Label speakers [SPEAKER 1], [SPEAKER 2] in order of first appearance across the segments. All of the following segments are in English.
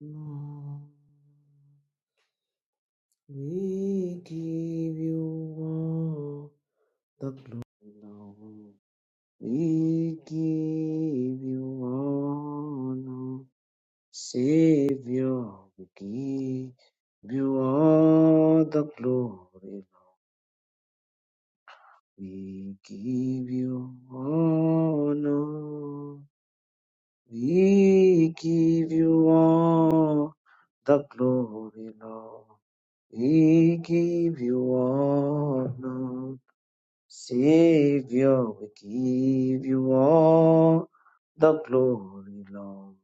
[SPEAKER 1] Lord, we give you all the glory. Lord, we give you honor. Savior, we give you all the glory. We give you honor. We give you all the glory, Lord. We give you honor, Savior. We give you all the glory, Lord.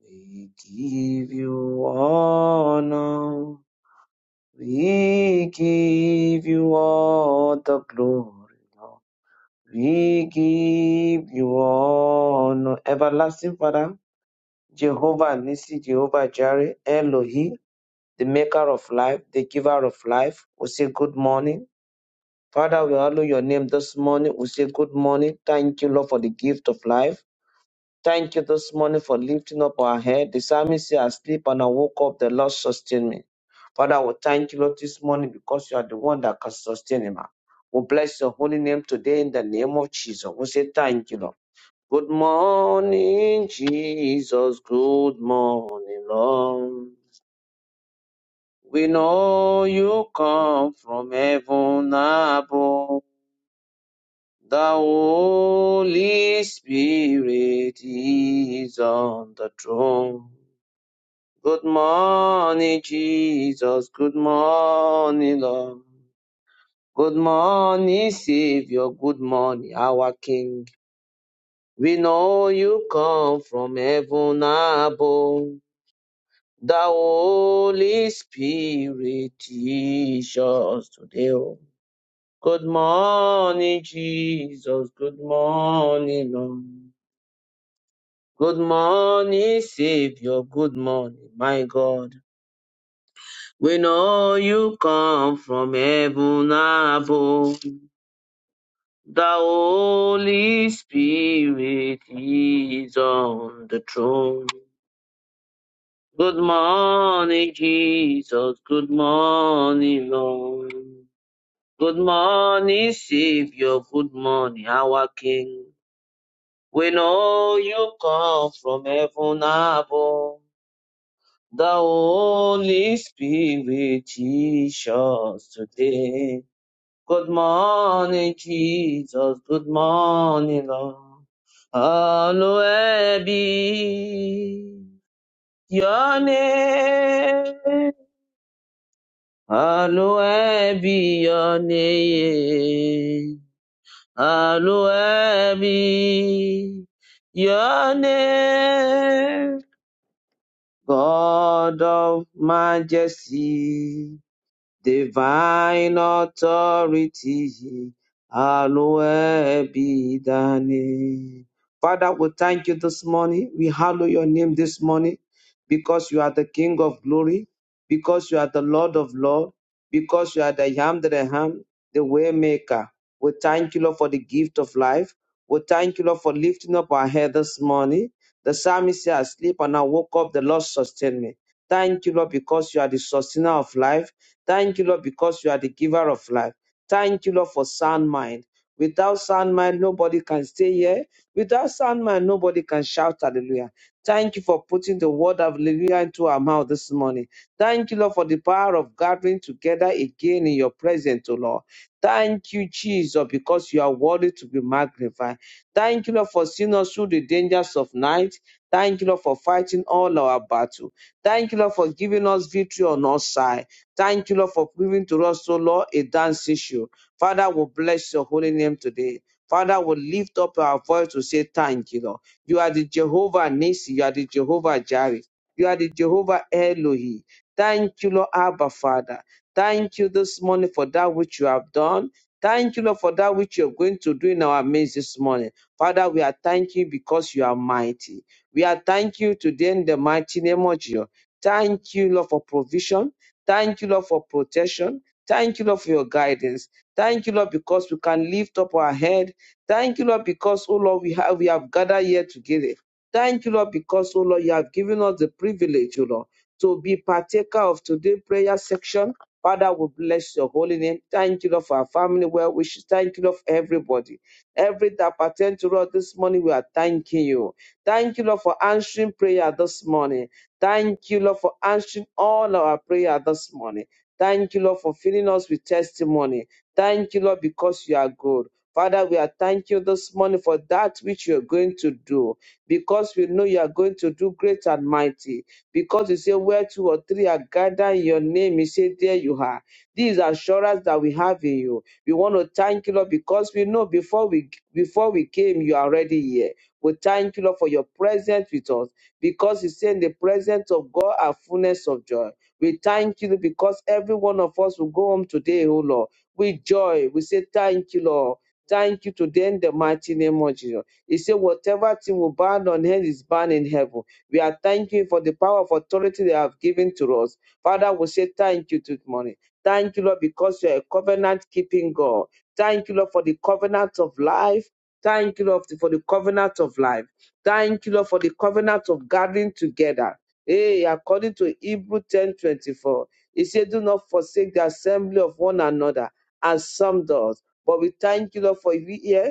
[SPEAKER 1] We give you honor. We give you all the glory, Lord. We give you honor. Everlasting Father, Jehovah Nisi, Jehovah Jireh, Elohi, the maker of life, the giver of life, we say good morning. Father, we hallow your name this morning. We say good morning. Thank you, Lord, for the gift of life. Thank you this morning for lifting up our head. The psalmist said, I sleep and I woke up. The Lord sustained me. Father, we thank you, Lord, this morning because you are the one that can sustain him. We bless your holy name today in the name of Jesus. We say thank you, Lord. Good morning, Jesus. Good morning, Lord. We know you come from heaven above. The Holy Spirit is on the throne. Good morning, Jesus. Good morning, Lord. Good morning, Savior. Good morning, our King. We know you come from heaven above. The Holy Spirit teach us today. oh. Good morning, Jesus. Good morning, Lord. Good morning, Savior. Good morning, my God. We know you come from heaven above. The Holy Spirit is on the throne. Good morning, Jesus. Good morning, Lord. Good morning, Savior. Good morning, our King. We know you come from heaven above. The Holy Spirit teach us today. Good morning, Jesus. Good morning, Lord. Hallowed be your name. Hallowed be your name. Hallowed be your name. God of majesty. Divine authority, hallowed be thy name. Father, we thank you this morning. We hallow your name this morning because you are the King of glory, because you are the Lord of Lord, because you are the Yam that I am, the way maker. We thank you, Lord, for the gift of life. We thank you, Lord, for lifting up our head this morning. The psalmist said, I sleep and I woke up, the Lord sustained me. Thank you, Lord, because you are the sustainer of life. Thank you, Lord, because you are the giver of life. Thank you, Lord, for sound mind. Without sound mind, nobody can stay here. Without sound mind, nobody can shout hallelujah. Thank you for putting the word of hallelujah into our mouth this morning. Thank you, Lord, for the power of gathering together again in your presence, O Lord. Thank you, Jesus, because you are worthy to be magnified. Thank you, Lord, for seeing us through the dangers of night. Thank you, Lord, for fighting all our battle. Thank you, Lord, for giving us victory on our side. Thank you, Lord, for giving to us, so Lord, a dance issue. Father, we bless your holy name today. Father, we lift up our voice to say thank you, Lord. You are the Jehovah Nissi. You are the Jehovah Jireh. You are the Jehovah Elohi. Thank you, Lord, Abba, Father. Thank you this morning for that which you have done. Thank you, Lord, for that which you're going to do in our midst this morning. Father, we are thanking you because you are mighty. We are thanking you today in the mighty name of Jesus. Thank you, Lord, for provision. Thank you, Lord, for protection. Thank you, Lord, for your guidance. Thank you, Lord, because we can lift up our head. Thank you, Lord, because, oh Lord, we have, we have gathered here together. Thank you, Lord, because, oh Lord, you have given us the privilege, oh Lord, to be partaker of today's prayer section. Father, we bless your holy name. Thank you, Lord, for our family well wishes. Thank you, Lord, for everybody. Every that pertains to us this morning, we are thanking you. Thank you, Lord, for answering prayer this morning. Thank you, Lord, for answering all our prayer this morning. Thank you, Lord, for filling us with testimony. Thank you, Lord, because you are good. Father, we are thank you this morning for that which you are going to do, because we know you are going to do great and mighty. Because you say where two or three are gathered in your name, you say there you are. This is assurance that we have in you. We want to thank you, Lord, because we know before we before we came, you are already here. We thank you, Lord, for your presence with us because you say in the presence of God are fullness of joy. We thank you because every one of us will go home today, oh Lord, with joy. We say thank you, Lord. Thank you today in the mighty name of Jesus. He said, Whatever thing will bind on earth is bound in heaven. We are thanking you for the power of authority they have given to us. Father, we say thank you this morning. Thank you, Lord, because you are a covenant keeping God. Thank you, Lord, for the covenant of life. Thank you, Lord, for the covenant of life. Thank you, Lord, for the covenant of gathering together. Hey, according to Hebrew 10 24, it said, Do not forsake the assembly of one another, as some does. But we thank you, Lord, for you here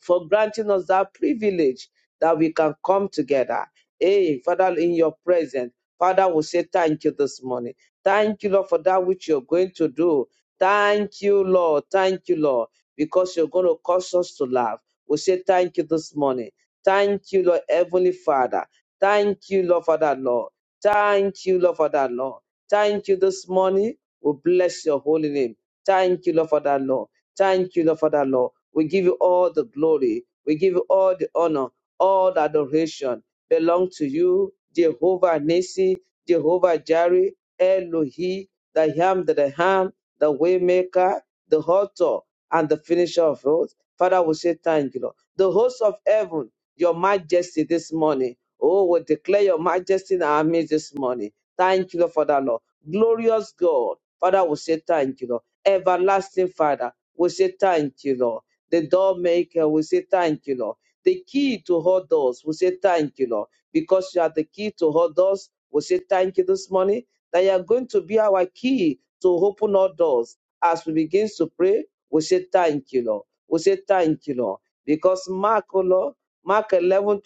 [SPEAKER 1] for granting us that privilege that we can come together. Hey, Father, in your presence, Father we say thank you this morning. Thank you, Lord, for that which you're going to do. Thank you, Lord. Thank you, Lord, because you're going to cause us to laugh. we say thank you this morning. Thank you, Lord, Heavenly Father. Thank you, Lord, for that, Lord. Thank you, Lord, for that, Lord. Thank you this morning. We bless your holy name. Thank you, Lord, for that, Lord. Thank you, Lord, for that, Lord. We give you all the glory. We give you all the honor, all the adoration belong to you, Jehovah Nissi, Jehovah Jireh, Elohi, the Yam, the Ham, the Waymaker, the Author, and the Finisher of oath. Father, we say thank you, Lord. The host of heaven, your majesty this morning. Oh, we declare your majesty in our midst this morning. Thank you, Lord, for that, Lord. Glorious God. Father, we say thank you, Lord. Everlasting Father, we say thank you, Lord. The door maker, we say thank you, Lord. The key to all doors, we say thank you, Lord. Because you are the key to all doors, we say thank you this morning that you are going to be our key to open all doors. As we begin to pray, we say thank you, Lord. We say thank you, Lord. Because Mark, oh Lord, Mark 11:24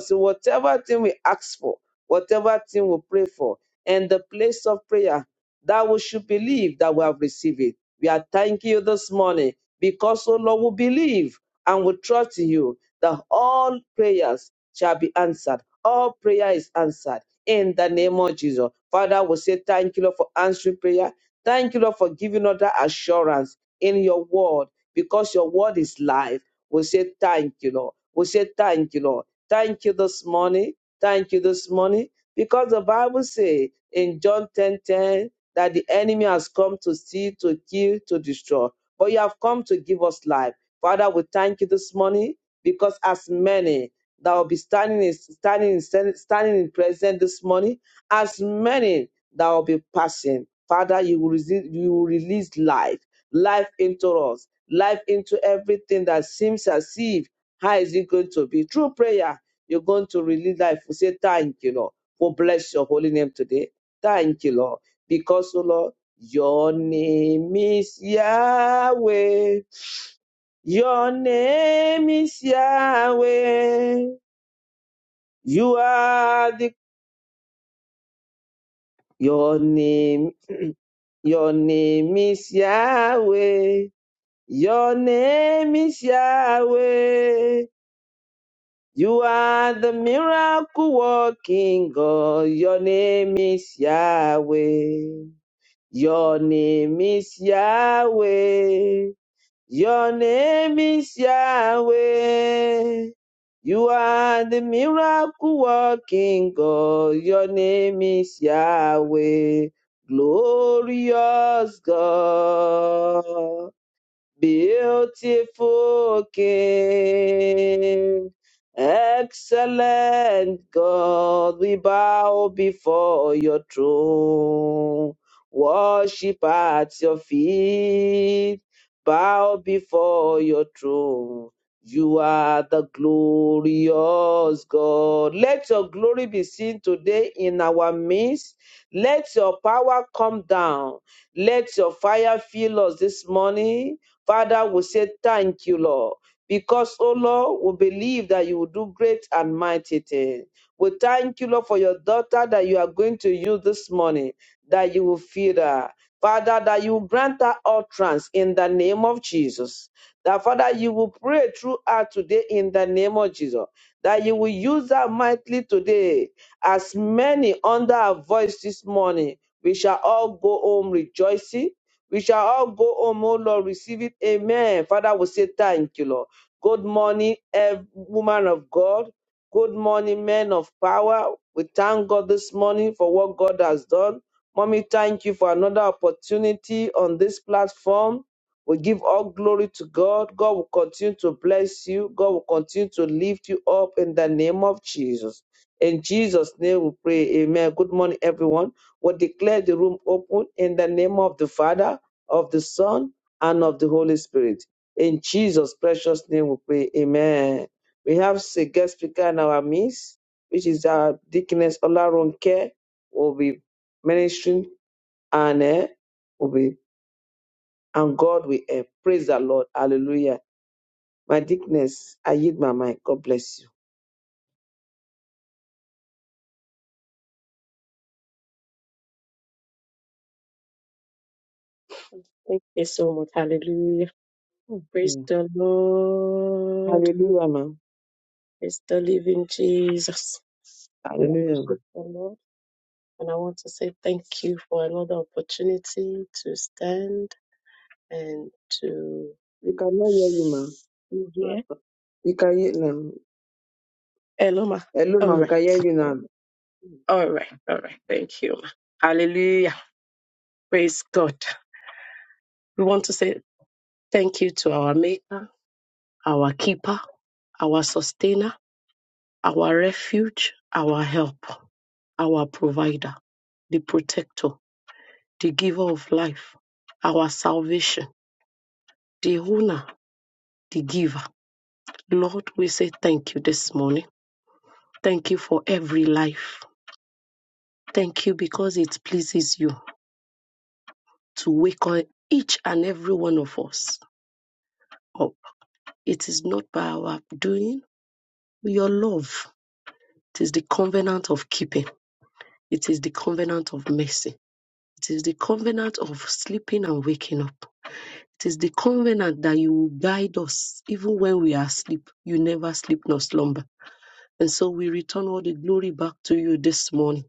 [SPEAKER 1] says, whatever thing we ask for, whatever thing we pray for, and the place of prayer, that we should believe that we have received it. We are thanking you this morning because, O Lord, we believe and we trust in you that all prayers shall be answered. All prayer is answered in the name of Jesus. Father, we say thank you, Lord, for answering prayer. Thank you, Lord, for giving us that assurance in your word because your word is life. We say thank you, Lord. We say thank you, Lord. Thank you this morning. Thank you this morning because the Bible says in John 10 10 that the enemy has come to steal, to kill, to destroy but you have come to give us life. Father, we thank you this morning because as many that will be standing in, standing in, standing in present this morning, as many that will be passing, Father, you will, release, you will release life, life into us, life into everything that seems as if how is it going to be? Through prayer, you're going to release life. We say thank you, Lord. We bless your holy name today. Thank you, Lord, because, oh Lord. Your name is Yahweh. Your name is Yahweh. You are the, your name your name is Yahweh. Your name is Yahweh. You are the miracle working God. Your name is Yahweh. Your name is Yahweh. Your name is Yahweh. You are the miracle working God. Your name is Yahweh. Glorious God. Beautiful King, excellent God, we bow before your throne, worship at your feet, bow before your throne. You are the glorious God. Let your glory be seen today in our midst. Let your power come down. Let your fire fill us this morning. Father, we say thank you, Lord, because, oh Lord, we believe that you will do great and mighty things. We thank you, Lord, for your daughter that you are going to use this morning, that you will feed her. Father, that you will grant her utterance in the name of Jesus. That, Father, you will pray through her today in the name of Jesus. That you will use her mightily today. As many under her voice this morning, we shall all go home rejoicing we shall all go home, oh Lord, receive it. Amen. Father, we say thank you, Lord. Good morning, ev- woman of God. Good morning, men of power. We thank God this morning for what God has done. Mommy, thank you for another opportunity on this platform. We give all glory to God. God will continue to bless you. God will continue to lift you up in the name of Jesus. In Jesus' name we pray. Amen. Good morning, everyone. We declare the room open in the name of the Father of the Son, and of the Holy Spirit. In Jesus' precious name we pray. Amen. We have a guest speaker in our midst, which is our Deaconess Olaronke, will be ministering and eh, will be and God will help. Praise the Lord. Hallelujah. My Deaconess, I yield my mind. God bless
[SPEAKER 2] Thank you so much. Hallelujah.
[SPEAKER 1] you.
[SPEAKER 2] Praise
[SPEAKER 1] Mm.
[SPEAKER 2] the Lord.
[SPEAKER 1] Hallelujah, ma'am.
[SPEAKER 2] Praise the living Jesus. We
[SPEAKER 1] Hallelujah.
[SPEAKER 2] appreciate the Lord. And I want to say thank you for another opportunity to stand and to
[SPEAKER 1] You cannot hear you, ma'am.
[SPEAKER 2] be here.
[SPEAKER 1] You can hear now.
[SPEAKER 2] Hello, ma.
[SPEAKER 1] Hello,
[SPEAKER 2] All
[SPEAKER 1] ma'am.
[SPEAKER 2] right.
[SPEAKER 1] Can hear you now.
[SPEAKER 2] All right. All right. Thank you. ma. Hallelujah. Praise God. We want to say thank you to our Maker, our Keeper, our Sustainer, our Refuge, our Help. our provider, the protector, the giver of life, our salvation, the owner, the giver. Lord, we say thank you this morning. Thank you for every life. Thank you because it pleases you to wake up each and every one of us up. It is not by our doing, your love. It is the covenant of keeping. It is the covenant of mercy. It is the covenant of sleeping and waking up. It is the covenant that you will guide us even when we are asleep. You never sleep nor slumber. And so we return all the glory back to you this morning.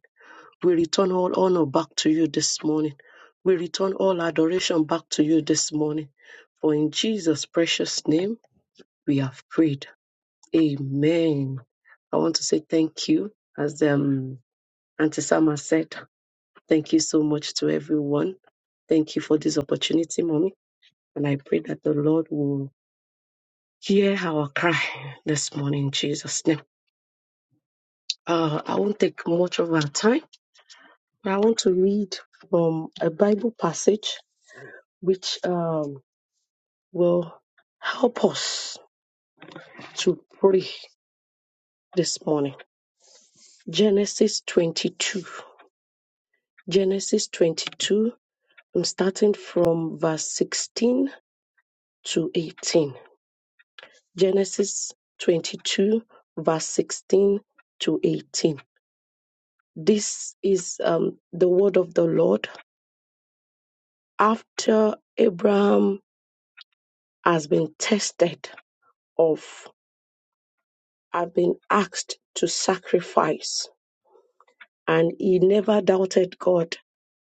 [SPEAKER 2] We return all honor back to you this morning. We return all adoration back to you this morning. For in Jesus' precious name we have prayed. Amen. I want to say thank you. As um, Auntie Sama said, thank you so much to everyone. Thank you for this opportunity, Mommy. And I pray that the Lord will Hear our cry this morning, in Jesus' name. Uh, I won't take much of our time. I want to read from a Bible passage which um, will help us to pray this morning. Genesis 22. Genesis 22. I'm starting from verse 16 to 18. Genesis 22, verse 16 to 18. This is um, the word of the Lord after Abraham has been tested of have been asked to sacrifice and he never doubted God.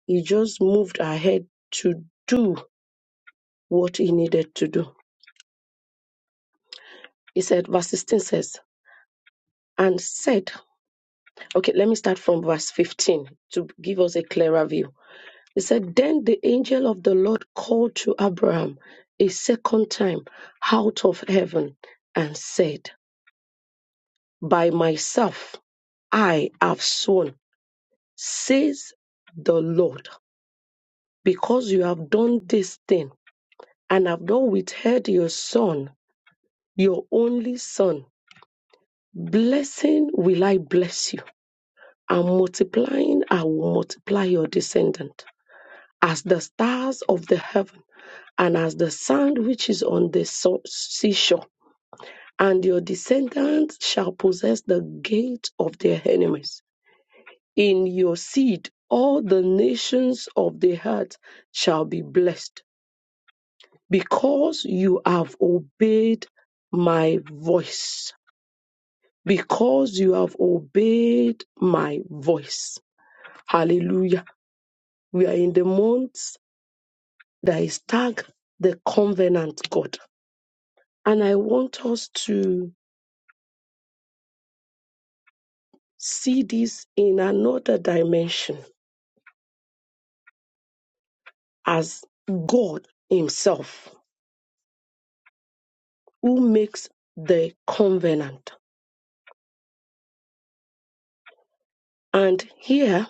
[SPEAKER 2] He just moved ahead to do what he needed to do. He said, verse 16 says, and said, okay, let me start from verse 15 to give us a clearer view. He said, then the angel of the Lord called to Abraham a second time out of heaven and said, by myself I have sworn, says the Lord, because you have done this thing and have not withheld your son, your only son. Blessing will I bless you, and multiplying I will multiply your descendant as the stars of the heaven and as the sand which is on the so- seashore. And your descendants shall possess the gate of their enemies. In your seed, all the nations of the earth shall be blessed because you have obeyed my voice. Because you have obeyed my voice. Hallelujah. We are in the month that is tagged the covenant God. And I want us to see this in another dimension as God Himself who makes the covenant. And here,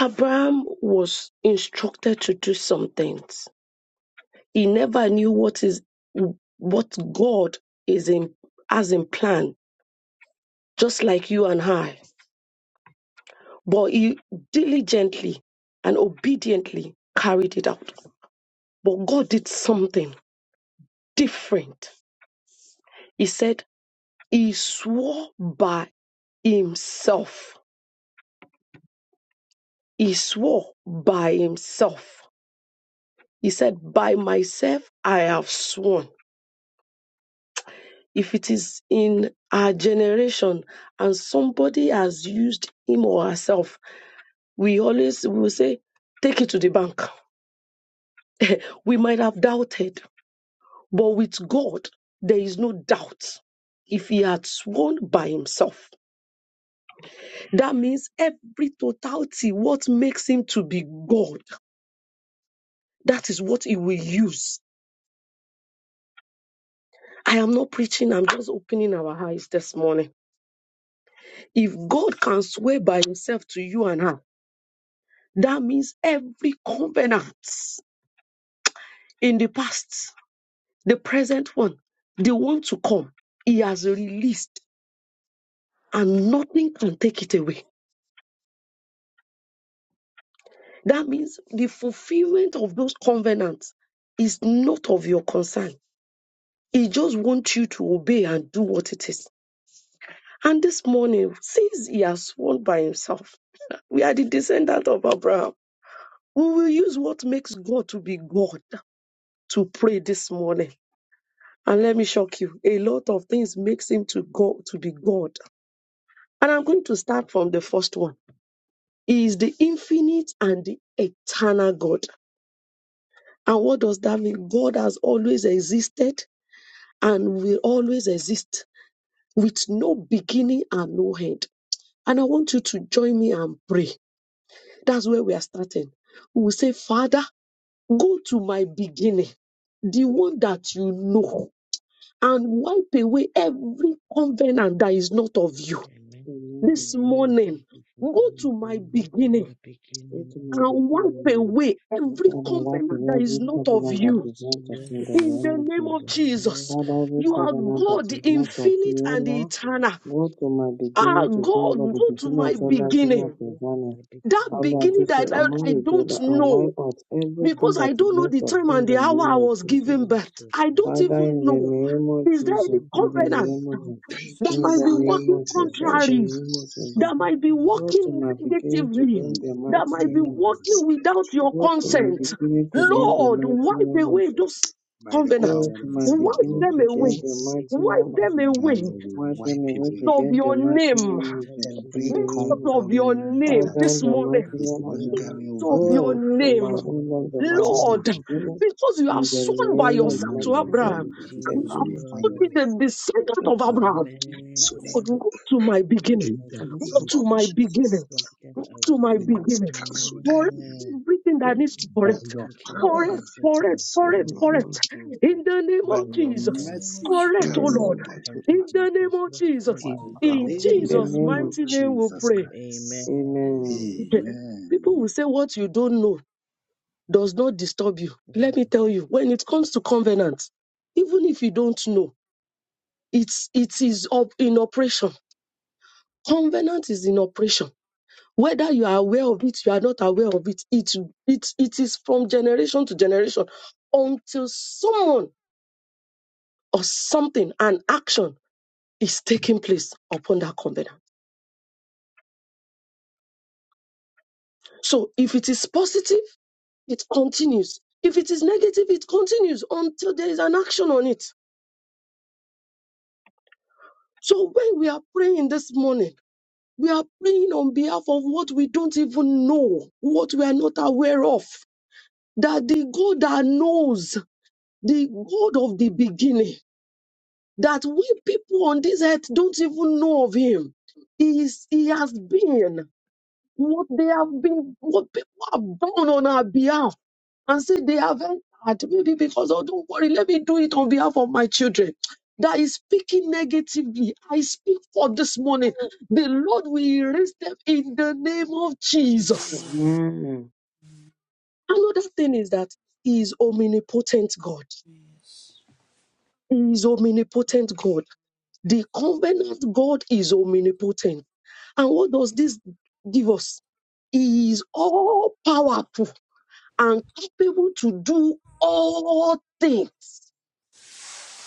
[SPEAKER 2] Abraham was instructed to do some things. He never knew what is what God is in as in plan, just like you and I. But he diligently and obediently carried it out. But God did something different. He said he swore by himself. He swore by himself. He said, By myself I have sworn if it is in our generation and somebody has used him or herself, we always will say, take it to the bank. We might have doubted, but with God, there is no doubt. If he had sworn by himself, that means every totality, what makes him to be God, that is what he will use. I am not preaching, I'm just opening our eyes this morning. If God can swear by himself to you and I, That means every covenant in the past, the present one, the one to come, he has released and nothing can take it away. That means the fulfillment of those covenants is not of your concern. He just wants you to obey and do what it is. And this morning, since he has sworn by himself, we are the descendant of Abraham. We will use what makes God to be God to pray this morning And let me shock you, a lot of things makes him to go to be God. And I'm going to start from the first one. He is the infinite and the eternal God. And what does that mean? God has always existed and will always exist with no beginning and no end. And I want you to join me and pray. That's where we are starting. We will say, Father, go to my beginning, the one that you know, and wipe away every covenant that is not of you
[SPEAKER 3] Amen. Thank you
[SPEAKER 1] In
[SPEAKER 2] this
[SPEAKER 1] the
[SPEAKER 3] for
[SPEAKER 1] name of
[SPEAKER 2] morning,
[SPEAKER 1] Jesus,
[SPEAKER 2] go
[SPEAKER 1] the name
[SPEAKER 2] to my
[SPEAKER 3] both
[SPEAKER 1] of
[SPEAKER 2] beginning
[SPEAKER 1] Jesus.
[SPEAKER 3] my beginning and
[SPEAKER 1] Ultimately,
[SPEAKER 2] and wipe away
[SPEAKER 3] what
[SPEAKER 2] every
[SPEAKER 3] I
[SPEAKER 1] Father,
[SPEAKER 3] do,
[SPEAKER 1] wipe
[SPEAKER 2] covenant
[SPEAKER 3] every
[SPEAKER 1] away
[SPEAKER 2] that is
[SPEAKER 1] every
[SPEAKER 2] not
[SPEAKER 3] problem
[SPEAKER 2] of
[SPEAKER 1] covenant
[SPEAKER 3] that's
[SPEAKER 1] that
[SPEAKER 2] you.
[SPEAKER 3] not
[SPEAKER 1] is not of
[SPEAKER 3] your
[SPEAKER 1] you in the
[SPEAKER 2] In
[SPEAKER 1] name
[SPEAKER 2] the
[SPEAKER 1] of
[SPEAKER 2] name of
[SPEAKER 1] Jesus.
[SPEAKER 3] Amen.
[SPEAKER 2] Jesus,
[SPEAKER 1] Father, every
[SPEAKER 2] you
[SPEAKER 3] Thank
[SPEAKER 2] are
[SPEAKER 3] you for the
[SPEAKER 1] covenant that
[SPEAKER 2] God, the
[SPEAKER 1] is not
[SPEAKER 3] beginning.
[SPEAKER 1] of you,
[SPEAKER 2] infinite
[SPEAKER 1] O
[SPEAKER 2] and the
[SPEAKER 3] I
[SPEAKER 1] Lord,
[SPEAKER 3] go and
[SPEAKER 2] eternal.
[SPEAKER 1] go to my
[SPEAKER 3] change
[SPEAKER 1] beginning
[SPEAKER 2] Ah,
[SPEAKER 3] to
[SPEAKER 1] to go
[SPEAKER 2] God,
[SPEAKER 1] over the
[SPEAKER 2] go
[SPEAKER 3] the
[SPEAKER 2] to
[SPEAKER 1] beginning of
[SPEAKER 2] my
[SPEAKER 3] beginning.
[SPEAKER 1] fellowship and
[SPEAKER 2] beginning.
[SPEAKER 3] Both my
[SPEAKER 1] prevailing.
[SPEAKER 2] That
[SPEAKER 3] beginning
[SPEAKER 1] Allah
[SPEAKER 2] beginning
[SPEAKER 1] to
[SPEAKER 3] and
[SPEAKER 1] say,
[SPEAKER 2] that I, I
[SPEAKER 1] among you, O
[SPEAKER 2] don't
[SPEAKER 1] Lord, and
[SPEAKER 2] know.
[SPEAKER 1] wipe out
[SPEAKER 3] what
[SPEAKER 1] everything
[SPEAKER 2] Because
[SPEAKER 3] I
[SPEAKER 1] that
[SPEAKER 2] I
[SPEAKER 3] do,
[SPEAKER 1] is
[SPEAKER 2] don't know
[SPEAKER 1] not
[SPEAKER 2] the
[SPEAKER 1] of
[SPEAKER 3] what
[SPEAKER 2] time
[SPEAKER 3] I
[SPEAKER 1] you in
[SPEAKER 2] and
[SPEAKER 1] the
[SPEAKER 2] the hour
[SPEAKER 1] name
[SPEAKER 2] I
[SPEAKER 1] of
[SPEAKER 2] was
[SPEAKER 3] can do
[SPEAKER 1] Jesus.
[SPEAKER 2] given birth.
[SPEAKER 3] is to
[SPEAKER 2] I don't
[SPEAKER 1] Father,
[SPEAKER 2] even
[SPEAKER 3] Amen.
[SPEAKER 1] in the
[SPEAKER 2] know.
[SPEAKER 1] name of
[SPEAKER 2] Is there any
[SPEAKER 1] Jesus,
[SPEAKER 3] Both
[SPEAKER 1] in the
[SPEAKER 2] covenant
[SPEAKER 1] name of Jesus,
[SPEAKER 3] every
[SPEAKER 4] Thank
[SPEAKER 5] Jesus,
[SPEAKER 2] that
[SPEAKER 4] you,
[SPEAKER 1] in
[SPEAKER 2] might
[SPEAKER 1] the
[SPEAKER 2] be
[SPEAKER 3] problem
[SPEAKER 1] name
[SPEAKER 3] that
[SPEAKER 2] working
[SPEAKER 3] I
[SPEAKER 1] of
[SPEAKER 4] Father. Thank
[SPEAKER 3] do,
[SPEAKER 1] Jesus,
[SPEAKER 4] you,
[SPEAKER 1] in the
[SPEAKER 2] contrary?
[SPEAKER 1] name of
[SPEAKER 4] Jesus.
[SPEAKER 1] Jesus.
[SPEAKER 2] that
[SPEAKER 3] what I
[SPEAKER 2] might be
[SPEAKER 1] Go to
[SPEAKER 2] working
[SPEAKER 1] my beginning to the
[SPEAKER 2] negatively,
[SPEAKER 1] end,
[SPEAKER 4] Mm.
[SPEAKER 3] can
[SPEAKER 1] the mighty
[SPEAKER 2] that might
[SPEAKER 4] Thank
[SPEAKER 2] be
[SPEAKER 1] name
[SPEAKER 3] do
[SPEAKER 4] you,
[SPEAKER 1] of Jesus.
[SPEAKER 3] is
[SPEAKER 4] Holy
[SPEAKER 5] my
[SPEAKER 2] working
[SPEAKER 4] Spirit.
[SPEAKER 2] without your
[SPEAKER 1] Go to my
[SPEAKER 2] consent.
[SPEAKER 3] to
[SPEAKER 1] beginning to the end,
[SPEAKER 3] Amen.
[SPEAKER 4] Mm.
[SPEAKER 1] the
[SPEAKER 2] Lord,
[SPEAKER 1] mighty
[SPEAKER 2] wipe
[SPEAKER 1] name of
[SPEAKER 2] away
[SPEAKER 1] Jesus.
[SPEAKER 2] those
[SPEAKER 4] By the power
[SPEAKER 2] covenants.
[SPEAKER 5] God,
[SPEAKER 1] Go
[SPEAKER 3] Thank
[SPEAKER 1] to
[SPEAKER 3] you,
[SPEAKER 4] that
[SPEAKER 5] my
[SPEAKER 1] my
[SPEAKER 4] is in
[SPEAKER 5] Lord
[SPEAKER 4] the
[SPEAKER 2] Wipe
[SPEAKER 3] Jesus.
[SPEAKER 1] beginning
[SPEAKER 4] blood
[SPEAKER 2] them
[SPEAKER 1] to
[SPEAKER 4] of
[SPEAKER 3] What
[SPEAKER 1] the
[SPEAKER 3] a
[SPEAKER 1] end,
[SPEAKER 2] away.
[SPEAKER 1] the
[SPEAKER 4] Jesus,
[SPEAKER 3] way,
[SPEAKER 1] mighty name
[SPEAKER 2] Wipe
[SPEAKER 1] of
[SPEAKER 2] them
[SPEAKER 1] Jesus.
[SPEAKER 2] away
[SPEAKER 4] and
[SPEAKER 3] hallelujah.
[SPEAKER 4] we
[SPEAKER 1] Wipe
[SPEAKER 3] Thank
[SPEAKER 5] Jesus,
[SPEAKER 4] wipe
[SPEAKER 1] them
[SPEAKER 3] you,
[SPEAKER 1] away to
[SPEAKER 4] away
[SPEAKER 3] Jesus.
[SPEAKER 1] the
[SPEAKER 2] of
[SPEAKER 1] end, the
[SPEAKER 2] your
[SPEAKER 1] mighty
[SPEAKER 2] name.
[SPEAKER 1] name of
[SPEAKER 3] Thank
[SPEAKER 1] Jesus.
[SPEAKER 3] you,
[SPEAKER 1] In
[SPEAKER 4] every
[SPEAKER 1] the
[SPEAKER 2] Because
[SPEAKER 1] name
[SPEAKER 3] Jesus.
[SPEAKER 1] of Jesus.
[SPEAKER 2] of your
[SPEAKER 4] covenant
[SPEAKER 2] name
[SPEAKER 4] that
[SPEAKER 1] Father,
[SPEAKER 2] this
[SPEAKER 3] Mercy
[SPEAKER 1] the
[SPEAKER 3] and
[SPEAKER 2] morning.
[SPEAKER 5] my
[SPEAKER 1] mighty
[SPEAKER 4] is
[SPEAKER 1] name of
[SPEAKER 3] way in
[SPEAKER 1] Jesus.
[SPEAKER 4] lingering over
[SPEAKER 3] the
[SPEAKER 2] of
[SPEAKER 4] my
[SPEAKER 2] your
[SPEAKER 1] Go
[SPEAKER 4] life
[SPEAKER 1] to my
[SPEAKER 2] name.
[SPEAKER 3] mighty name of
[SPEAKER 1] own the my
[SPEAKER 4] that is
[SPEAKER 1] my
[SPEAKER 4] not
[SPEAKER 2] Lord,
[SPEAKER 3] Jesus.
[SPEAKER 4] with you,
[SPEAKER 1] beginning.
[SPEAKER 2] because you have
[SPEAKER 1] In the
[SPEAKER 2] sworn by
[SPEAKER 4] that
[SPEAKER 1] name
[SPEAKER 4] will
[SPEAKER 1] of
[SPEAKER 2] yourself
[SPEAKER 1] my
[SPEAKER 4] not
[SPEAKER 2] to
[SPEAKER 3] Thank
[SPEAKER 4] glorify
[SPEAKER 2] Abraham
[SPEAKER 3] you,
[SPEAKER 1] beginning.
[SPEAKER 4] you, that
[SPEAKER 5] deserve
[SPEAKER 1] In
[SPEAKER 4] is
[SPEAKER 1] the
[SPEAKER 5] our
[SPEAKER 2] and
[SPEAKER 4] not
[SPEAKER 2] you
[SPEAKER 3] Jesus.
[SPEAKER 2] have
[SPEAKER 1] name of
[SPEAKER 5] song
[SPEAKER 1] Jesus.
[SPEAKER 2] put
[SPEAKER 4] glorifying
[SPEAKER 3] Oh,
[SPEAKER 4] your
[SPEAKER 2] me the
[SPEAKER 4] name.
[SPEAKER 2] descendant of
[SPEAKER 4] Father,
[SPEAKER 2] Abraham.
[SPEAKER 3] amen.
[SPEAKER 5] of
[SPEAKER 4] cancel
[SPEAKER 2] Lord,
[SPEAKER 4] them
[SPEAKER 3] Thank
[SPEAKER 5] God.
[SPEAKER 2] go to my beginning.
[SPEAKER 4] in the
[SPEAKER 3] you,
[SPEAKER 2] Go
[SPEAKER 4] name
[SPEAKER 2] to
[SPEAKER 4] of
[SPEAKER 3] Jesus.
[SPEAKER 2] my
[SPEAKER 4] Jesus.
[SPEAKER 2] beginning.
[SPEAKER 3] What an
[SPEAKER 2] Go to my
[SPEAKER 4] Holy
[SPEAKER 3] away.
[SPEAKER 4] Ghost,
[SPEAKER 2] beginning.
[SPEAKER 4] cancel
[SPEAKER 2] Correct
[SPEAKER 4] them
[SPEAKER 3] Amen.
[SPEAKER 2] everything that needs to
[SPEAKER 4] by
[SPEAKER 2] correct.
[SPEAKER 4] your
[SPEAKER 3] Thank you,
[SPEAKER 4] power,
[SPEAKER 2] Correct,
[SPEAKER 3] Jesus.
[SPEAKER 2] correct,
[SPEAKER 1] In
[SPEAKER 4] cancel
[SPEAKER 2] correct,
[SPEAKER 3] Amen.
[SPEAKER 4] them
[SPEAKER 3] Thank
[SPEAKER 2] correct.
[SPEAKER 3] you, Jesus. Amen. Thank you, Jesus.
[SPEAKER 2] In the name of
[SPEAKER 4] by
[SPEAKER 3] What
[SPEAKER 4] your
[SPEAKER 3] an
[SPEAKER 5] In the
[SPEAKER 2] Jesus.
[SPEAKER 5] name of
[SPEAKER 4] mercy,
[SPEAKER 5] Jesus.
[SPEAKER 2] Correct,
[SPEAKER 1] the
[SPEAKER 2] oh
[SPEAKER 1] name
[SPEAKER 4] cancel
[SPEAKER 2] Lord.
[SPEAKER 1] of
[SPEAKER 4] them
[SPEAKER 1] Jesus.
[SPEAKER 2] In the name of Jesus.
[SPEAKER 1] wipe
[SPEAKER 4] In the
[SPEAKER 1] out
[SPEAKER 2] In
[SPEAKER 3] away.
[SPEAKER 1] in the
[SPEAKER 2] Jesus'
[SPEAKER 1] name
[SPEAKER 4] name
[SPEAKER 3] In
[SPEAKER 1] of
[SPEAKER 4] of
[SPEAKER 2] mighty name we
[SPEAKER 3] Jesus'
[SPEAKER 4] Jesus
[SPEAKER 2] pray.
[SPEAKER 3] name.
[SPEAKER 4] Christ.
[SPEAKER 3] Amen.
[SPEAKER 1] Amen.
[SPEAKER 5] Amen.
[SPEAKER 2] Okay. People will
[SPEAKER 4] Amen.
[SPEAKER 2] say what you don't know does not disturb you. Let me
[SPEAKER 3] Thank
[SPEAKER 2] tell you, when it comes to covenant, even if you don't know, it's it is up in operation. Covenant is in operation Whether you are aware of it, you are not aware of it, it, it, it is from generation to generation until someone or something, an action is taking place upon that covenant. So if it is positive, it continues. If it is negative, it continues until there is an action on it. So when we are praying this morning, we are praying on behalf of what we don't even know, what we are not aware of, that the God that knows, the God of the beginning, that we people on this earth don't even know of him. He, is, he has been what they have been, what people have done on our behalf and say they have entered, maybe because, oh, don't worry, let me do it on behalf of my children. That is speaking negatively. I speak for this morning. The Lord will erase them in the name of Jesus.
[SPEAKER 5] Amen.
[SPEAKER 1] Amen.
[SPEAKER 2] Another thing is that He is omnipotent God.
[SPEAKER 5] Yes.
[SPEAKER 2] He is omnipotent God. The covenant God is omnipotent. And what does this give us? He is all powerful and capable to do all things.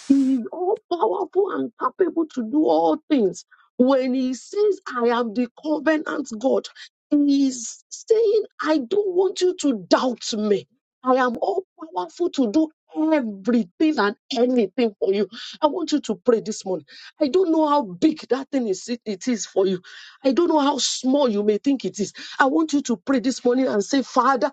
[SPEAKER 2] He is all powerful and capable to do all things. When he says, I am the covenant God, he is saying, I don't want you to doubt me. I am all powerful to do everything and anything for you. I want you to pray this morning. I don't know how big that thing is, it is for you. I don't know how small you may think it is. I want you to pray this morning and say, Father,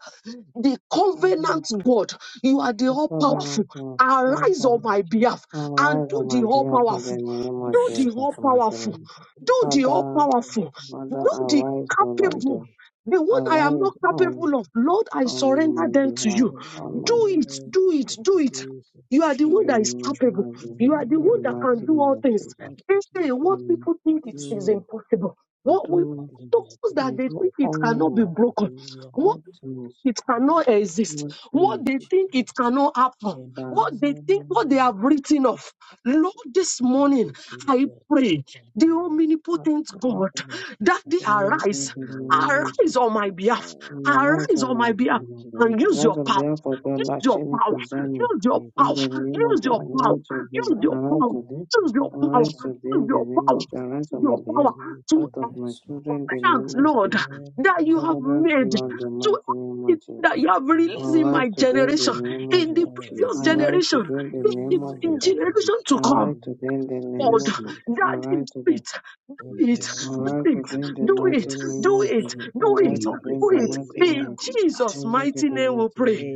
[SPEAKER 2] the
[SPEAKER 1] Father,
[SPEAKER 2] covenant God. You are the
[SPEAKER 1] we
[SPEAKER 2] all
[SPEAKER 1] cover us
[SPEAKER 2] powerful.
[SPEAKER 1] all
[SPEAKER 2] Arise on
[SPEAKER 3] you,
[SPEAKER 1] Father.
[SPEAKER 2] my
[SPEAKER 3] Jesus.
[SPEAKER 2] behalf and
[SPEAKER 3] You
[SPEAKER 1] Arise
[SPEAKER 3] are
[SPEAKER 2] do
[SPEAKER 1] on my
[SPEAKER 2] the all
[SPEAKER 1] behalf in the
[SPEAKER 2] powerful.
[SPEAKER 3] Almighty.
[SPEAKER 1] name of
[SPEAKER 2] Do
[SPEAKER 3] Hallelujah.
[SPEAKER 2] the
[SPEAKER 1] Jesus,
[SPEAKER 2] all
[SPEAKER 1] to my children.
[SPEAKER 3] Oh,
[SPEAKER 2] powerful. Do the
[SPEAKER 3] Lord,
[SPEAKER 2] all
[SPEAKER 3] I
[SPEAKER 1] Father,
[SPEAKER 3] thank
[SPEAKER 2] powerful.
[SPEAKER 3] you.
[SPEAKER 2] Do
[SPEAKER 1] Father,
[SPEAKER 2] the
[SPEAKER 3] Lord,
[SPEAKER 1] arise, O Lord.
[SPEAKER 2] capable.
[SPEAKER 1] them.
[SPEAKER 2] The one I am
[SPEAKER 3] thank
[SPEAKER 2] not
[SPEAKER 1] Arise
[SPEAKER 3] you for
[SPEAKER 1] on
[SPEAKER 3] the
[SPEAKER 2] capable
[SPEAKER 3] gift
[SPEAKER 2] of, Lord,
[SPEAKER 3] of
[SPEAKER 2] I
[SPEAKER 1] on
[SPEAKER 2] surrender
[SPEAKER 1] my
[SPEAKER 2] them to
[SPEAKER 1] behalf,
[SPEAKER 2] you.
[SPEAKER 1] on
[SPEAKER 3] life.
[SPEAKER 2] Do
[SPEAKER 1] my
[SPEAKER 2] it, do it,
[SPEAKER 3] thank
[SPEAKER 2] do
[SPEAKER 3] you,
[SPEAKER 2] it.
[SPEAKER 3] Jesus.
[SPEAKER 2] You
[SPEAKER 5] Of
[SPEAKER 2] are the
[SPEAKER 1] in
[SPEAKER 2] one
[SPEAKER 1] the
[SPEAKER 2] that is
[SPEAKER 1] name of
[SPEAKER 2] capable.
[SPEAKER 1] my
[SPEAKER 2] You are
[SPEAKER 1] behalf,
[SPEAKER 2] the
[SPEAKER 1] in
[SPEAKER 2] one
[SPEAKER 1] the
[SPEAKER 2] that
[SPEAKER 1] mighty
[SPEAKER 2] can do
[SPEAKER 1] name
[SPEAKER 2] all
[SPEAKER 1] of
[SPEAKER 2] things.
[SPEAKER 1] Jesus.
[SPEAKER 3] Thank
[SPEAKER 2] They
[SPEAKER 3] you,
[SPEAKER 2] say what
[SPEAKER 3] Jesus.
[SPEAKER 1] And
[SPEAKER 2] people think it
[SPEAKER 5] things of
[SPEAKER 2] is
[SPEAKER 1] do,
[SPEAKER 2] impossible. What we
[SPEAKER 1] do,
[SPEAKER 3] Hallelujah.
[SPEAKER 2] those
[SPEAKER 3] Thank
[SPEAKER 2] that
[SPEAKER 3] you,
[SPEAKER 1] and
[SPEAKER 2] they
[SPEAKER 1] do
[SPEAKER 2] think it
[SPEAKER 3] Jesus.
[SPEAKER 2] cannot be
[SPEAKER 1] all,
[SPEAKER 2] broken.
[SPEAKER 3] Hallelujah.
[SPEAKER 2] What?
[SPEAKER 1] all things,
[SPEAKER 2] it
[SPEAKER 5] that
[SPEAKER 2] cannot exist,
[SPEAKER 1] good
[SPEAKER 3] Yes,
[SPEAKER 1] things
[SPEAKER 2] what
[SPEAKER 3] Thank
[SPEAKER 2] they
[SPEAKER 3] you,
[SPEAKER 2] think it
[SPEAKER 3] Jesus.
[SPEAKER 2] cannot happen, what they think,
[SPEAKER 3] Amen.
[SPEAKER 2] what they have written off. Lord, this
[SPEAKER 3] Thank
[SPEAKER 2] morning
[SPEAKER 3] you,
[SPEAKER 2] I
[SPEAKER 3] Jesus.
[SPEAKER 2] pray,
[SPEAKER 3] Thank
[SPEAKER 2] the
[SPEAKER 3] you, Lord.
[SPEAKER 2] omnipotent
[SPEAKER 1] that
[SPEAKER 2] God,
[SPEAKER 3] Amen.
[SPEAKER 2] that they
[SPEAKER 1] Lord, in
[SPEAKER 2] arise,
[SPEAKER 1] the name of
[SPEAKER 3] Amen.
[SPEAKER 2] arise on
[SPEAKER 1] Jesus.
[SPEAKER 2] my behalf,
[SPEAKER 1] Arise,
[SPEAKER 2] arise
[SPEAKER 1] O
[SPEAKER 2] on my
[SPEAKER 1] my
[SPEAKER 3] Thank
[SPEAKER 2] behalf,
[SPEAKER 1] King
[SPEAKER 3] you,
[SPEAKER 1] of glory.
[SPEAKER 2] and use
[SPEAKER 1] Arise
[SPEAKER 2] your
[SPEAKER 1] on
[SPEAKER 2] power.
[SPEAKER 1] behalf of God,
[SPEAKER 2] Use
[SPEAKER 3] Jesus.
[SPEAKER 1] Lord,
[SPEAKER 2] your
[SPEAKER 1] shame
[SPEAKER 2] power.
[SPEAKER 3] Thank
[SPEAKER 1] concerning.
[SPEAKER 3] you,
[SPEAKER 2] Use your power.
[SPEAKER 1] In
[SPEAKER 3] Jesus.
[SPEAKER 1] the name of
[SPEAKER 2] Use
[SPEAKER 1] Jesus,
[SPEAKER 2] your
[SPEAKER 3] May the
[SPEAKER 2] power.
[SPEAKER 3] Lord
[SPEAKER 1] arise
[SPEAKER 3] God
[SPEAKER 1] today,
[SPEAKER 3] be
[SPEAKER 2] Use
[SPEAKER 3] with
[SPEAKER 2] your
[SPEAKER 1] arise
[SPEAKER 3] us.
[SPEAKER 2] power.
[SPEAKER 1] today,
[SPEAKER 2] Use your power.
[SPEAKER 3] Amen.
[SPEAKER 1] arise
[SPEAKER 3] Thank you,
[SPEAKER 1] today
[SPEAKER 2] Use
[SPEAKER 1] in the
[SPEAKER 2] your
[SPEAKER 1] name
[SPEAKER 2] power.
[SPEAKER 1] of Jesus, arise
[SPEAKER 2] Use
[SPEAKER 1] on my
[SPEAKER 2] your
[SPEAKER 1] behalf,
[SPEAKER 2] power to
[SPEAKER 1] out of
[SPEAKER 3] Jesus.
[SPEAKER 1] my
[SPEAKER 5] is of
[SPEAKER 1] children, in the
[SPEAKER 5] God.
[SPEAKER 2] thanks,
[SPEAKER 1] name of
[SPEAKER 2] Lord,
[SPEAKER 1] Jesus.
[SPEAKER 3] Amen.
[SPEAKER 2] that you have
[SPEAKER 1] Covenant,
[SPEAKER 2] made to
[SPEAKER 1] Lord,
[SPEAKER 3] Amen.
[SPEAKER 1] the
[SPEAKER 3] Thank you,
[SPEAKER 1] mighty
[SPEAKER 3] Jesus.
[SPEAKER 1] name of
[SPEAKER 2] everything that
[SPEAKER 1] Jesus.
[SPEAKER 2] you have released in
[SPEAKER 1] Arise
[SPEAKER 2] my
[SPEAKER 1] today in the
[SPEAKER 2] generation,
[SPEAKER 1] name of
[SPEAKER 2] in the
[SPEAKER 1] Jesus.
[SPEAKER 3] Hallelujah.
[SPEAKER 2] previous
[SPEAKER 4] Yes, Lord.
[SPEAKER 1] Arise
[SPEAKER 5] Hallelujah.
[SPEAKER 2] generation,
[SPEAKER 1] today in the
[SPEAKER 2] in
[SPEAKER 3] Thank you,
[SPEAKER 2] the
[SPEAKER 1] name of
[SPEAKER 5] Hallelujah.
[SPEAKER 2] in
[SPEAKER 3] Jesus.
[SPEAKER 4] Yes,
[SPEAKER 1] Jesus.
[SPEAKER 4] Daddy.
[SPEAKER 2] generation to come.
[SPEAKER 1] Arise today in the name
[SPEAKER 2] Lord,
[SPEAKER 4] Yes,
[SPEAKER 1] of Jesus.
[SPEAKER 4] Lord.
[SPEAKER 2] that do
[SPEAKER 1] Arise today.
[SPEAKER 2] it, do
[SPEAKER 4] Let
[SPEAKER 2] it,
[SPEAKER 4] a
[SPEAKER 3] Amen.
[SPEAKER 2] do
[SPEAKER 1] Alright,
[SPEAKER 4] stronger
[SPEAKER 1] to
[SPEAKER 2] it,
[SPEAKER 1] in the
[SPEAKER 4] covenant
[SPEAKER 2] do
[SPEAKER 4] of
[SPEAKER 2] it,
[SPEAKER 1] mighty name
[SPEAKER 3] Thank
[SPEAKER 2] do
[SPEAKER 1] of
[SPEAKER 3] you,
[SPEAKER 4] yours
[SPEAKER 2] it,
[SPEAKER 1] Jesus.
[SPEAKER 3] Jesus.
[SPEAKER 2] do
[SPEAKER 1] Alright,
[SPEAKER 2] it,
[SPEAKER 1] today in the
[SPEAKER 4] nullify
[SPEAKER 2] do it.
[SPEAKER 1] mighty
[SPEAKER 3] Hallelujah.
[SPEAKER 4] every
[SPEAKER 1] name
[SPEAKER 4] other
[SPEAKER 2] In
[SPEAKER 1] of Jesus.
[SPEAKER 4] covenant.
[SPEAKER 2] Jesus'
[SPEAKER 1] Alright,
[SPEAKER 2] mighty
[SPEAKER 1] today in the
[SPEAKER 2] name we
[SPEAKER 1] mighty name
[SPEAKER 2] pray.
[SPEAKER 1] of Jesus.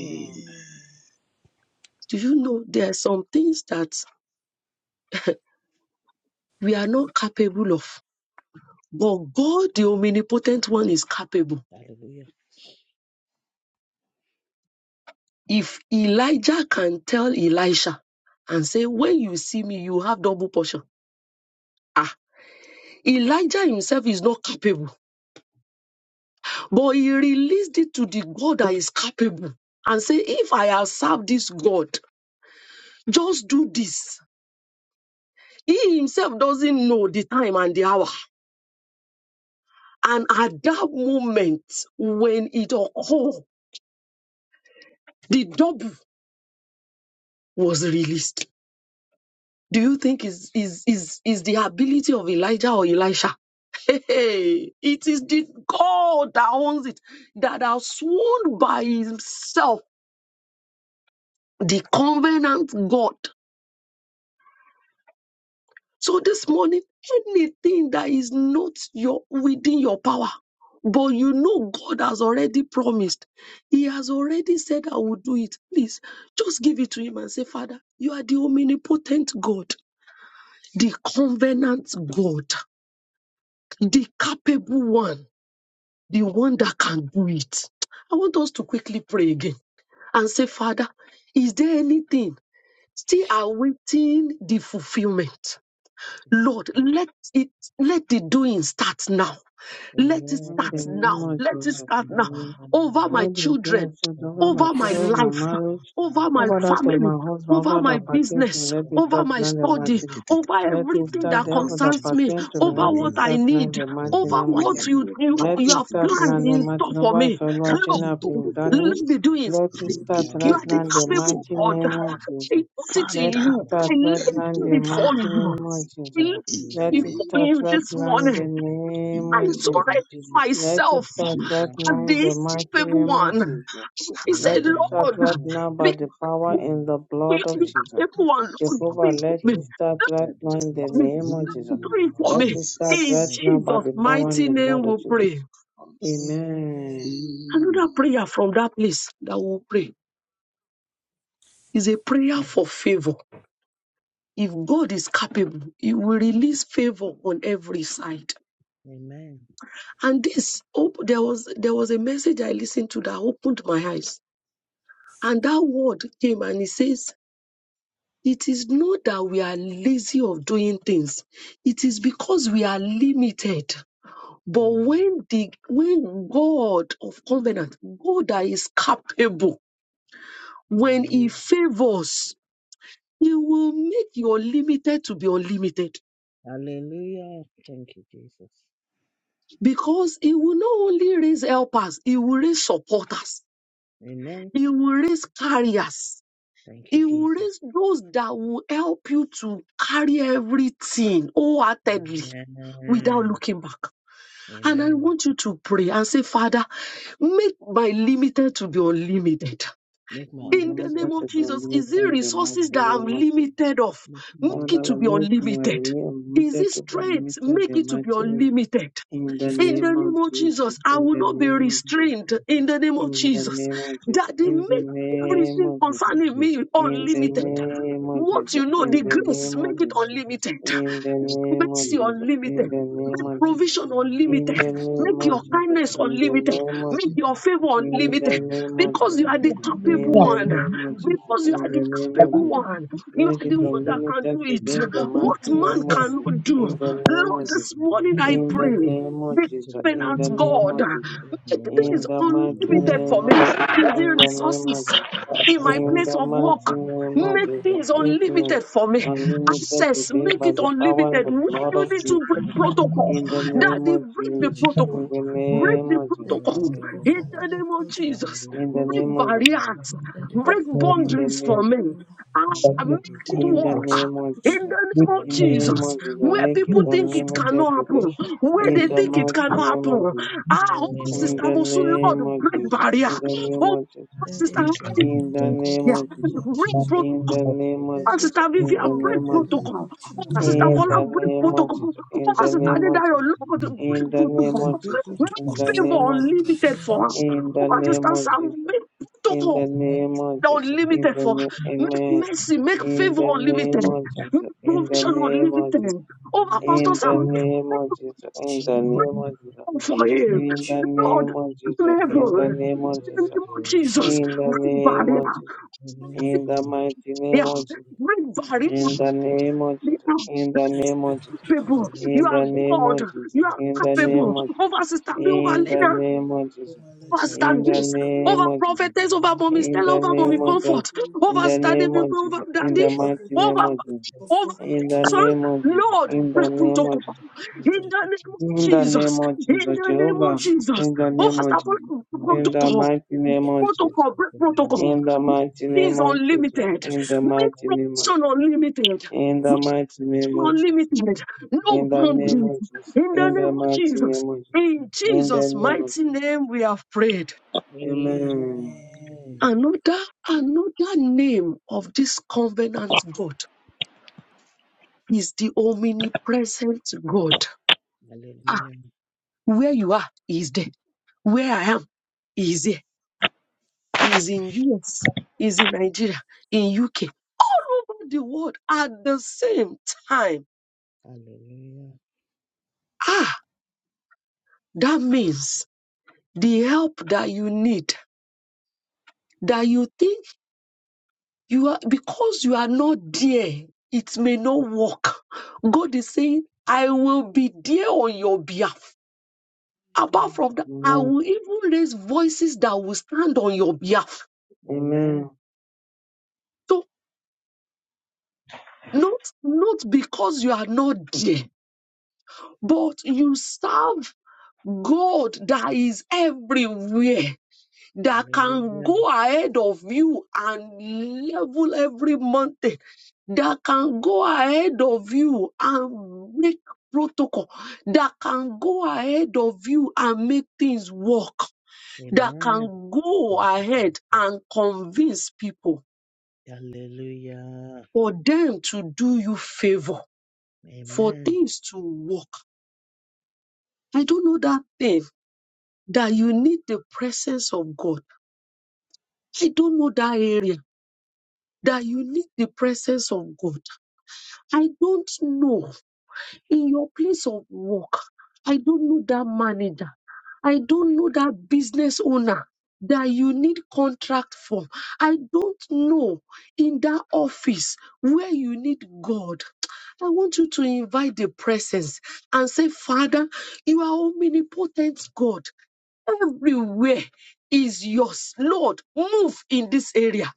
[SPEAKER 5] Amen. Amen.
[SPEAKER 2] Do you know there are some things that we are not capable of, but God, the omnipotent one, is capable.
[SPEAKER 3] Hallelujah.
[SPEAKER 2] If Elijah can tell Elisha and say, When you see me, you have double portion. Ah, Elijah himself is not capable, but he released it to the God that is capable and say, If I have served this God, just do this. He himself doesn't know the time and the hour. And at that moment, when it occurred, the double was released. Do you think is is is is the ability of Elijah or Elisha? Hey, it is the God that owns it, that has sworn by himself, the covenant God. So this morning, anything that is not your within your power, but you know God has already promised. He has already said, I will do it. Please just give it to him and say, Father, you are the omnipotent God, the covenant God, the capable one, the one that can do it. I want us to quickly pray again. and say, Father, is there anything still awaiting the fulfillment? Lord, let it let the doing start now. Let it
[SPEAKER 3] Amen.
[SPEAKER 1] Amen. In
[SPEAKER 2] start
[SPEAKER 1] the
[SPEAKER 3] Let the
[SPEAKER 1] name
[SPEAKER 2] now.
[SPEAKER 1] of
[SPEAKER 3] things
[SPEAKER 2] Let it
[SPEAKER 3] not
[SPEAKER 2] start
[SPEAKER 3] be
[SPEAKER 2] now.
[SPEAKER 1] Jesus.
[SPEAKER 3] known.
[SPEAKER 2] Over my
[SPEAKER 1] Let the
[SPEAKER 2] children,
[SPEAKER 1] game said
[SPEAKER 3] Over
[SPEAKER 1] over
[SPEAKER 3] my
[SPEAKER 1] my
[SPEAKER 2] over my
[SPEAKER 1] children, over
[SPEAKER 3] children,
[SPEAKER 1] my
[SPEAKER 5] Hallelujah.
[SPEAKER 2] life,
[SPEAKER 1] marriage,
[SPEAKER 2] over my
[SPEAKER 3] over
[SPEAKER 1] over
[SPEAKER 3] my
[SPEAKER 1] that of
[SPEAKER 3] life.
[SPEAKER 1] my
[SPEAKER 2] family,
[SPEAKER 1] husband, over
[SPEAKER 2] over my
[SPEAKER 1] that
[SPEAKER 3] Lord, we give
[SPEAKER 1] pertain
[SPEAKER 3] you
[SPEAKER 1] to
[SPEAKER 3] this
[SPEAKER 1] me,
[SPEAKER 2] business,
[SPEAKER 1] let
[SPEAKER 3] praise,
[SPEAKER 1] it
[SPEAKER 3] we
[SPEAKER 2] over
[SPEAKER 1] start
[SPEAKER 3] give
[SPEAKER 2] my
[SPEAKER 1] now
[SPEAKER 3] you
[SPEAKER 1] the
[SPEAKER 3] this
[SPEAKER 2] study,
[SPEAKER 1] mighty.
[SPEAKER 4] Make
[SPEAKER 1] name.
[SPEAKER 4] it take
[SPEAKER 3] praise.
[SPEAKER 2] over
[SPEAKER 1] Let it
[SPEAKER 2] everything
[SPEAKER 3] Amen.
[SPEAKER 1] start
[SPEAKER 2] that
[SPEAKER 1] the help
[SPEAKER 3] Thank
[SPEAKER 1] that
[SPEAKER 4] anything
[SPEAKER 2] concerns
[SPEAKER 4] that
[SPEAKER 2] me,
[SPEAKER 1] pertain
[SPEAKER 4] is
[SPEAKER 1] to
[SPEAKER 4] still
[SPEAKER 1] me,
[SPEAKER 2] over
[SPEAKER 1] let it
[SPEAKER 3] you,
[SPEAKER 2] what I
[SPEAKER 1] start
[SPEAKER 4] remaining
[SPEAKER 1] now
[SPEAKER 3] thank
[SPEAKER 2] need,
[SPEAKER 1] the
[SPEAKER 4] and
[SPEAKER 1] mighty
[SPEAKER 3] you, thank
[SPEAKER 2] over
[SPEAKER 1] name
[SPEAKER 3] you,
[SPEAKER 1] of
[SPEAKER 3] thank
[SPEAKER 1] Jesus.
[SPEAKER 2] what
[SPEAKER 4] require
[SPEAKER 2] you
[SPEAKER 4] your
[SPEAKER 2] you,
[SPEAKER 1] Let
[SPEAKER 2] you
[SPEAKER 4] touch
[SPEAKER 1] it
[SPEAKER 2] have
[SPEAKER 4] to
[SPEAKER 1] start
[SPEAKER 4] be
[SPEAKER 1] now
[SPEAKER 2] planned
[SPEAKER 1] the
[SPEAKER 2] in
[SPEAKER 1] mighty
[SPEAKER 2] store
[SPEAKER 4] fulfilled.
[SPEAKER 1] name
[SPEAKER 2] for
[SPEAKER 1] of
[SPEAKER 2] me.
[SPEAKER 1] fellowship
[SPEAKER 3] we
[SPEAKER 1] up
[SPEAKER 4] Kainto
[SPEAKER 2] Lord,
[SPEAKER 1] in
[SPEAKER 3] give you to
[SPEAKER 1] Ghana.
[SPEAKER 2] let
[SPEAKER 4] popoko,
[SPEAKER 3] this
[SPEAKER 2] the
[SPEAKER 3] praise.
[SPEAKER 2] doings.
[SPEAKER 1] Let it start
[SPEAKER 2] You
[SPEAKER 1] right
[SPEAKER 3] Amen.
[SPEAKER 2] are
[SPEAKER 4] rebiketo
[SPEAKER 2] the
[SPEAKER 1] now
[SPEAKER 3] Thank you,
[SPEAKER 1] the
[SPEAKER 2] capable
[SPEAKER 4] suso
[SPEAKER 3] thank
[SPEAKER 1] mighty
[SPEAKER 3] you,
[SPEAKER 2] God.
[SPEAKER 1] name
[SPEAKER 4] papapa.
[SPEAKER 1] of
[SPEAKER 3] thank you.
[SPEAKER 1] Jesus.
[SPEAKER 2] I put it in
[SPEAKER 1] Let it
[SPEAKER 4] Father,
[SPEAKER 2] you.
[SPEAKER 3] Wonderful.
[SPEAKER 2] I
[SPEAKER 1] start
[SPEAKER 4] bring
[SPEAKER 2] laid
[SPEAKER 1] right
[SPEAKER 4] them
[SPEAKER 2] it
[SPEAKER 3] Thank
[SPEAKER 1] now
[SPEAKER 4] to
[SPEAKER 1] the
[SPEAKER 3] you,
[SPEAKER 2] before
[SPEAKER 3] Lord,
[SPEAKER 1] mighty
[SPEAKER 3] that
[SPEAKER 1] name
[SPEAKER 2] you.
[SPEAKER 3] we
[SPEAKER 4] pass.
[SPEAKER 1] of
[SPEAKER 3] do
[SPEAKER 2] I
[SPEAKER 1] Jesus.
[SPEAKER 2] laid
[SPEAKER 3] start
[SPEAKER 4] In
[SPEAKER 3] with
[SPEAKER 2] it
[SPEAKER 4] the
[SPEAKER 1] Let it
[SPEAKER 3] you.
[SPEAKER 2] before
[SPEAKER 4] name of
[SPEAKER 1] start
[SPEAKER 2] you
[SPEAKER 1] right
[SPEAKER 2] this
[SPEAKER 3] Thank
[SPEAKER 1] now in
[SPEAKER 4] Jesus,
[SPEAKER 3] you,
[SPEAKER 1] the
[SPEAKER 2] morning.
[SPEAKER 3] Jesus.
[SPEAKER 1] name
[SPEAKER 4] bring
[SPEAKER 2] I
[SPEAKER 1] of
[SPEAKER 4] them to
[SPEAKER 3] That
[SPEAKER 1] Jesus.
[SPEAKER 3] we
[SPEAKER 2] surrender
[SPEAKER 3] do
[SPEAKER 4] pass.
[SPEAKER 1] Let
[SPEAKER 3] start
[SPEAKER 1] us
[SPEAKER 2] myself
[SPEAKER 3] with
[SPEAKER 1] start
[SPEAKER 3] you.
[SPEAKER 4] Bring
[SPEAKER 1] right
[SPEAKER 3] Amen.
[SPEAKER 4] them to
[SPEAKER 2] as
[SPEAKER 1] now in the
[SPEAKER 2] the
[SPEAKER 4] pass.
[SPEAKER 3] Thank
[SPEAKER 4] Lord.
[SPEAKER 1] mighty
[SPEAKER 3] you,
[SPEAKER 2] capable
[SPEAKER 1] name of
[SPEAKER 3] Jesus.
[SPEAKER 2] one.
[SPEAKER 1] Jesus.
[SPEAKER 2] He
[SPEAKER 1] Let
[SPEAKER 2] said,
[SPEAKER 4] Tabakato.
[SPEAKER 1] us
[SPEAKER 3] Amen.
[SPEAKER 1] start
[SPEAKER 3] That's
[SPEAKER 2] Lord,
[SPEAKER 3] the
[SPEAKER 1] right now by
[SPEAKER 2] be
[SPEAKER 1] the power
[SPEAKER 4] Bring
[SPEAKER 1] in
[SPEAKER 3] one that
[SPEAKER 1] the
[SPEAKER 3] we
[SPEAKER 2] you are
[SPEAKER 1] blood of
[SPEAKER 2] the
[SPEAKER 3] serve.
[SPEAKER 4] them
[SPEAKER 1] Jesus.
[SPEAKER 2] capable
[SPEAKER 4] to
[SPEAKER 2] one.
[SPEAKER 4] pass.
[SPEAKER 3] Thank
[SPEAKER 1] Jehovah, let us
[SPEAKER 2] Lord,
[SPEAKER 1] start right
[SPEAKER 2] do
[SPEAKER 3] Let the
[SPEAKER 1] now in
[SPEAKER 2] it
[SPEAKER 1] the
[SPEAKER 2] for
[SPEAKER 3] peace
[SPEAKER 2] me.
[SPEAKER 1] name
[SPEAKER 3] start
[SPEAKER 4] In
[SPEAKER 1] of
[SPEAKER 4] the
[SPEAKER 2] Do it for
[SPEAKER 1] Jesus.
[SPEAKER 2] me. Do
[SPEAKER 4] name
[SPEAKER 2] it
[SPEAKER 4] of
[SPEAKER 2] for
[SPEAKER 1] Let
[SPEAKER 2] me.
[SPEAKER 1] us start
[SPEAKER 2] In
[SPEAKER 1] right
[SPEAKER 4] Jesus,
[SPEAKER 3] Thank
[SPEAKER 1] now
[SPEAKER 3] you,
[SPEAKER 1] by
[SPEAKER 2] Jesus'
[SPEAKER 1] the
[SPEAKER 3] Jesus.
[SPEAKER 4] we
[SPEAKER 1] power
[SPEAKER 4] pray
[SPEAKER 1] in
[SPEAKER 2] mighty
[SPEAKER 4] that
[SPEAKER 1] the
[SPEAKER 4] you
[SPEAKER 2] name
[SPEAKER 1] blood of
[SPEAKER 2] we
[SPEAKER 4] will
[SPEAKER 2] pray.
[SPEAKER 1] Jesus.
[SPEAKER 4] bring
[SPEAKER 3] Amen.
[SPEAKER 4] us.
[SPEAKER 3] Amen.
[SPEAKER 1] Amen.
[SPEAKER 2] Another
[SPEAKER 4] Amen.
[SPEAKER 2] prayer from that place that we'll pray is a prayer for favor. If God is capable, He will release favor on every side.
[SPEAKER 3] Amen.
[SPEAKER 2] And this, op- there was there was a message I listened to that opened my eyes, and that word came and it says, "It is not that we are lazy of doing things; it is because we are limited." But
[SPEAKER 3] Mm.
[SPEAKER 2] when the when God of covenant, God that is capable, when He
[SPEAKER 3] Hallelujah.
[SPEAKER 2] favors, He will make your limited to be unlimited.
[SPEAKER 3] Hallelujah. Thank you, Jesus.
[SPEAKER 2] because it will not only raise helpers, it will raise supporters,
[SPEAKER 3] Amen.
[SPEAKER 2] it will raise carriers,
[SPEAKER 3] Thank you,
[SPEAKER 2] it will
[SPEAKER 3] Jesus.
[SPEAKER 2] raise those that will help you to carry everything wholeheartedly without
[SPEAKER 3] Amen.
[SPEAKER 2] looking back. And I
[SPEAKER 3] Amen.
[SPEAKER 2] want you to pray and say, Father, make my limited to be unlimited.
[SPEAKER 3] Make my
[SPEAKER 1] My
[SPEAKER 2] In the
[SPEAKER 3] limited.
[SPEAKER 2] name
[SPEAKER 1] limited
[SPEAKER 2] of
[SPEAKER 1] to be
[SPEAKER 2] Jesus,
[SPEAKER 1] limited
[SPEAKER 2] is it
[SPEAKER 1] in the mighty
[SPEAKER 2] resources that I'm
[SPEAKER 1] name of Jesus.
[SPEAKER 2] limited of?
[SPEAKER 3] Make my
[SPEAKER 2] Make
[SPEAKER 1] Father,
[SPEAKER 2] it to
[SPEAKER 1] I
[SPEAKER 2] be
[SPEAKER 3] limited.
[SPEAKER 1] need my
[SPEAKER 2] unlimited. Is it
[SPEAKER 1] limited to be
[SPEAKER 3] Make
[SPEAKER 1] limited
[SPEAKER 2] strength?
[SPEAKER 1] in
[SPEAKER 2] Make
[SPEAKER 1] the
[SPEAKER 2] it to be
[SPEAKER 1] mighty name.
[SPEAKER 2] unlimited.
[SPEAKER 1] In the
[SPEAKER 3] it
[SPEAKER 2] In
[SPEAKER 3] to
[SPEAKER 2] the
[SPEAKER 3] be.
[SPEAKER 1] name
[SPEAKER 2] name
[SPEAKER 1] of
[SPEAKER 2] of
[SPEAKER 1] Jesus.
[SPEAKER 2] Jesus, I
[SPEAKER 1] In
[SPEAKER 2] will
[SPEAKER 1] the
[SPEAKER 2] not be
[SPEAKER 1] name of Jesus.
[SPEAKER 2] restrained. In the name of
[SPEAKER 1] In the
[SPEAKER 2] Jesus,
[SPEAKER 1] name of
[SPEAKER 2] that
[SPEAKER 1] Jesus,
[SPEAKER 2] they
[SPEAKER 1] in the
[SPEAKER 2] make
[SPEAKER 1] name
[SPEAKER 2] everything
[SPEAKER 1] of Jesus,
[SPEAKER 4] Thank
[SPEAKER 2] concerning
[SPEAKER 4] you
[SPEAKER 2] me
[SPEAKER 4] for
[SPEAKER 1] in the
[SPEAKER 4] this
[SPEAKER 3] Make
[SPEAKER 2] unlimited.
[SPEAKER 4] infinite
[SPEAKER 1] name
[SPEAKER 4] prayer.
[SPEAKER 1] of
[SPEAKER 2] What
[SPEAKER 1] Jesus,
[SPEAKER 2] you know,
[SPEAKER 1] in
[SPEAKER 2] the
[SPEAKER 1] the
[SPEAKER 4] Thank you
[SPEAKER 2] grace,
[SPEAKER 1] name
[SPEAKER 4] for
[SPEAKER 1] of
[SPEAKER 2] make
[SPEAKER 4] the
[SPEAKER 2] it
[SPEAKER 1] Jesus,
[SPEAKER 3] my
[SPEAKER 4] secret.
[SPEAKER 2] unlimited.
[SPEAKER 1] in the
[SPEAKER 3] Thank
[SPEAKER 2] Make
[SPEAKER 3] you,
[SPEAKER 1] name of
[SPEAKER 4] Thank
[SPEAKER 2] mercy
[SPEAKER 3] Jesus.
[SPEAKER 1] Jesus,
[SPEAKER 4] you
[SPEAKER 3] Thank
[SPEAKER 4] for
[SPEAKER 1] in
[SPEAKER 3] you,
[SPEAKER 2] unlimited.
[SPEAKER 1] the
[SPEAKER 4] the
[SPEAKER 1] name
[SPEAKER 2] Make
[SPEAKER 3] Jesus.
[SPEAKER 1] of
[SPEAKER 3] Amen.
[SPEAKER 1] Jesus,
[SPEAKER 4] opportunity.
[SPEAKER 2] provision
[SPEAKER 3] Hallelujah.
[SPEAKER 1] in the
[SPEAKER 2] unlimited.
[SPEAKER 1] name
[SPEAKER 3] To
[SPEAKER 2] Make
[SPEAKER 4] Badibu
[SPEAKER 1] of
[SPEAKER 2] your
[SPEAKER 4] kana
[SPEAKER 1] Jesus,
[SPEAKER 3] the
[SPEAKER 2] kindness
[SPEAKER 4] badibu
[SPEAKER 1] in the
[SPEAKER 4] tebele
[SPEAKER 2] unlimited.
[SPEAKER 1] name of
[SPEAKER 2] Make
[SPEAKER 4] kedeski.
[SPEAKER 1] Jesus,
[SPEAKER 2] your favor
[SPEAKER 1] in the
[SPEAKER 2] unlimited.
[SPEAKER 1] name
[SPEAKER 4] Father,
[SPEAKER 1] of
[SPEAKER 2] Because you
[SPEAKER 1] Jesus,
[SPEAKER 4] make
[SPEAKER 2] are the
[SPEAKER 4] every
[SPEAKER 2] capable
[SPEAKER 1] in
[SPEAKER 6] Yes,
[SPEAKER 1] the
[SPEAKER 4] blessed
[SPEAKER 2] one.
[SPEAKER 4] right
[SPEAKER 1] name of Jesus,
[SPEAKER 4] now.
[SPEAKER 2] Because you
[SPEAKER 1] in
[SPEAKER 2] are the
[SPEAKER 1] the name of
[SPEAKER 2] capable
[SPEAKER 1] Jesus.
[SPEAKER 2] one. You
[SPEAKER 1] Make
[SPEAKER 2] are
[SPEAKER 1] it
[SPEAKER 2] the one that can
[SPEAKER 1] unlimited
[SPEAKER 2] do
[SPEAKER 1] to
[SPEAKER 4] In the
[SPEAKER 2] it.
[SPEAKER 1] them, the
[SPEAKER 4] name of
[SPEAKER 1] mighty
[SPEAKER 2] What man
[SPEAKER 1] name of
[SPEAKER 4] Jesus.
[SPEAKER 1] Jesus,
[SPEAKER 2] cannot do.
[SPEAKER 1] in the name
[SPEAKER 2] Lord,
[SPEAKER 1] of
[SPEAKER 4] Yes,
[SPEAKER 2] this
[SPEAKER 1] Jesus,
[SPEAKER 2] morning I
[SPEAKER 1] in the
[SPEAKER 2] pray.
[SPEAKER 1] name of
[SPEAKER 2] This
[SPEAKER 1] Jesus,
[SPEAKER 4] Lord.
[SPEAKER 1] in
[SPEAKER 2] finance
[SPEAKER 1] the
[SPEAKER 3] living
[SPEAKER 1] name
[SPEAKER 2] God,
[SPEAKER 1] of Jesus,
[SPEAKER 3] God in
[SPEAKER 2] make
[SPEAKER 3] the
[SPEAKER 1] in
[SPEAKER 2] things
[SPEAKER 1] the
[SPEAKER 3] mighty
[SPEAKER 4] You
[SPEAKER 1] mighty
[SPEAKER 3] name
[SPEAKER 4] will
[SPEAKER 3] of
[SPEAKER 2] unlimited for
[SPEAKER 1] name
[SPEAKER 4] deliver
[SPEAKER 2] me
[SPEAKER 1] of
[SPEAKER 3] Jesus.
[SPEAKER 4] us,
[SPEAKER 1] Jesus,
[SPEAKER 4] Lord,
[SPEAKER 2] in
[SPEAKER 4] in
[SPEAKER 2] the
[SPEAKER 1] in the
[SPEAKER 4] the
[SPEAKER 3] Thank
[SPEAKER 4] name
[SPEAKER 1] name
[SPEAKER 3] you,
[SPEAKER 1] of
[SPEAKER 2] resources,
[SPEAKER 1] Jesus,
[SPEAKER 3] Jesus. Let
[SPEAKER 2] in
[SPEAKER 3] my
[SPEAKER 2] my
[SPEAKER 1] in
[SPEAKER 3] life
[SPEAKER 2] place
[SPEAKER 1] the
[SPEAKER 3] be
[SPEAKER 2] of
[SPEAKER 3] a
[SPEAKER 1] mighty
[SPEAKER 2] work.
[SPEAKER 1] name of
[SPEAKER 2] Make
[SPEAKER 1] Jesus.
[SPEAKER 2] things
[SPEAKER 4] of the
[SPEAKER 1] Make
[SPEAKER 4] Lord.
[SPEAKER 1] me
[SPEAKER 2] unlimited for me.
[SPEAKER 3] Thank you.
[SPEAKER 1] unlimited
[SPEAKER 2] Access,
[SPEAKER 1] today
[SPEAKER 3] Thank
[SPEAKER 2] make
[SPEAKER 1] by
[SPEAKER 3] you.
[SPEAKER 2] it
[SPEAKER 1] the power and
[SPEAKER 2] unlimited.
[SPEAKER 1] the
[SPEAKER 2] When
[SPEAKER 1] blood
[SPEAKER 2] you
[SPEAKER 1] of
[SPEAKER 2] need to
[SPEAKER 1] Jesus.
[SPEAKER 2] break
[SPEAKER 3] Jesus. Thank
[SPEAKER 2] protocol,
[SPEAKER 1] In
[SPEAKER 3] you.
[SPEAKER 1] the
[SPEAKER 3] Jesus.
[SPEAKER 1] name
[SPEAKER 2] Daddy,
[SPEAKER 1] of
[SPEAKER 2] break the
[SPEAKER 1] Jesus.
[SPEAKER 3] Thank you,
[SPEAKER 2] protocol.
[SPEAKER 1] In the
[SPEAKER 3] Jesus.
[SPEAKER 5] Jesus.
[SPEAKER 2] Break
[SPEAKER 1] name
[SPEAKER 2] the
[SPEAKER 1] of Jesus.
[SPEAKER 5] Break
[SPEAKER 2] protocol
[SPEAKER 5] protocol
[SPEAKER 2] in
[SPEAKER 5] for
[SPEAKER 3] Hallelujah.
[SPEAKER 2] the
[SPEAKER 5] mother
[SPEAKER 2] name of
[SPEAKER 5] God in the
[SPEAKER 2] Jesus.
[SPEAKER 1] In the
[SPEAKER 3] We
[SPEAKER 1] name
[SPEAKER 2] Break
[SPEAKER 1] of
[SPEAKER 5] Jesus.
[SPEAKER 1] Jesus.
[SPEAKER 2] barriers,
[SPEAKER 5] Daddy break
[SPEAKER 2] break
[SPEAKER 5] protocol
[SPEAKER 1] In
[SPEAKER 6] um,
[SPEAKER 1] the
[SPEAKER 2] boundaries for
[SPEAKER 1] name.
[SPEAKER 5] for
[SPEAKER 2] me.
[SPEAKER 5] mother God
[SPEAKER 2] I make
[SPEAKER 6] public
[SPEAKER 3] thank you
[SPEAKER 5] in the
[SPEAKER 3] for
[SPEAKER 2] it
[SPEAKER 6] school
[SPEAKER 3] the
[SPEAKER 1] In
[SPEAKER 5] name
[SPEAKER 1] the
[SPEAKER 5] of
[SPEAKER 3] Lord.
[SPEAKER 6] course,
[SPEAKER 2] work
[SPEAKER 1] name of
[SPEAKER 5] Jesus.
[SPEAKER 2] in
[SPEAKER 5] Lord.
[SPEAKER 2] the
[SPEAKER 1] Jesus.
[SPEAKER 6] which
[SPEAKER 2] name of
[SPEAKER 1] In the
[SPEAKER 3] Thank
[SPEAKER 1] name
[SPEAKER 6] um,
[SPEAKER 2] Jesus.
[SPEAKER 5] In
[SPEAKER 1] of
[SPEAKER 5] the
[SPEAKER 1] Jesus.
[SPEAKER 5] name
[SPEAKER 2] Where
[SPEAKER 5] of
[SPEAKER 1] Make it
[SPEAKER 2] people
[SPEAKER 6] yes,
[SPEAKER 3] you for
[SPEAKER 2] think
[SPEAKER 5] Jesus.
[SPEAKER 2] it
[SPEAKER 5] Lord.
[SPEAKER 1] unlimited
[SPEAKER 2] cannot
[SPEAKER 1] today.
[SPEAKER 2] happen,
[SPEAKER 3] the Thank
[SPEAKER 2] where
[SPEAKER 3] you
[SPEAKER 1] In
[SPEAKER 2] they
[SPEAKER 5] Daddy
[SPEAKER 1] the
[SPEAKER 5] my
[SPEAKER 2] think it
[SPEAKER 1] mighty
[SPEAKER 5] God,
[SPEAKER 2] cannot
[SPEAKER 1] name of
[SPEAKER 2] happen.
[SPEAKER 1] Jesus.
[SPEAKER 3] Lord. for the
[SPEAKER 2] Ah, oh,
[SPEAKER 6] the
[SPEAKER 1] In
[SPEAKER 3] Lord.
[SPEAKER 2] Sister
[SPEAKER 5] Daddy
[SPEAKER 6] build
[SPEAKER 1] the
[SPEAKER 5] my
[SPEAKER 2] Mosu,
[SPEAKER 3] Thank you
[SPEAKER 5] God
[SPEAKER 2] Lord,
[SPEAKER 1] name
[SPEAKER 5] in
[SPEAKER 1] of
[SPEAKER 2] break
[SPEAKER 1] Jesus.
[SPEAKER 2] barrier.
[SPEAKER 1] In the
[SPEAKER 3] for
[SPEAKER 1] name
[SPEAKER 2] Oh,
[SPEAKER 1] of Jesus.
[SPEAKER 5] the
[SPEAKER 2] Sister
[SPEAKER 5] name of Jesus. Daddy
[SPEAKER 3] the
[SPEAKER 5] help
[SPEAKER 2] Hati,
[SPEAKER 6] on
[SPEAKER 5] me,
[SPEAKER 1] In
[SPEAKER 6] the
[SPEAKER 1] the
[SPEAKER 3] Lord.
[SPEAKER 5] Lord God,
[SPEAKER 1] name
[SPEAKER 5] in
[SPEAKER 2] yeah,
[SPEAKER 5] the
[SPEAKER 1] of
[SPEAKER 5] name
[SPEAKER 3] Thank
[SPEAKER 1] Jesus.
[SPEAKER 5] of
[SPEAKER 3] you,
[SPEAKER 2] break
[SPEAKER 5] Jesus.
[SPEAKER 6] man
[SPEAKER 2] protocol.
[SPEAKER 3] Jesus,
[SPEAKER 1] In the
[SPEAKER 3] for
[SPEAKER 6] of
[SPEAKER 3] the
[SPEAKER 1] name
[SPEAKER 3] Lord.
[SPEAKER 1] of
[SPEAKER 2] Oh,
[SPEAKER 5] Daddy Lord
[SPEAKER 1] Jesus.
[SPEAKER 2] Sister
[SPEAKER 3] Thank
[SPEAKER 1] In the
[SPEAKER 5] God
[SPEAKER 2] Vivian,
[SPEAKER 3] you,
[SPEAKER 5] in
[SPEAKER 2] break
[SPEAKER 1] name
[SPEAKER 5] the
[SPEAKER 1] of
[SPEAKER 3] Jesus.
[SPEAKER 5] name
[SPEAKER 1] Jesus.
[SPEAKER 2] protocol.
[SPEAKER 5] of
[SPEAKER 2] Oh,
[SPEAKER 6] the
[SPEAKER 5] Jesus.
[SPEAKER 2] Sister
[SPEAKER 1] In
[SPEAKER 3] Hallelujah.
[SPEAKER 2] Fola,
[SPEAKER 1] the
[SPEAKER 6] name,
[SPEAKER 2] break
[SPEAKER 1] name
[SPEAKER 3] Thank you,
[SPEAKER 1] of
[SPEAKER 2] protocol.
[SPEAKER 1] Jesus.
[SPEAKER 2] Oh,
[SPEAKER 1] In
[SPEAKER 3] Father.
[SPEAKER 2] God,
[SPEAKER 1] the
[SPEAKER 2] Sister
[SPEAKER 6] this
[SPEAKER 1] name of
[SPEAKER 2] Adedayo,
[SPEAKER 1] Jesus.
[SPEAKER 2] Lord,
[SPEAKER 1] In
[SPEAKER 2] break
[SPEAKER 1] the name
[SPEAKER 2] protocol.
[SPEAKER 5] Father
[SPEAKER 6] this
[SPEAKER 1] of
[SPEAKER 5] break
[SPEAKER 1] Jesus.
[SPEAKER 2] Make
[SPEAKER 3] Thank you,
[SPEAKER 1] In
[SPEAKER 5] protocol
[SPEAKER 1] the
[SPEAKER 6] person,
[SPEAKER 5] for
[SPEAKER 3] Father,
[SPEAKER 2] favor
[SPEAKER 1] name
[SPEAKER 3] Lord.
[SPEAKER 1] of
[SPEAKER 5] mother
[SPEAKER 1] Jesus.
[SPEAKER 5] God in the
[SPEAKER 2] unlimited
[SPEAKER 5] name
[SPEAKER 2] for
[SPEAKER 5] of
[SPEAKER 2] us.
[SPEAKER 1] In
[SPEAKER 3] Thank you,
[SPEAKER 2] Oh,
[SPEAKER 1] the
[SPEAKER 2] Sister
[SPEAKER 1] name of
[SPEAKER 3] Lord.
[SPEAKER 2] Sam,
[SPEAKER 1] Jesus.
[SPEAKER 2] make
[SPEAKER 1] In the
[SPEAKER 2] protocol.
[SPEAKER 6] not
[SPEAKER 1] name of Jesus.
[SPEAKER 3] We
[SPEAKER 1] In
[SPEAKER 2] Unlimited
[SPEAKER 1] the
[SPEAKER 3] have
[SPEAKER 2] for her.
[SPEAKER 1] name,
[SPEAKER 3] come to
[SPEAKER 2] make
[SPEAKER 3] this
[SPEAKER 1] amen.
[SPEAKER 2] mercy, make
[SPEAKER 3] moment, we come
[SPEAKER 1] In
[SPEAKER 2] favor
[SPEAKER 1] the
[SPEAKER 3] to the Lord,
[SPEAKER 2] unlimited,
[SPEAKER 1] name
[SPEAKER 3] we
[SPEAKER 1] of
[SPEAKER 3] come-
[SPEAKER 2] make
[SPEAKER 1] Jesus. In the
[SPEAKER 2] provision
[SPEAKER 3] Amen.
[SPEAKER 1] name of Jesus.
[SPEAKER 2] unlimited. Oh,
[SPEAKER 3] Amen.
[SPEAKER 2] Pastor
[SPEAKER 1] In the
[SPEAKER 2] Sam,
[SPEAKER 6] one,
[SPEAKER 1] name of Jesus. In
[SPEAKER 5] Jesus.
[SPEAKER 1] the
[SPEAKER 3] Amen.
[SPEAKER 1] name
[SPEAKER 3] Thank
[SPEAKER 1] of Jesus.
[SPEAKER 3] you, Jesus.
[SPEAKER 6] this
[SPEAKER 2] forgive.
[SPEAKER 1] In the
[SPEAKER 3] Thank
[SPEAKER 1] name
[SPEAKER 2] Lord,
[SPEAKER 3] you,
[SPEAKER 1] of Jesus.
[SPEAKER 3] Jesus. Well,
[SPEAKER 1] In
[SPEAKER 3] thank
[SPEAKER 1] the
[SPEAKER 2] never, In
[SPEAKER 1] name
[SPEAKER 3] you,
[SPEAKER 1] of
[SPEAKER 2] the name
[SPEAKER 3] Lord.
[SPEAKER 1] Jesus.
[SPEAKER 2] of
[SPEAKER 3] Lord,
[SPEAKER 2] Jesus,
[SPEAKER 3] Thank
[SPEAKER 1] In the
[SPEAKER 3] you,
[SPEAKER 2] break
[SPEAKER 1] name
[SPEAKER 3] Jesus.
[SPEAKER 1] of
[SPEAKER 2] barrier.
[SPEAKER 1] Jesus. In the
[SPEAKER 3] Amen.
[SPEAKER 1] mighty name
[SPEAKER 2] Yeah,
[SPEAKER 3] Thank
[SPEAKER 1] of
[SPEAKER 3] you,
[SPEAKER 1] Jesus.
[SPEAKER 3] Jesus.
[SPEAKER 2] break barrier.
[SPEAKER 1] In the
[SPEAKER 3] Hallelujah.
[SPEAKER 1] name of
[SPEAKER 2] They
[SPEAKER 1] Jesus.
[SPEAKER 2] are
[SPEAKER 1] In the
[SPEAKER 5] Daddy
[SPEAKER 1] name
[SPEAKER 5] break
[SPEAKER 1] of
[SPEAKER 3] Thank
[SPEAKER 1] Jesus.
[SPEAKER 3] you,
[SPEAKER 5] protocol for
[SPEAKER 3] The
[SPEAKER 2] capable.
[SPEAKER 5] mother God. in the name
[SPEAKER 3] Lord
[SPEAKER 5] of
[SPEAKER 2] You
[SPEAKER 1] In
[SPEAKER 2] are
[SPEAKER 1] the
[SPEAKER 3] thank you,
[SPEAKER 1] name
[SPEAKER 3] Jesus.
[SPEAKER 1] of
[SPEAKER 2] God.
[SPEAKER 1] Jesus.
[SPEAKER 2] You are
[SPEAKER 1] In the
[SPEAKER 3] Lord, Thank
[SPEAKER 5] Jesus.
[SPEAKER 3] you,
[SPEAKER 6] person,
[SPEAKER 1] name
[SPEAKER 2] capable.
[SPEAKER 1] of Jesus.
[SPEAKER 2] Over Sister
[SPEAKER 3] Jesus.
[SPEAKER 2] B, over
[SPEAKER 1] In the
[SPEAKER 2] Lena.
[SPEAKER 3] Lord,
[SPEAKER 1] name of
[SPEAKER 5] For
[SPEAKER 1] Jesus.
[SPEAKER 5] my life,
[SPEAKER 2] us
[SPEAKER 5] Lord
[SPEAKER 3] Thank
[SPEAKER 2] that
[SPEAKER 3] you,
[SPEAKER 1] In
[SPEAKER 5] God,
[SPEAKER 1] the
[SPEAKER 5] be
[SPEAKER 2] grace
[SPEAKER 3] Jesus.
[SPEAKER 2] over
[SPEAKER 1] name
[SPEAKER 5] terrible.
[SPEAKER 1] of Jesus.
[SPEAKER 2] prophetess, over
[SPEAKER 3] Amen.
[SPEAKER 2] mommy
[SPEAKER 1] In
[SPEAKER 2] Stella,
[SPEAKER 1] the
[SPEAKER 2] over mommy
[SPEAKER 1] name
[SPEAKER 5] that
[SPEAKER 1] of
[SPEAKER 5] you
[SPEAKER 1] Jesus.
[SPEAKER 2] comfort,
[SPEAKER 5] go
[SPEAKER 1] In
[SPEAKER 2] over
[SPEAKER 1] the
[SPEAKER 3] Thank you, Jesus.
[SPEAKER 2] study
[SPEAKER 1] name of
[SPEAKER 2] people, over
[SPEAKER 1] Jesus. In
[SPEAKER 2] daddy,
[SPEAKER 1] the
[SPEAKER 3] Hallelujah.
[SPEAKER 5] Father,
[SPEAKER 1] mighty
[SPEAKER 3] Thank you,
[SPEAKER 1] name
[SPEAKER 5] break
[SPEAKER 2] over
[SPEAKER 3] Jesus.
[SPEAKER 1] of Jesus.
[SPEAKER 5] every record
[SPEAKER 2] over
[SPEAKER 1] In the
[SPEAKER 3] Thank
[SPEAKER 5] for
[SPEAKER 2] son.
[SPEAKER 3] you,
[SPEAKER 5] me,
[SPEAKER 1] name
[SPEAKER 3] Jesus.
[SPEAKER 1] of Jesus.
[SPEAKER 2] Lord,
[SPEAKER 1] In the
[SPEAKER 2] break
[SPEAKER 1] name of
[SPEAKER 2] protocol
[SPEAKER 1] Jesus.
[SPEAKER 3] Thank you,
[SPEAKER 2] in
[SPEAKER 3] Jesus. Thank you, Jesus. Thank you, Jesus. Thank
[SPEAKER 2] the name of
[SPEAKER 3] you,
[SPEAKER 1] In the
[SPEAKER 5] O God, in the mighty name of our
[SPEAKER 3] Jesus.
[SPEAKER 1] name
[SPEAKER 2] Jesus.
[SPEAKER 1] of
[SPEAKER 2] In
[SPEAKER 1] Jesus,
[SPEAKER 2] the name of
[SPEAKER 1] Jehovah.
[SPEAKER 2] Jesus,
[SPEAKER 1] In the
[SPEAKER 3] Thank
[SPEAKER 1] name
[SPEAKER 2] over
[SPEAKER 1] of
[SPEAKER 2] staff
[SPEAKER 1] Jesus.
[SPEAKER 3] you, Lord. Amen.
[SPEAKER 1] In the
[SPEAKER 2] protocol.
[SPEAKER 1] mighty name
[SPEAKER 5] I
[SPEAKER 1] of
[SPEAKER 5] break it
[SPEAKER 1] Jesus.
[SPEAKER 2] Protocol, break
[SPEAKER 3] Amen.
[SPEAKER 2] protocol.
[SPEAKER 1] In the mighty
[SPEAKER 5] in
[SPEAKER 1] name
[SPEAKER 5] the
[SPEAKER 2] Things
[SPEAKER 5] name of
[SPEAKER 1] of Jesus.
[SPEAKER 2] unlimited.
[SPEAKER 1] In
[SPEAKER 5] Jesus'
[SPEAKER 1] the
[SPEAKER 5] name.
[SPEAKER 2] Make
[SPEAKER 1] mighty name of
[SPEAKER 2] provision
[SPEAKER 1] Jesus.
[SPEAKER 2] unlimited.
[SPEAKER 1] In
[SPEAKER 5] Go
[SPEAKER 1] the
[SPEAKER 5] for
[SPEAKER 2] Mission
[SPEAKER 1] mighty name of Jesus.
[SPEAKER 2] unlimited.
[SPEAKER 1] In
[SPEAKER 2] No
[SPEAKER 1] the name
[SPEAKER 5] that
[SPEAKER 2] boundaries.
[SPEAKER 1] of Jesus.
[SPEAKER 2] In the
[SPEAKER 1] In
[SPEAKER 5] break.
[SPEAKER 1] the
[SPEAKER 2] name of
[SPEAKER 1] mighty
[SPEAKER 2] Jesus.
[SPEAKER 1] name of Jesus.
[SPEAKER 2] In
[SPEAKER 1] In the
[SPEAKER 2] Jesus'
[SPEAKER 1] name of
[SPEAKER 2] mighty
[SPEAKER 1] Jesus.
[SPEAKER 2] name, we have prayed.
[SPEAKER 5] it.
[SPEAKER 1] Amen.
[SPEAKER 5] Amen.
[SPEAKER 2] Another, another name of this covenant God is the omnipresent God. Ah,
[SPEAKER 3] Hallelujah.
[SPEAKER 2] where you are, He is there. Where I am, He is there. He is in US, He is in Nigeria, in UK, over the world at the same time.
[SPEAKER 3] Hallelujah.
[SPEAKER 2] Ah, that means the help that you need, that you think you are, because you are not there, it may not work. God is saying, I will be there on your behalf. Apart from that, I
[SPEAKER 1] Amen.
[SPEAKER 2] will even raise voices that will stand on your behalf.
[SPEAKER 1] Amen.
[SPEAKER 3] Amen.
[SPEAKER 2] So not not because you are not there, but you serve God that is everywhere, that can
[SPEAKER 3] Hallelujah.
[SPEAKER 2] go ahead of you and level every mountain, that can go ahead of you and make protocol, that can go ahead of you and make things work. that
[SPEAKER 3] Amen.
[SPEAKER 2] can go ahead
[SPEAKER 3] Thank you.
[SPEAKER 2] and convince people
[SPEAKER 3] Hallelujah.
[SPEAKER 2] for them to do you favor, for
[SPEAKER 3] Amen.
[SPEAKER 2] things to work. I don't know that thing that you need the presence of God. I don't know that area that you need the presence of God. I don't know in your place of work. I don't know that manager. I don't know that business owner that you need contract for. I don't know in that office where you need God. I want you to invite the presence and say, Father, you are omnipotent God. Everywhere is yours. Lord, move in this area.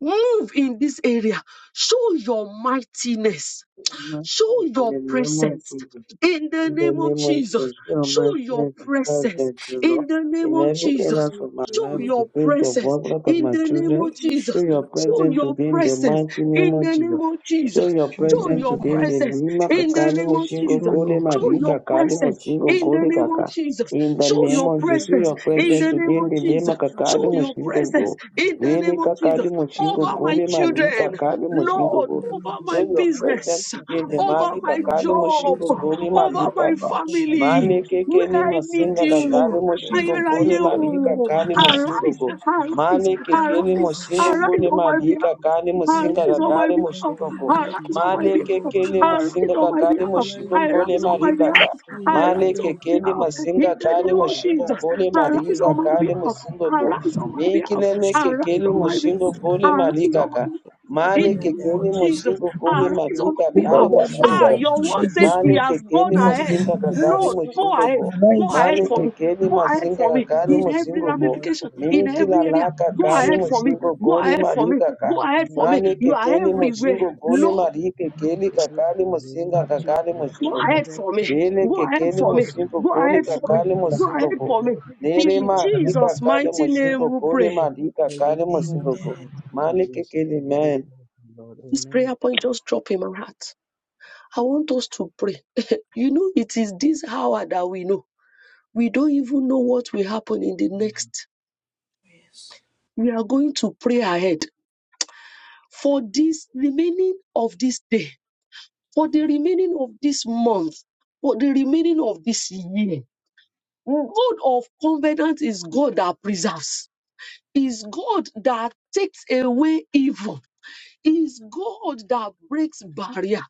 [SPEAKER 2] Move in this area. Show your mightiness
[SPEAKER 1] Almighty,
[SPEAKER 2] Show
[SPEAKER 1] in
[SPEAKER 2] your
[SPEAKER 1] the name of
[SPEAKER 2] presence
[SPEAKER 1] Jesus,
[SPEAKER 2] in the
[SPEAKER 1] in the
[SPEAKER 2] name of
[SPEAKER 1] name of
[SPEAKER 2] Jesus.
[SPEAKER 1] Jesus, the
[SPEAKER 2] Show
[SPEAKER 1] Almighty
[SPEAKER 2] your
[SPEAKER 1] and the Christ,
[SPEAKER 2] presence
[SPEAKER 1] that the Lord,
[SPEAKER 2] in the name
[SPEAKER 1] in
[SPEAKER 2] of
[SPEAKER 1] every
[SPEAKER 5] That
[SPEAKER 1] area
[SPEAKER 2] Jesus.
[SPEAKER 5] will
[SPEAKER 1] of my
[SPEAKER 5] pray
[SPEAKER 2] Show
[SPEAKER 1] life,
[SPEAKER 5] your
[SPEAKER 1] the
[SPEAKER 2] your
[SPEAKER 1] place of
[SPEAKER 2] presence
[SPEAKER 1] work, life of
[SPEAKER 2] in
[SPEAKER 1] my
[SPEAKER 2] the name
[SPEAKER 1] children,
[SPEAKER 2] of
[SPEAKER 5] goodness, show
[SPEAKER 1] show
[SPEAKER 2] Jesus.
[SPEAKER 1] your
[SPEAKER 5] your grace,
[SPEAKER 2] Show
[SPEAKER 1] presence
[SPEAKER 2] your
[SPEAKER 1] today in the
[SPEAKER 5] and
[SPEAKER 2] presence
[SPEAKER 1] mighty name
[SPEAKER 2] in
[SPEAKER 1] of
[SPEAKER 2] the name
[SPEAKER 1] Jesus.
[SPEAKER 2] of
[SPEAKER 1] Show
[SPEAKER 2] Jesus.
[SPEAKER 1] your
[SPEAKER 6] show
[SPEAKER 2] Show
[SPEAKER 6] your
[SPEAKER 1] presence
[SPEAKER 2] your
[SPEAKER 1] today in the
[SPEAKER 6] might,
[SPEAKER 2] presence
[SPEAKER 1] Lima
[SPEAKER 2] in the
[SPEAKER 1] Kakali
[SPEAKER 2] name of
[SPEAKER 5] show
[SPEAKER 1] Mushingo
[SPEAKER 5] your
[SPEAKER 2] Jesus.
[SPEAKER 6] show
[SPEAKER 1] Gole
[SPEAKER 5] grace,
[SPEAKER 6] your
[SPEAKER 2] Show
[SPEAKER 1] Madi
[SPEAKER 6] greatness.
[SPEAKER 2] your
[SPEAKER 1] Kakali
[SPEAKER 2] presence
[SPEAKER 1] Musingo
[SPEAKER 5] show
[SPEAKER 2] in the
[SPEAKER 1] Gole
[SPEAKER 2] name of
[SPEAKER 1] Kaka.
[SPEAKER 2] Jesus.
[SPEAKER 1] In the
[SPEAKER 2] Show
[SPEAKER 1] name
[SPEAKER 2] your
[SPEAKER 1] of
[SPEAKER 5] your
[SPEAKER 1] Jesus, show
[SPEAKER 2] presence
[SPEAKER 1] your
[SPEAKER 5] grace, and
[SPEAKER 2] in
[SPEAKER 5] show
[SPEAKER 1] presence
[SPEAKER 2] the
[SPEAKER 5] your
[SPEAKER 2] name
[SPEAKER 1] today in
[SPEAKER 2] of
[SPEAKER 5] mercy.
[SPEAKER 1] the
[SPEAKER 2] Jesus.
[SPEAKER 1] Lima
[SPEAKER 5] Lord,
[SPEAKER 1] Kakali
[SPEAKER 2] Show your
[SPEAKER 1] Mushingo
[SPEAKER 3] Thank
[SPEAKER 2] presence
[SPEAKER 1] Go.
[SPEAKER 2] in the
[SPEAKER 3] you,
[SPEAKER 1] Really
[SPEAKER 2] name of
[SPEAKER 3] Jesus.
[SPEAKER 1] Kakali
[SPEAKER 2] Jesus
[SPEAKER 5] As
[SPEAKER 1] Mushingo
[SPEAKER 5] I
[SPEAKER 3] Show
[SPEAKER 2] over my
[SPEAKER 5] walk
[SPEAKER 1] Gole
[SPEAKER 3] your
[SPEAKER 5] over
[SPEAKER 1] Madi
[SPEAKER 5] show
[SPEAKER 2] children,
[SPEAKER 5] your
[SPEAKER 3] presence
[SPEAKER 1] Kakali
[SPEAKER 5] presence
[SPEAKER 3] over my
[SPEAKER 2] Lord,
[SPEAKER 1] Mushingo
[SPEAKER 5] in the name
[SPEAKER 3] children,
[SPEAKER 2] over
[SPEAKER 5] of
[SPEAKER 3] over
[SPEAKER 2] my
[SPEAKER 1] through
[SPEAKER 3] my
[SPEAKER 1] your
[SPEAKER 5] Jesus.
[SPEAKER 1] presence
[SPEAKER 2] business
[SPEAKER 3] life, over my
[SPEAKER 1] today.
[SPEAKER 5] That
[SPEAKER 2] over
[SPEAKER 3] household.
[SPEAKER 5] over
[SPEAKER 1] Nimali
[SPEAKER 2] my
[SPEAKER 5] my
[SPEAKER 1] kakali
[SPEAKER 2] job,
[SPEAKER 3] things
[SPEAKER 1] moshingo
[SPEAKER 5] business,
[SPEAKER 3] and
[SPEAKER 5] Lord,
[SPEAKER 1] goni
[SPEAKER 2] over
[SPEAKER 5] in
[SPEAKER 1] malu
[SPEAKER 2] my
[SPEAKER 5] the name
[SPEAKER 1] papa.
[SPEAKER 3] congratulations
[SPEAKER 5] of
[SPEAKER 3] and my
[SPEAKER 5] Jesus.
[SPEAKER 2] family,
[SPEAKER 1] Mane
[SPEAKER 3] goodness,
[SPEAKER 2] where
[SPEAKER 1] kekeli
[SPEAKER 3] my
[SPEAKER 2] I need
[SPEAKER 5] That
[SPEAKER 3] family,
[SPEAKER 1] mosinga
[SPEAKER 5] is
[SPEAKER 3] my
[SPEAKER 5] show
[SPEAKER 2] you.
[SPEAKER 1] kakali
[SPEAKER 5] your
[SPEAKER 1] moshingo
[SPEAKER 5] presence,
[SPEAKER 1] goni
[SPEAKER 5] O God,
[SPEAKER 1] mali
[SPEAKER 3] parents,
[SPEAKER 5] in
[SPEAKER 2] Ayerayo,
[SPEAKER 5] the
[SPEAKER 3] my
[SPEAKER 1] kakali
[SPEAKER 5] name of
[SPEAKER 2] arise,
[SPEAKER 1] mosingo
[SPEAKER 3] children,
[SPEAKER 1] go.
[SPEAKER 5] Jesus.
[SPEAKER 3] the
[SPEAKER 2] arise,
[SPEAKER 1] Mane
[SPEAKER 3] children,
[SPEAKER 5] That is
[SPEAKER 1] kekeli
[SPEAKER 2] arise,
[SPEAKER 5] local
[SPEAKER 3] thank
[SPEAKER 1] mosingo
[SPEAKER 3] you,
[SPEAKER 5] show.
[SPEAKER 2] arise
[SPEAKER 1] goni
[SPEAKER 2] on
[SPEAKER 3] Jesus,
[SPEAKER 2] my
[SPEAKER 3] and
[SPEAKER 1] mali
[SPEAKER 2] behalf.
[SPEAKER 3] give us a
[SPEAKER 1] kakali
[SPEAKER 3] favors
[SPEAKER 5] Daddy
[SPEAKER 1] mosinga
[SPEAKER 3] and
[SPEAKER 2] Arise on
[SPEAKER 5] arise
[SPEAKER 2] my
[SPEAKER 1] kakali
[SPEAKER 5] on my
[SPEAKER 2] behalf.
[SPEAKER 1] moshingo go.
[SPEAKER 5] behalf,
[SPEAKER 3] thank
[SPEAKER 5] Lord,
[SPEAKER 3] you,
[SPEAKER 2] Arise on
[SPEAKER 5] in
[SPEAKER 2] my
[SPEAKER 5] the
[SPEAKER 1] Mane
[SPEAKER 5] name
[SPEAKER 3] Jesus,
[SPEAKER 5] of
[SPEAKER 2] behalf.
[SPEAKER 3] and
[SPEAKER 1] kekeli
[SPEAKER 3] we
[SPEAKER 5] Jesus.
[SPEAKER 3] really
[SPEAKER 2] Arise
[SPEAKER 1] mosinga
[SPEAKER 2] on
[SPEAKER 3] thank
[SPEAKER 2] my
[SPEAKER 3] you
[SPEAKER 1] kakali
[SPEAKER 5] Daddy
[SPEAKER 3] for the
[SPEAKER 2] behalf.
[SPEAKER 5] arise
[SPEAKER 1] moshingo
[SPEAKER 5] on
[SPEAKER 2] I
[SPEAKER 3] thank
[SPEAKER 5] my
[SPEAKER 3] you,
[SPEAKER 1] goni
[SPEAKER 2] rise on
[SPEAKER 1] mali
[SPEAKER 2] my
[SPEAKER 3] Jesus,
[SPEAKER 5] behalf
[SPEAKER 2] behalf.
[SPEAKER 5] and
[SPEAKER 1] kaka.
[SPEAKER 3] for
[SPEAKER 5] show
[SPEAKER 3] your
[SPEAKER 2] I
[SPEAKER 1] Mane
[SPEAKER 2] rise on
[SPEAKER 3] presence
[SPEAKER 5] yourself.
[SPEAKER 2] my
[SPEAKER 3] and
[SPEAKER 1] kekeli
[SPEAKER 3] your
[SPEAKER 2] behalf.
[SPEAKER 1] mosinga
[SPEAKER 2] In
[SPEAKER 3] thank you,
[SPEAKER 2] the
[SPEAKER 1] kakali
[SPEAKER 2] name of
[SPEAKER 3] Jesus,
[SPEAKER 1] moshingo
[SPEAKER 2] Jesus.
[SPEAKER 1] goni mali
[SPEAKER 5] Daddy
[SPEAKER 2] Arise on
[SPEAKER 5] arise,
[SPEAKER 2] my
[SPEAKER 1] kakali
[SPEAKER 3] and
[SPEAKER 2] behalf.
[SPEAKER 1] mosingo
[SPEAKER 3] we
[SPEAKER 1] go.
[SPEAKER 5] O
[SPEAKER 3] are
[SPEAKER 2] Arise
[SPEAKER 5] God,
[SPEAKER 2] on
[SPEAKER 3] thank
[SPEAKER 2] my
[SPEAKER 3] you,
[SPEAKER 2] behalf.
[SPEAKER 3] Jesus,
[SPEAKER 5] and
[SPEAKER 3] and
[SPEAKER 1] Mikilene
[SPEAKER 5] show
[SPEAKER 3] we
[SPEAKER 2] Arise
[SPEAKER 3] thank
[SPEAKER 5] your
[SPEAKER 3] you
[SPEAKER 1] kekeli
[SPEAKER 2] on
[SPEAKER 3] for
[SPEAKER 2] my
[SPEAKER 1] moshingo
[SPEAKER 5] presence
[SPEAKER 3] your
[SPEAKER 2] behalf.
[SPEAKER 5] in the
[SPEAKER 1] goni
[SPEAKER 5] name of
[SPEAKER 3] presence to
[SPEAKER 1] mali
[SPEAKER 3] you.
[SPEAKER 2] Arise
[SPEAKER 5] Jesus.
[SPEAKER 2] on my
[SPEAKER 1] kaka.
[SPEAKER 3] Jesus And
[SPEAKER 2] behalf.
[SPEAKER 3] I
[SPEAKER 1] Male
[SPEAKER 2] In
[SPEAKER 3] love
[SPEAKER 2] the
[SPEAKER 3] you,
[SPEAKER 5] Daddy
[SPEAKER 2] name
[SPEAKER 1] kekeni
[SPEAKER 2] of
[SPEAKER 5] arise,
[SPEAKER 3] Jesus,
[SPEAKER 5] O
[SPEAKER 2] Jesus.
[SPEAKER 3] and
[SPEAKER 1] moshingo
[SPEAKER 3] I
[SPEAKER 1] gone
[SPEAKER 3] thank you, thank you, Jesus
[SPEAKER 2] Arise on
[SPEAKER 1] madika
[SPEAKER 2] my
[SPEAKER 6] The
[SPEAKER 1] kale
[SPEAKER 2] behalf.
[SPEAKER 6] Lord
[SPEAKER 5] in
[SPEAKER 1] mosingo
[SPEAKER 5] the
[SPEAKER 6] arise
[SPEAKER 2] Ah,
[SPEAKER 1] go.
[SPEAKER 3] and
[SPEAKER 5] name
[SPEAKER 6] and
[SPEAKER 5] of
[SPEAKER 6] show
[SPEAKER 2] your
[SPEAKER 6] your
[SPEAKER 2] word says
[SPEAKER 5] Jesus,
[SPEAKER 3] thank
[SPEAKER 1] Male
[SPEAKER 5] Lord.
[SPEAKER 2] he
[SPEAKER 6] greatness.
[SPEAKER 3] you, Jesus, and
[SPEAKER 2] has
[SPEAKER 3] thank you,
[SPEAKER 2] gone
[SPEAKER 1] kekeni
[SPEAKER 6] The
[SPEAKER 5] Daddy
[SPEAKER 2] ahead.
[SPEAKER 1] mosinga
[SPEAKER 6] Lord
[SPEAKER 1] kakali
[SPEAKER 5] arise,
[SPEAKER 2] Lord,
[SPEAKER 3] Lord,
[SPEAKER 5] O
[SPEAKER 2] go
[SPEAKER 1] moshingo
[SPEAKER 5] God, in
[SPEAKER 3] and
[SPEAKER 2] ahead.
[SPEAKER 1] go.
[SPEAKER 5] the name
[SPEAKER 3] thank
[SPEAKER 5] of
[SPEAKER 6] arise
[SPEAKER 2] Go
[SPEAKER 5] Jesus.
[SPEAKER 2] ahead
[SPEAKER 3] you.
[SPEAKER 1] Male
[SPEAKER 2] for me.
[SPEAKER 1] kekeni
[SPEAKER 2] Go
[SPEAKER 3] Lord,
[SPEAKER 2] ahead
[SPEAKER 3] I
[SPEAKER 1] masinga
[SPEAKER 2] for me
[SPEAKER 3] thank
[SPEAKER 1] kakali
[SPEAKER 5] Arise,
[SPEAKER 2] in
[SPEAKER 5] O
[SPEAKER 3] you for
[SPEAKER 2] every
[SPEAKER 1] mosingo
[SPEAKER 3] the
[SPEAKER 5] in
[SPEAKER 1] go.
[SPEAKER 5] the name of
[SPEAKER 3] love
[SPEAKER 2] ramification,
[SPEAKER 3] and
[SPEAKER 5] Jesus.
[SPEAKER 3] the
[SPEAKER 2] in
[SPEAKER 1] Minki
[SPEAKER 3] love
[SPEAKER 2] every area.
[SPEAKER 1] lalaka
[SPEAKER 2] Go
[SPEAKER 1] kale
[SPEAKER 3] which
[SPEAKER 2] ahead
[SPEAKER 5] Show
[SPEAKER 3] you
[SPEAKER 2] for me.
[SPEAKER 3] have
[SPEAKER 1] moshingo
[SPEAKER 5] yourself.
[SPEAKER 2] Go
[SPEAKER 1] gole
[SPEAKER 5] Daddy
[SPEAKER 3] for us.
[SPEAKER 2] ahead for me.
[SPEAKER 1] marika ka.
[SPEAKER 2] Go ahead
[SPEAKER 3] Amen.
[SPEAKER 2] for me.
[SPEAKER 1] Male
[SPEAKER 2] You are
[SPEAKER 1] kekeni
[SPEAKER 3] If
[SPEAKER 5] arise,
[SPEAKER 3] you
[SPEAKER 2] everywhere.
[SPEAKER 1] moshingo gole
[SPEAKER 5] show
[SPEAKER 2] Lord,
[SPEAKER 3] can
[SPEAKER 1] marika
[SPEAKER 3] find it
[SPEAKER 1] kekeni
[SPEAKER 3] in
[SPEAKER 1] kakali
[SPEAKER 3] my
[SPEAKER 1] mosinga
[SPEAKER 3] lecture
[SPEAKER 1] kakali
[SPEAKER 3] and my
[SPEAKER 5] yourself.
[SPEAKER 2] go
[SPEAKER 1] moshingo go.
[SPEAKER 2] ahead
[SPEAKER 5] O
[SPEAKER 3] present,
[SPEAKER 2] for
[SPEAKER 5] God,
[SPEAKER 2] me.
[SPEAKER 1] Vele
[SPEAKER 3] then
[SPEAKER 2] Go
[SPEAKER 3] I
[SPEAKER 2] ahead
[SPEAKER 3] thank
[SPEAKER 1] kekeni
[SPEAKER 3] you
[SPEAKER 2] for me.
[SPEAKER 3] for the
[SPEAKER 1] mosingo
[SPEAKER 2] Go
[SPEAKER 3] gift to
[SPEAKER 1] gole
[SPEAKER 2] ahead
[SPEAKER 3] give
[SPEAKER 2] for
[SPEAKER 3] you
[SPEAKER 2] me.
[SPEAKER 1] kakale
[SPEAKER 3] glory, to
[SPEAKER 2] Go
[SPEAKER 6] and
[SPEAKER 3] give
[SPEAKER 1] mosingo
[SPEAKER 2] ahead
[SPEAKER 3] you
[SPEAKER 1] go.
[SPEAKER 2] for
[SPEAKER 5] arise.
[SPEAKER 2] me.
[SPEAKER 3] adoration.
[SPEAKER 1] Nere
[SPEAKER 3] But
[SPEAKER 2] In
[SPEAKER 3] I want
[SPEAKER 6] show
[SPEAKER 3] to
[SPEAKER 1] madika
[SPEAKER 2] Jesus'
[SPEAKER 1] kale
[SPEAKER 2] mighty
[SPEAKER 3] encourage you.
[SPEAKER 1] moshingo
[SPEAKER 2] name we
[SPEAKER 1] gole
[SPEAKER 2] pray.
[SPEAKER 1] marika
[SPEAKER 3] are holy.
[SPEAKER 1] kale mosingo go.
[SPEAKER 5] Amen.
[SPEAKER 3] Amen. Thank you,
[SPEAKER 1] Male
[SPEAKER 3] Jesus.
[SPEAKER 1] kekeni
[SPEAKER 3] You deserve
[SPEAKER 1] man.
[SPEAKER 3] praise, Lord.
[SPEAKER 2] This
[SPEAKER 3] Amen.
[SPEAKER 2] prayer point just dropped in my heart. I want us to pray. you know, it is this hour that we know. We don't even know what will happen in the
[SPEAKER 3] Amen.
[SPEAKER 2] next.
[SPEAKER 5] Yes.
[SPEAKER 2] We are going to pray ahead for this remaining of this day, for the remaining of this month, for the remaining of this year. God of covenant is God that preserves, is God that takes away evil. It is God that breaks barrier.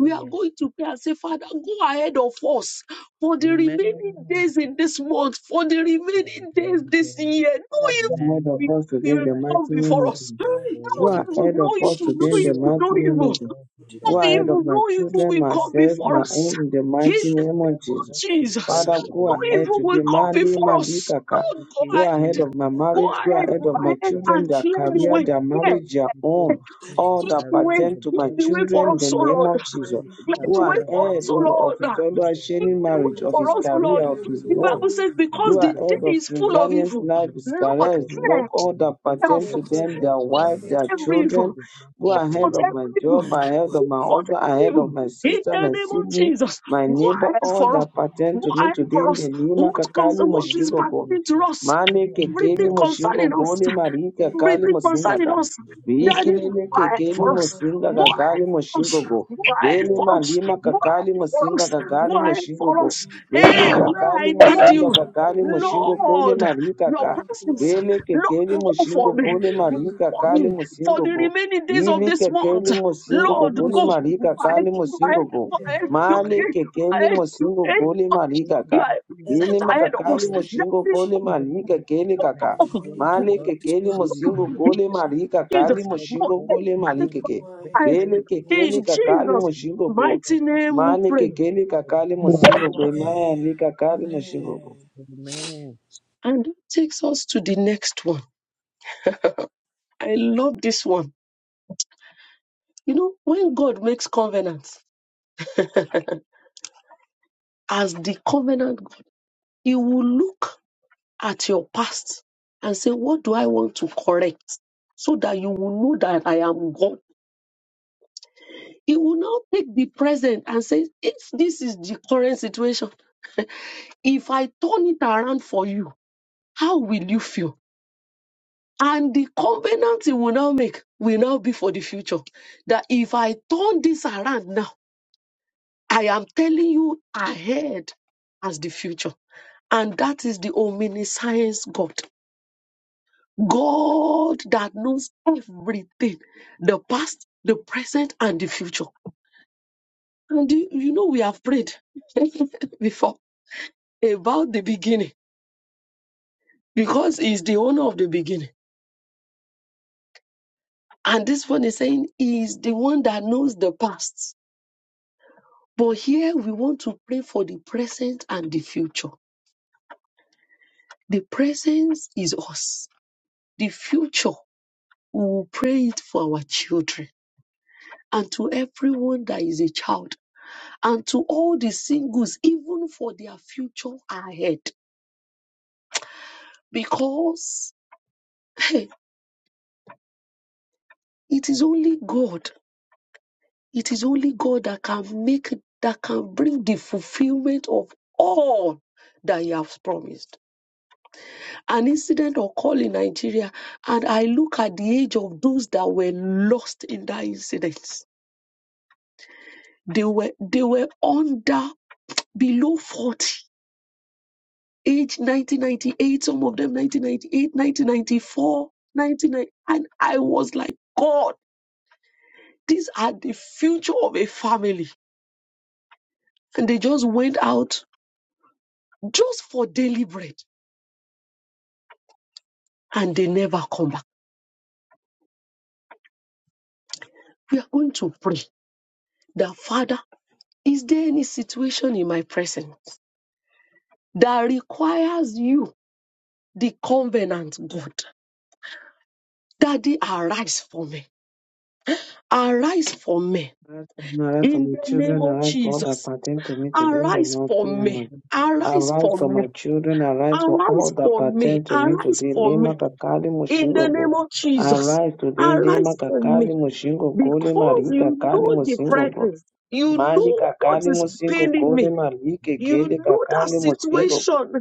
[SPEAKER 3] Oh,
[SPEAKER 2] are
[SPEAKER 3] yes.
[SPEAKER 2] going to pray and say, Father, go ahead of us for the
[SPEAKER 3] Amen.
[SPEAKER 2] remaining days in this month, for the remaining days this
[SPEAKER 3] Amen.
[SPEAKER 2] year. No
[SPEAKER 1] Father,
[SPEAKER 2] evil
[SPEAKER 1] go ahead of
[SPEAKER 3] Amen.
[SPEAKER 2] will
[SPEAKER 1] us today
[SPEAKER 2] be-
[SPEAKER 3] Go
[SPEAKER 1] in
[SPEAKER 2] will
[SPEAKER 1] the
[SPEAKER 3] ahead
[SPEAKER 2] come
[SPEAKER 1] mighty
[SPEAKER 3] of
[SPEAKER 1] name
[SPEAKER 2] before
[SPEAKER 1] of
[SPEAKER 5] Father,
[SPEAKER 3] us,
[SPEAKER 2] us.
[SPEAKER 1] Jesus.
[SPEAKER 2] No
[SPEAKER 5] go ahead
[SPEAKER 3] O
[SPEAKER 1] Go
[SPEAKER 5] in
[SPEAKER 3] Lord.
[SPEAKER 5] the name of
[SPEAKER 2] evil,
[SPEAKER 1] ahead of
[SPEAKER 2] no
[SPEAKER 1] us
[SPEAKER 2] evil, no
[SPEAKER 1] today in
[SPEAKER 5] Jesus.
[SPEAKER 3] Today
[SPEAKER 1] the
[SPEAKER 3] I
[SPEAKER 2] evil,
[SPEAKER 1] mighty
[SPEAKER 2] no
[SPEAKER 3] heard the
[SPEAKER 1] name
[SPEAKER 2] evil,
[SPEAKER 1] of Jesus.
[SPEAKER 3] voice, of
[SPEAKER 5] Lord,
[SPEAKER 3] the
[SPEAKER 5] in
[SPEAKER 2] no
[SPEAKER 1] Go
[SPEAKER 5] the
[SPEAKER 3] Lord, and
[SPEAKER 5] name of
[SPEAKER 1] ahead
[SPEAKER 2] evil,
[SPEAKER 1] of my
[SPEAKER 2] no evil
[SPEAKER 1] children,
[SPEAKER 2] will
[SPEAKER 3] blessing
[SPEAKER 2] come
[SPEAKER 1] myself,
[SPEAKER 2] before
[SPEAKER 1] my
[SPEAKER 2] us.
[SPEAKER 1] own in the
[SPEAKER 2] In
[SPEAKER 1] mighty
[SPEAKER 5] Jesus.
[SPEAKER 2] the
[SPEAKER 3] I
[SPEAKER 2] name
[SPEAKER 1] name of
[SPEAKER 3] heard the
[SPEAKER 2] of
[SPEAKER 1] Jesus.
[SPEAKER 3] voice of
[SPEAKER 5] Daddy,
[SPEAKER 2] Jesus,
[SPEAKER 5] go
[SPEAKER 1] Father,
[SPEAKER 3] for the
[SPEAKER 1] go
[SPEAKER 2] no
[SPEAKER 5] ahead.
[SPEAKER 3] remaining
[SPEAKER 1] ahead
[SPEAKER 5] Lord,
[SPEAKER 2] evil
[SPEAKER 3] days
[SPEAKER 2] will
[SPEAKER 1] today.
[SPEAKER 3] of
[SPEAKER 2] come
[SPEAKER 3] this
[SPEAKER 1] Mandi,
[SPEAKER 3] year.
[SPEAKER 2] before
[SPEAKER 1] Mandi,
[SPEAKER 2] us.
[SPEAKER 1] Kaka.
[SPEAKER 3] Thank
[SPEAKER 2] Lord, go
[SPEAKER 3] you,
[SPEAKER 1] Go
[SPEAKER 2] ahead,
[SPEAKER 1] ahead
[SPEAKER 3] Jesus.
[SPEAKER 1] of my
[SPEAKER 5] Daddy,
[SPEAKER 3] I
[SPEAKER 2] go
[SPEAKER 1] marriage. Go
[SPEAKER 2] ahead,
[SPEAKER 5] Lord
[SPEAKER 1] ahead
[SPEAKER 2] go
[SPEAKER 3] heard
[SPEAKER 1] of
[SPEAKER 3] the
[SPEAKER 1] my
[SPEAKER 2] ahead
[SPEAKER 3] voice of the
[SPEAKER 1] children,
[SPEAKER 2] and
[SPEAKER 1] their
[SPEAKER 2] clear the
[SPEAKER 5] Jesus.
[SPEAKER 1] career, their
[SPEAKER 2] way
[SPEAKER 3] Even
[SPEAKER 1] marriage,
[SPEAKER 3] as
[SPEAKER 1] their
[SPEAKER 3] we go
[SPEAKER 1] home.
[SPEAKER 2] Teach
[SPEAKER 3] to school,
[SPEAKER 5] Daddy,
[SPEAKER 1] All
[SPEAKER 3] our
[SPEAKER 5] go
[SPEAKER 1] that
[SPEAKER 2] the
[SPEAKER 3] career,
[SPEAKER 2] way.
[SPEAKER 5] ahead.
[SPEAKER 1] pertain
[SPEAKER 3] the
[SPEAKER 1] to
[SPEAKER 2] Teach
[SPEAKER 1] my
[SPEAKER 2] the
[SPEAKER 3] jobs,
[SPEAKER 2] way
[SPEAKER 3] the
[SPEAKER 2] for
[SPEAKER 1] children, in
[SPEAKER 3] Lord,
[SPEAKER 1] the
[SPEAKER 2] us, O
[SPEAKER 3] that
[SPEAKER 1] name
[SPEAKER 2] Lord.
[SPEAKER 1] of
[SPEAKER 3] that
[SPEAKER 1] Jesus.
[SPEAKER 3] we
[SPEAKER 5] Daddy, go
[SPEAKER 3] that
[SPEAKER 2] Light
[SPEAKER 1] Go
[SPEAKER 2] the
[SPEAKER 5] ahead
[SPEAKER 2] way
[SPEAKER 3] that
[SPEAKER 5] in
[SPEAKER 2] for
[SPEAKER 3] our
[SPEAKER 1] ahead,
[SPEAKER 2] us,
[SPEAKER 5] the
[SPEAKER 1] O
[SPEAKER 2] O
[SPEAKER 5] name
[SPEAKER 3] jobs
[SPEAKER 1] Lord,
[SPEAKER 5] of
[SPEAKER 1] of his
[SPEAKER 3] don't
[SPEAKER 2] Lord.
[SPEAKER 3] do
[SPEAKER 5] Jesus.
[SPEAKER 1] fellow
[SPEAKER 3] that
[SPEAKER 2] Teach
[SPEAKER 1] sharing
[SPEAKER 3] much
[SPEAKER 2] the
[SPEAKER 3] for
[SPEAKER 5] Daddy,
[SPEAKER 1] marriage,
[SPEAKER 2] way
[SPEAKER 3] us.
[SPEAKER 1] of
[SPEAKER 5] go
[SPEAKER 2] for
[SPEAKER 1] his
[SPEAKER 5] ahead
[SPEAKER 2] us, O
[SPEAKER 1] career,
[SPEAKER 2] Lord.
[SPEAKER 3] Thank
[SPEAKER 1] of
[SPEAKER 3] you,
[SPEAKER 5] in
[SPEAKER 1] his
[SPEAKER 2] The
[SPEAKER 5] the
[SPEAKER 1] work
[SPEAKER 5] name
[SPEAKER 3] Jesus.
[SPEAKER 2] Bible
[SPEAKER 5] of
[SPEAKER 2] says,
[SPEAKER 3] Keep the
[SPEAKER 1] who
[SPEAKER 2] because
[SPEAKER 3] hand
[SPEAKER 1] are
[SPEAKER 2] the
[SPEAKER 3] of
[SPEAKER 1] head
[SPEAKER 3] us.
[SPEAKER 5] Jesus.
[SPEAKER 2] day
[SPEAKER 1] of
[SPEAKER 2] is full of
[SPEAKER 1] Tanzania's
[SPEAKER 2] evil,
[SPEAKER 1] life
[SPEAKER 3] Thank
[SPEAKER 1] is
[SPEAKER 3] you,
[SPEAKER 1] career,
[SPEAKER 2] Lord,
[SPEAKER 1] his
[SPEAKER 3] Jesus. Thank
[SPEAKER 1] work,
[SPEAKER 2] cleanse,
[SPEAKER 3] you,
[SPEAKER 1] all that
[SPEAKER 3] Lord. Go
[SPEAKER 5] Oh,
[SPEAKER 1] pertain
[SPEAKER 3] ahead
[SPEAKER 5] Lord
[SPEAKER 1] to
[SPEAKER 2] effort,
[SPEAKER 3] of us,
[SPEAKER 5] God,
[SPEAKER 1] them,
[SPEAKER 5] Daddy,
[SPEAKER 1] their
[SPEAKER 3] O
[SPEAKER 5] go
[SPEAKER 1] wife,
[SPEAKER 3] Lord.
[SPEAKER 5] ahead,
[SPEAKER 1] their
[SPEAKER 5] Lord
[SPEAKER 2] every
[SPEAKER 3] Thank
[SPEAKER 5] God.
[SPEAKER 2] evil,
[SPEAKER 1] children,
[SPEAKER 3] you,
[SPEAKER 1] who
[SPEAKER 3] bless us,
[SPEAKER 1] are
[SPEAKER 3] O
[SPEAKER 1] head
[SPEAKER 2] effort,
[SPEAKER 3] Lord.
[SPEAKER 1] of my
[SPEAKER 2] every evil,
[SPEAKER 1] job,
[SPEAKER 3] Make
[SPEAKER 1] are
[SPEAKER 5] Daddy,
[SPEAKER 3] every
[SPEAKER 5] go
[SPEAKER 1] head of my
[SPEAKER 5] ahead.
[SPEAKER 2] effort,
[SPEAKER 1] husband, are
[SPEAKER 2] every
[SPEAKER 1] head
[SPEAKER 3] single one
[SPEAKER 2] evil.
[SPEAKER 1] of my
[SPEAKER 2] In
[SPEAKER 1] sister,
[SPEAKER 2] the
[SPEAKER 1] my
[SPEAKER 2] name of
[SPEAKER 5] Daddy,
[SPEAKER 1] sibling,
[SPEAKER 5] Lord
[SPEAKER 2] Jesus,
[SPEAKER 5] God,
[SPEAKER 1] my
[SPEAKER 2] go
[SPEAKER 1] neighbor,
[SPEAKER 2] ahead
[SPEAKER 1] all
[SPEAKER 2] for us.
[SPEAKER 1] that pertain
[SPEAKER 2] Go
[SPEAKER 1] to me
[SPEAKER 2] ahead
[SPEAKER 1] today
[SPEAKER 2] for
[SPEAKER 1] in the
[SPEAKER 2] us.
[SPEAKER 5] go
[SPEAKER 1] Nima
[SPEAKER 2] What,
[SPEAKER 5] ahead.
[SPEAKER 2] comes,
[SPEAKER 1] Kakali
[SPEAKER 2] what is
[SPEAKER 1] Moshigo
[SPEAKER 2] happening to us?
[SPEAKER 1] Mane kekeli
[SPEAKER 2] Everything
[SPEAKER 1] moshingo
[SPEAKER 2] concerning
[SPEAKER 5] Daddy,
[SPEAKER 2] us.
[SPEAKER 1] gole
[SPEAKER 5] go ahead,
[SPEAKER 1] marika
[SPEAKER 5] Jesus,
[SPEAKER 1] kali
[SPEAKER 2] Everything in
[SPEAKER 1] mosingaga.
[SPEAKER 2] us.
[SPEAKER 5] Lord.
[SPEAKER 2] Daddy,
[SPEAKER 1] Bikilele
[SPEAKER 2] God
[SPEAKER 5] Daddy,
[SPEAKER 1] kekeli
[SPEAKER 2] for
[SPEAKER 5] go
[SPEAKER 2] us.
[SPEAKER 5] ahead
[SPEAKER 1] mosinga
[SPEAKER 2] God
[SPEAKER 1] kakali
[SPEAKER 5] in the
[SPEAKER 2] for us.
[SPEAKER 1] moshingo go.
[SPEAKER 3] strong,
[SPEAKER 2] Why
[SPEAKER 1] Rele
[SPEAKER 3] Lord.
[SPEAKER 2] for
[SPEAKER 3] This is
[SPEAKER 2] us.
[SPEAKER 1] malima
[SPEAKER 2] Why
[SPEAKER 3] how
[SPEAKER 1] kakali
[SPEAKER 2] for
[SPEAKER 1] mosinga
[SPEAKER 2] us.
[SPEAKER 5] name of
[SPEAKER 1] kakali
[SPEAKER 5] Jesus.
[SPEAKER 2] Why
[SPEAKER 1] moshingo
[SPEAKER 2] for
[SPEAKER 1] go.
[SPEAKER 2] us.
[SPEAKER 5] Daddy, go
[SPEAKER 1] Rele
[SPEAKER 2] Hey, where
[SPEAKER 1] kakali
[SPEAKER 2] I
[SPEAKER 5] ahead
[SPEAKER 2] need
[SPEAKER 1] mosinga
[SPEAKER 5] and
[SPEAKER 2] you.
[SPEAKER 1] kakali moshingo
[SPEAKER 5] watch
[SPEAKER 1] gole
[SPEAKER 2] Lord,
[SPEAKER 1] marika
[SPEAKER 2] your
[SPEAKER 1] ka.
[SPEAKER 2] presence.
[SPEAKER 1] Rele
[SPEAKER 2] Lord,
[SPEAKER 1] kekeli
[SPEAKER 2] go
[SPEAKER 1] moshingo
[SPEAKER 2] for me.
[SPEAKER 1] gole marika
[SPEAKER 2] For
[SPEAKER 1] kali
[SPEAKER 2] me. For
[SPEAKER 1] mosingo
[SPEAKER 2] the
[SPEAKER 1] go.
[SPEAKER 2] remaining days of
[SPEAKER 1] Vili
[SPEAKER 2] this month.
[SPEAKER 1] kekeli mosingo go
[SPEAKER 2] Lord, go.
[SPEAKER 1] gole
[SPEAKER 2] God,
[SPEAKER 1] marika kali mosingo
[SPEAKER 2] God,
[SPEAKER 1] go.
[SPEAKER 2] God, you are,
[SPEAKER 1] Male
[SPEAKER 2] it. you are,
[SPEAKER 1] kekeli
[SPEAKER 2] it. you are,
[SPEAKER 1] mosingo
[SPEAKER 2] it.
[SPEAKER 1] gole marika
[SPEAKER 2] you
[SPEAKER 1] ka.
[SPEAKER 2] are
[SPEAKER 1] Lene
[SPEAKER 3] we
[SPEAKER 2] present ahead of
[SPEAKER 1] makakali
[SPEAKER 3] have
[SPEAKER 2] us.
[SPEAKER 3] to
[SPEAKER 2] That
[SPEAKER 1] moshingo gole
[SPEAKER 5] it.
[SPEAKER 2] is
[SPEAKER 3] But the
[SPEAKER 1] malika
[SPEAKER 3] Lord, I
[SPEAKER 1] kele
[SPEAKER 3] thank
[SPEAKER 1] kaka.
[SPEAKER 5] For
[SPEAKER 3] you for
[SPEAKER 5] the
[SPEAKER 3] my
[SPEAKER 5] many
[SPEAKER 3] words, O
[SPEAKER 5] days
[SPEAKER 1] Male
[SPEAKER 5] of
[SPEAKER 3] Lord.
[SPEAKER 5] this
[SPEAKER 1] kekele
[SPEAKER 5] month,
[SPEAKER 3] Remember
[SPEAKER 1] mosingo gole
[SPEAKER 3] the things
[SPEAKER 1] malika
[SPEAKER 3] that you
[SPEAKER 1] kali
[SPEAKER 3] have
[SPEAKER 2] Jesus.
[SPEAKER 3] heard
[SPEAKER 2] Go
[SPEAKER 1] moshingo
[SPEAKER 3] before.
[SPEAKER 1] gole
[SPEAKER 3] O
[SPEAKER 2] ahead.
[SPEAKER 1] malika
[SPEAKER 5] Daddy,
[SPEAKER 1] ke.
[SPEAKER 5] go
[SPEAKER 3] Lord, bring
[SPEAKER 5] ahead and
[SPEAKER 2] Right.
[SPEAKER 1] Lele
[SPEAKER 3] every good thing
[SPEAKER 1] kekele
[SPEAKER 5] watch
[SPEAKER 2] In
[SPEAKER 1] kakali
[SPEAKER 2] Jesus'
[SPEAKER 3] In
[SPEAKER 1] moshingo
[SPEAKER 3] the
[SPEAKER 1] go.
[SPEAKER 3] name of
[SPEAKER 2] mighty
[SPEAKER 3] Jesus,
[SPEAKER 2] name we
[SPEAKER 1] Male
[SPEAKER 2] pray.
[SPEAKER 3] we pray
[SPEAKER 1] kekele
[SPEAKER 3] for the
[SPEAKER 1] kakali
[SPEAKER 6] your
[SPEAKER 3] divine
[SPEAKER 1] mosingo
[SPEAKER 6] greatness.
[SPEAKER 3] things
[SPEAKER 5] it.
[SPEAKER 1] go.
[SPEAKER 3] in the Lord.
[SPEAKER 5] Amen.
[SPEAKER 1] Male kakali
[SPEAKER 3] Thank you,
[SPEAKER 1] moshingo go.
[SPEAKER 3] Jesus.
[SPEAKER 5] Amen.
[SPEAKER 3] Amen.
[SPEAKER 2] And that takes us to the next one. I love this one. You know, when God makes covenants, as the covenant God, He will look at your past and say, What do I want to correct? So that you will know that I am God. He will now take the present and say, If this is the current situation, If I turn it around for you, how will you feel? And the covenant he will now make will now be for the future. That if I turn this around now, I am telling you ahead as the future. And that is the omniscience God. God that knows everything the past, the present, and the future. And you you know, we have prayed before about the beginning because He's the owner of the beginning. And this one is saying he is the one that knows the past. But here we want to pray for the present and the future. The present is us. The future, we will pray it for our children and to everyone that is a child and to all the singles, even for their future ahead. Because hey, it is only God. It is only God that can make, that can bring the fulfillment of all that He has promised. an incident occurred in Nigeria, and I look at the age of those that were lost in that incident. They were they were under below 40, age 1998, some of them 1998, And I was like, God, these are the future of a family. And they just went out just for daily bread and they never come back. We are going to pray that Father, is there any situation in my present? that requires you, the covenant God. Daddy, arise for me. Arise for me.
[SPEAKER 1] Arise for me, arise for
[SPEAKER 2] In
[SPEAKER 1] my
[SPEAKER 2] the name
[SPEAKER 1] children,
[SPEAKER 2] of
[SPEAKER 1] arise for all that
[SPEAKER 2] Jesus.
[SPEAKER 1] pertain to me today in the
[SPEAKER 2] Arise
[SPEAKER 1] mighty
[SPEAKER 2] for
[SPEAKER 1] name
[SPEAKER 2] me.
[SPEAKER 1] of Jesus.
[SPEAKER 3] Amen.
[SPEAKER 2] Arise
[SPEAKER 1] Arise
[SPEAKER 2] for
[SPEAKER 1] for
[SPEAKER 2] me.
[SPEAKER 1] my children, arise for all
[SPEAKER 2] Arise
[SPEAKER 1] that
[SPEAKER 2] for me.
[SPEAKER 1] pertain to me
[SPEAKER 2] Arise
[SPEAKER 1] today.
[SPEAKER 2] for
[SPEAKER 1] Lema
[SPEAKER 2] me.
[SPEAKER 1] kakali
[SPEAKER 2] In the
[SPEAKER 1] mushingogo.
[SPEAKER 2] name of Jesus.
[SPEAKER 1] Arise today, lema
[SPEAKER 2] Arise for
[SPEAKER 5] That's
[SPEAKER 2] me.
[SPEAKER 1] kakali mushingogo,
[SPEAKER 5] for me.
[SPEAKER 1] lema ri
[SPEAKER 2] Because you
[SPEAKER 1] kakali
[SPEAKER 2] know the
[SPEAKER 1] mushingogo.
[SPEAKER 2] presence. You
[SPEAKER 3] Thank
[SPEAKER 1] Mali
[SPEAKER 2] know what
[SPEAKER 1] kakali
[SPEAKER 2] is
[SPEAKER 1] mushingogo,
[SPEAKER 2] paining me.
[SPEAKER 1] lema ri
[SPEAKER 2] You
[SPEAKER 1] kekele
[SPEAKER 2] know that
[SPEAKER 1] kakali mushingogo.
[SPEAKER 2] situation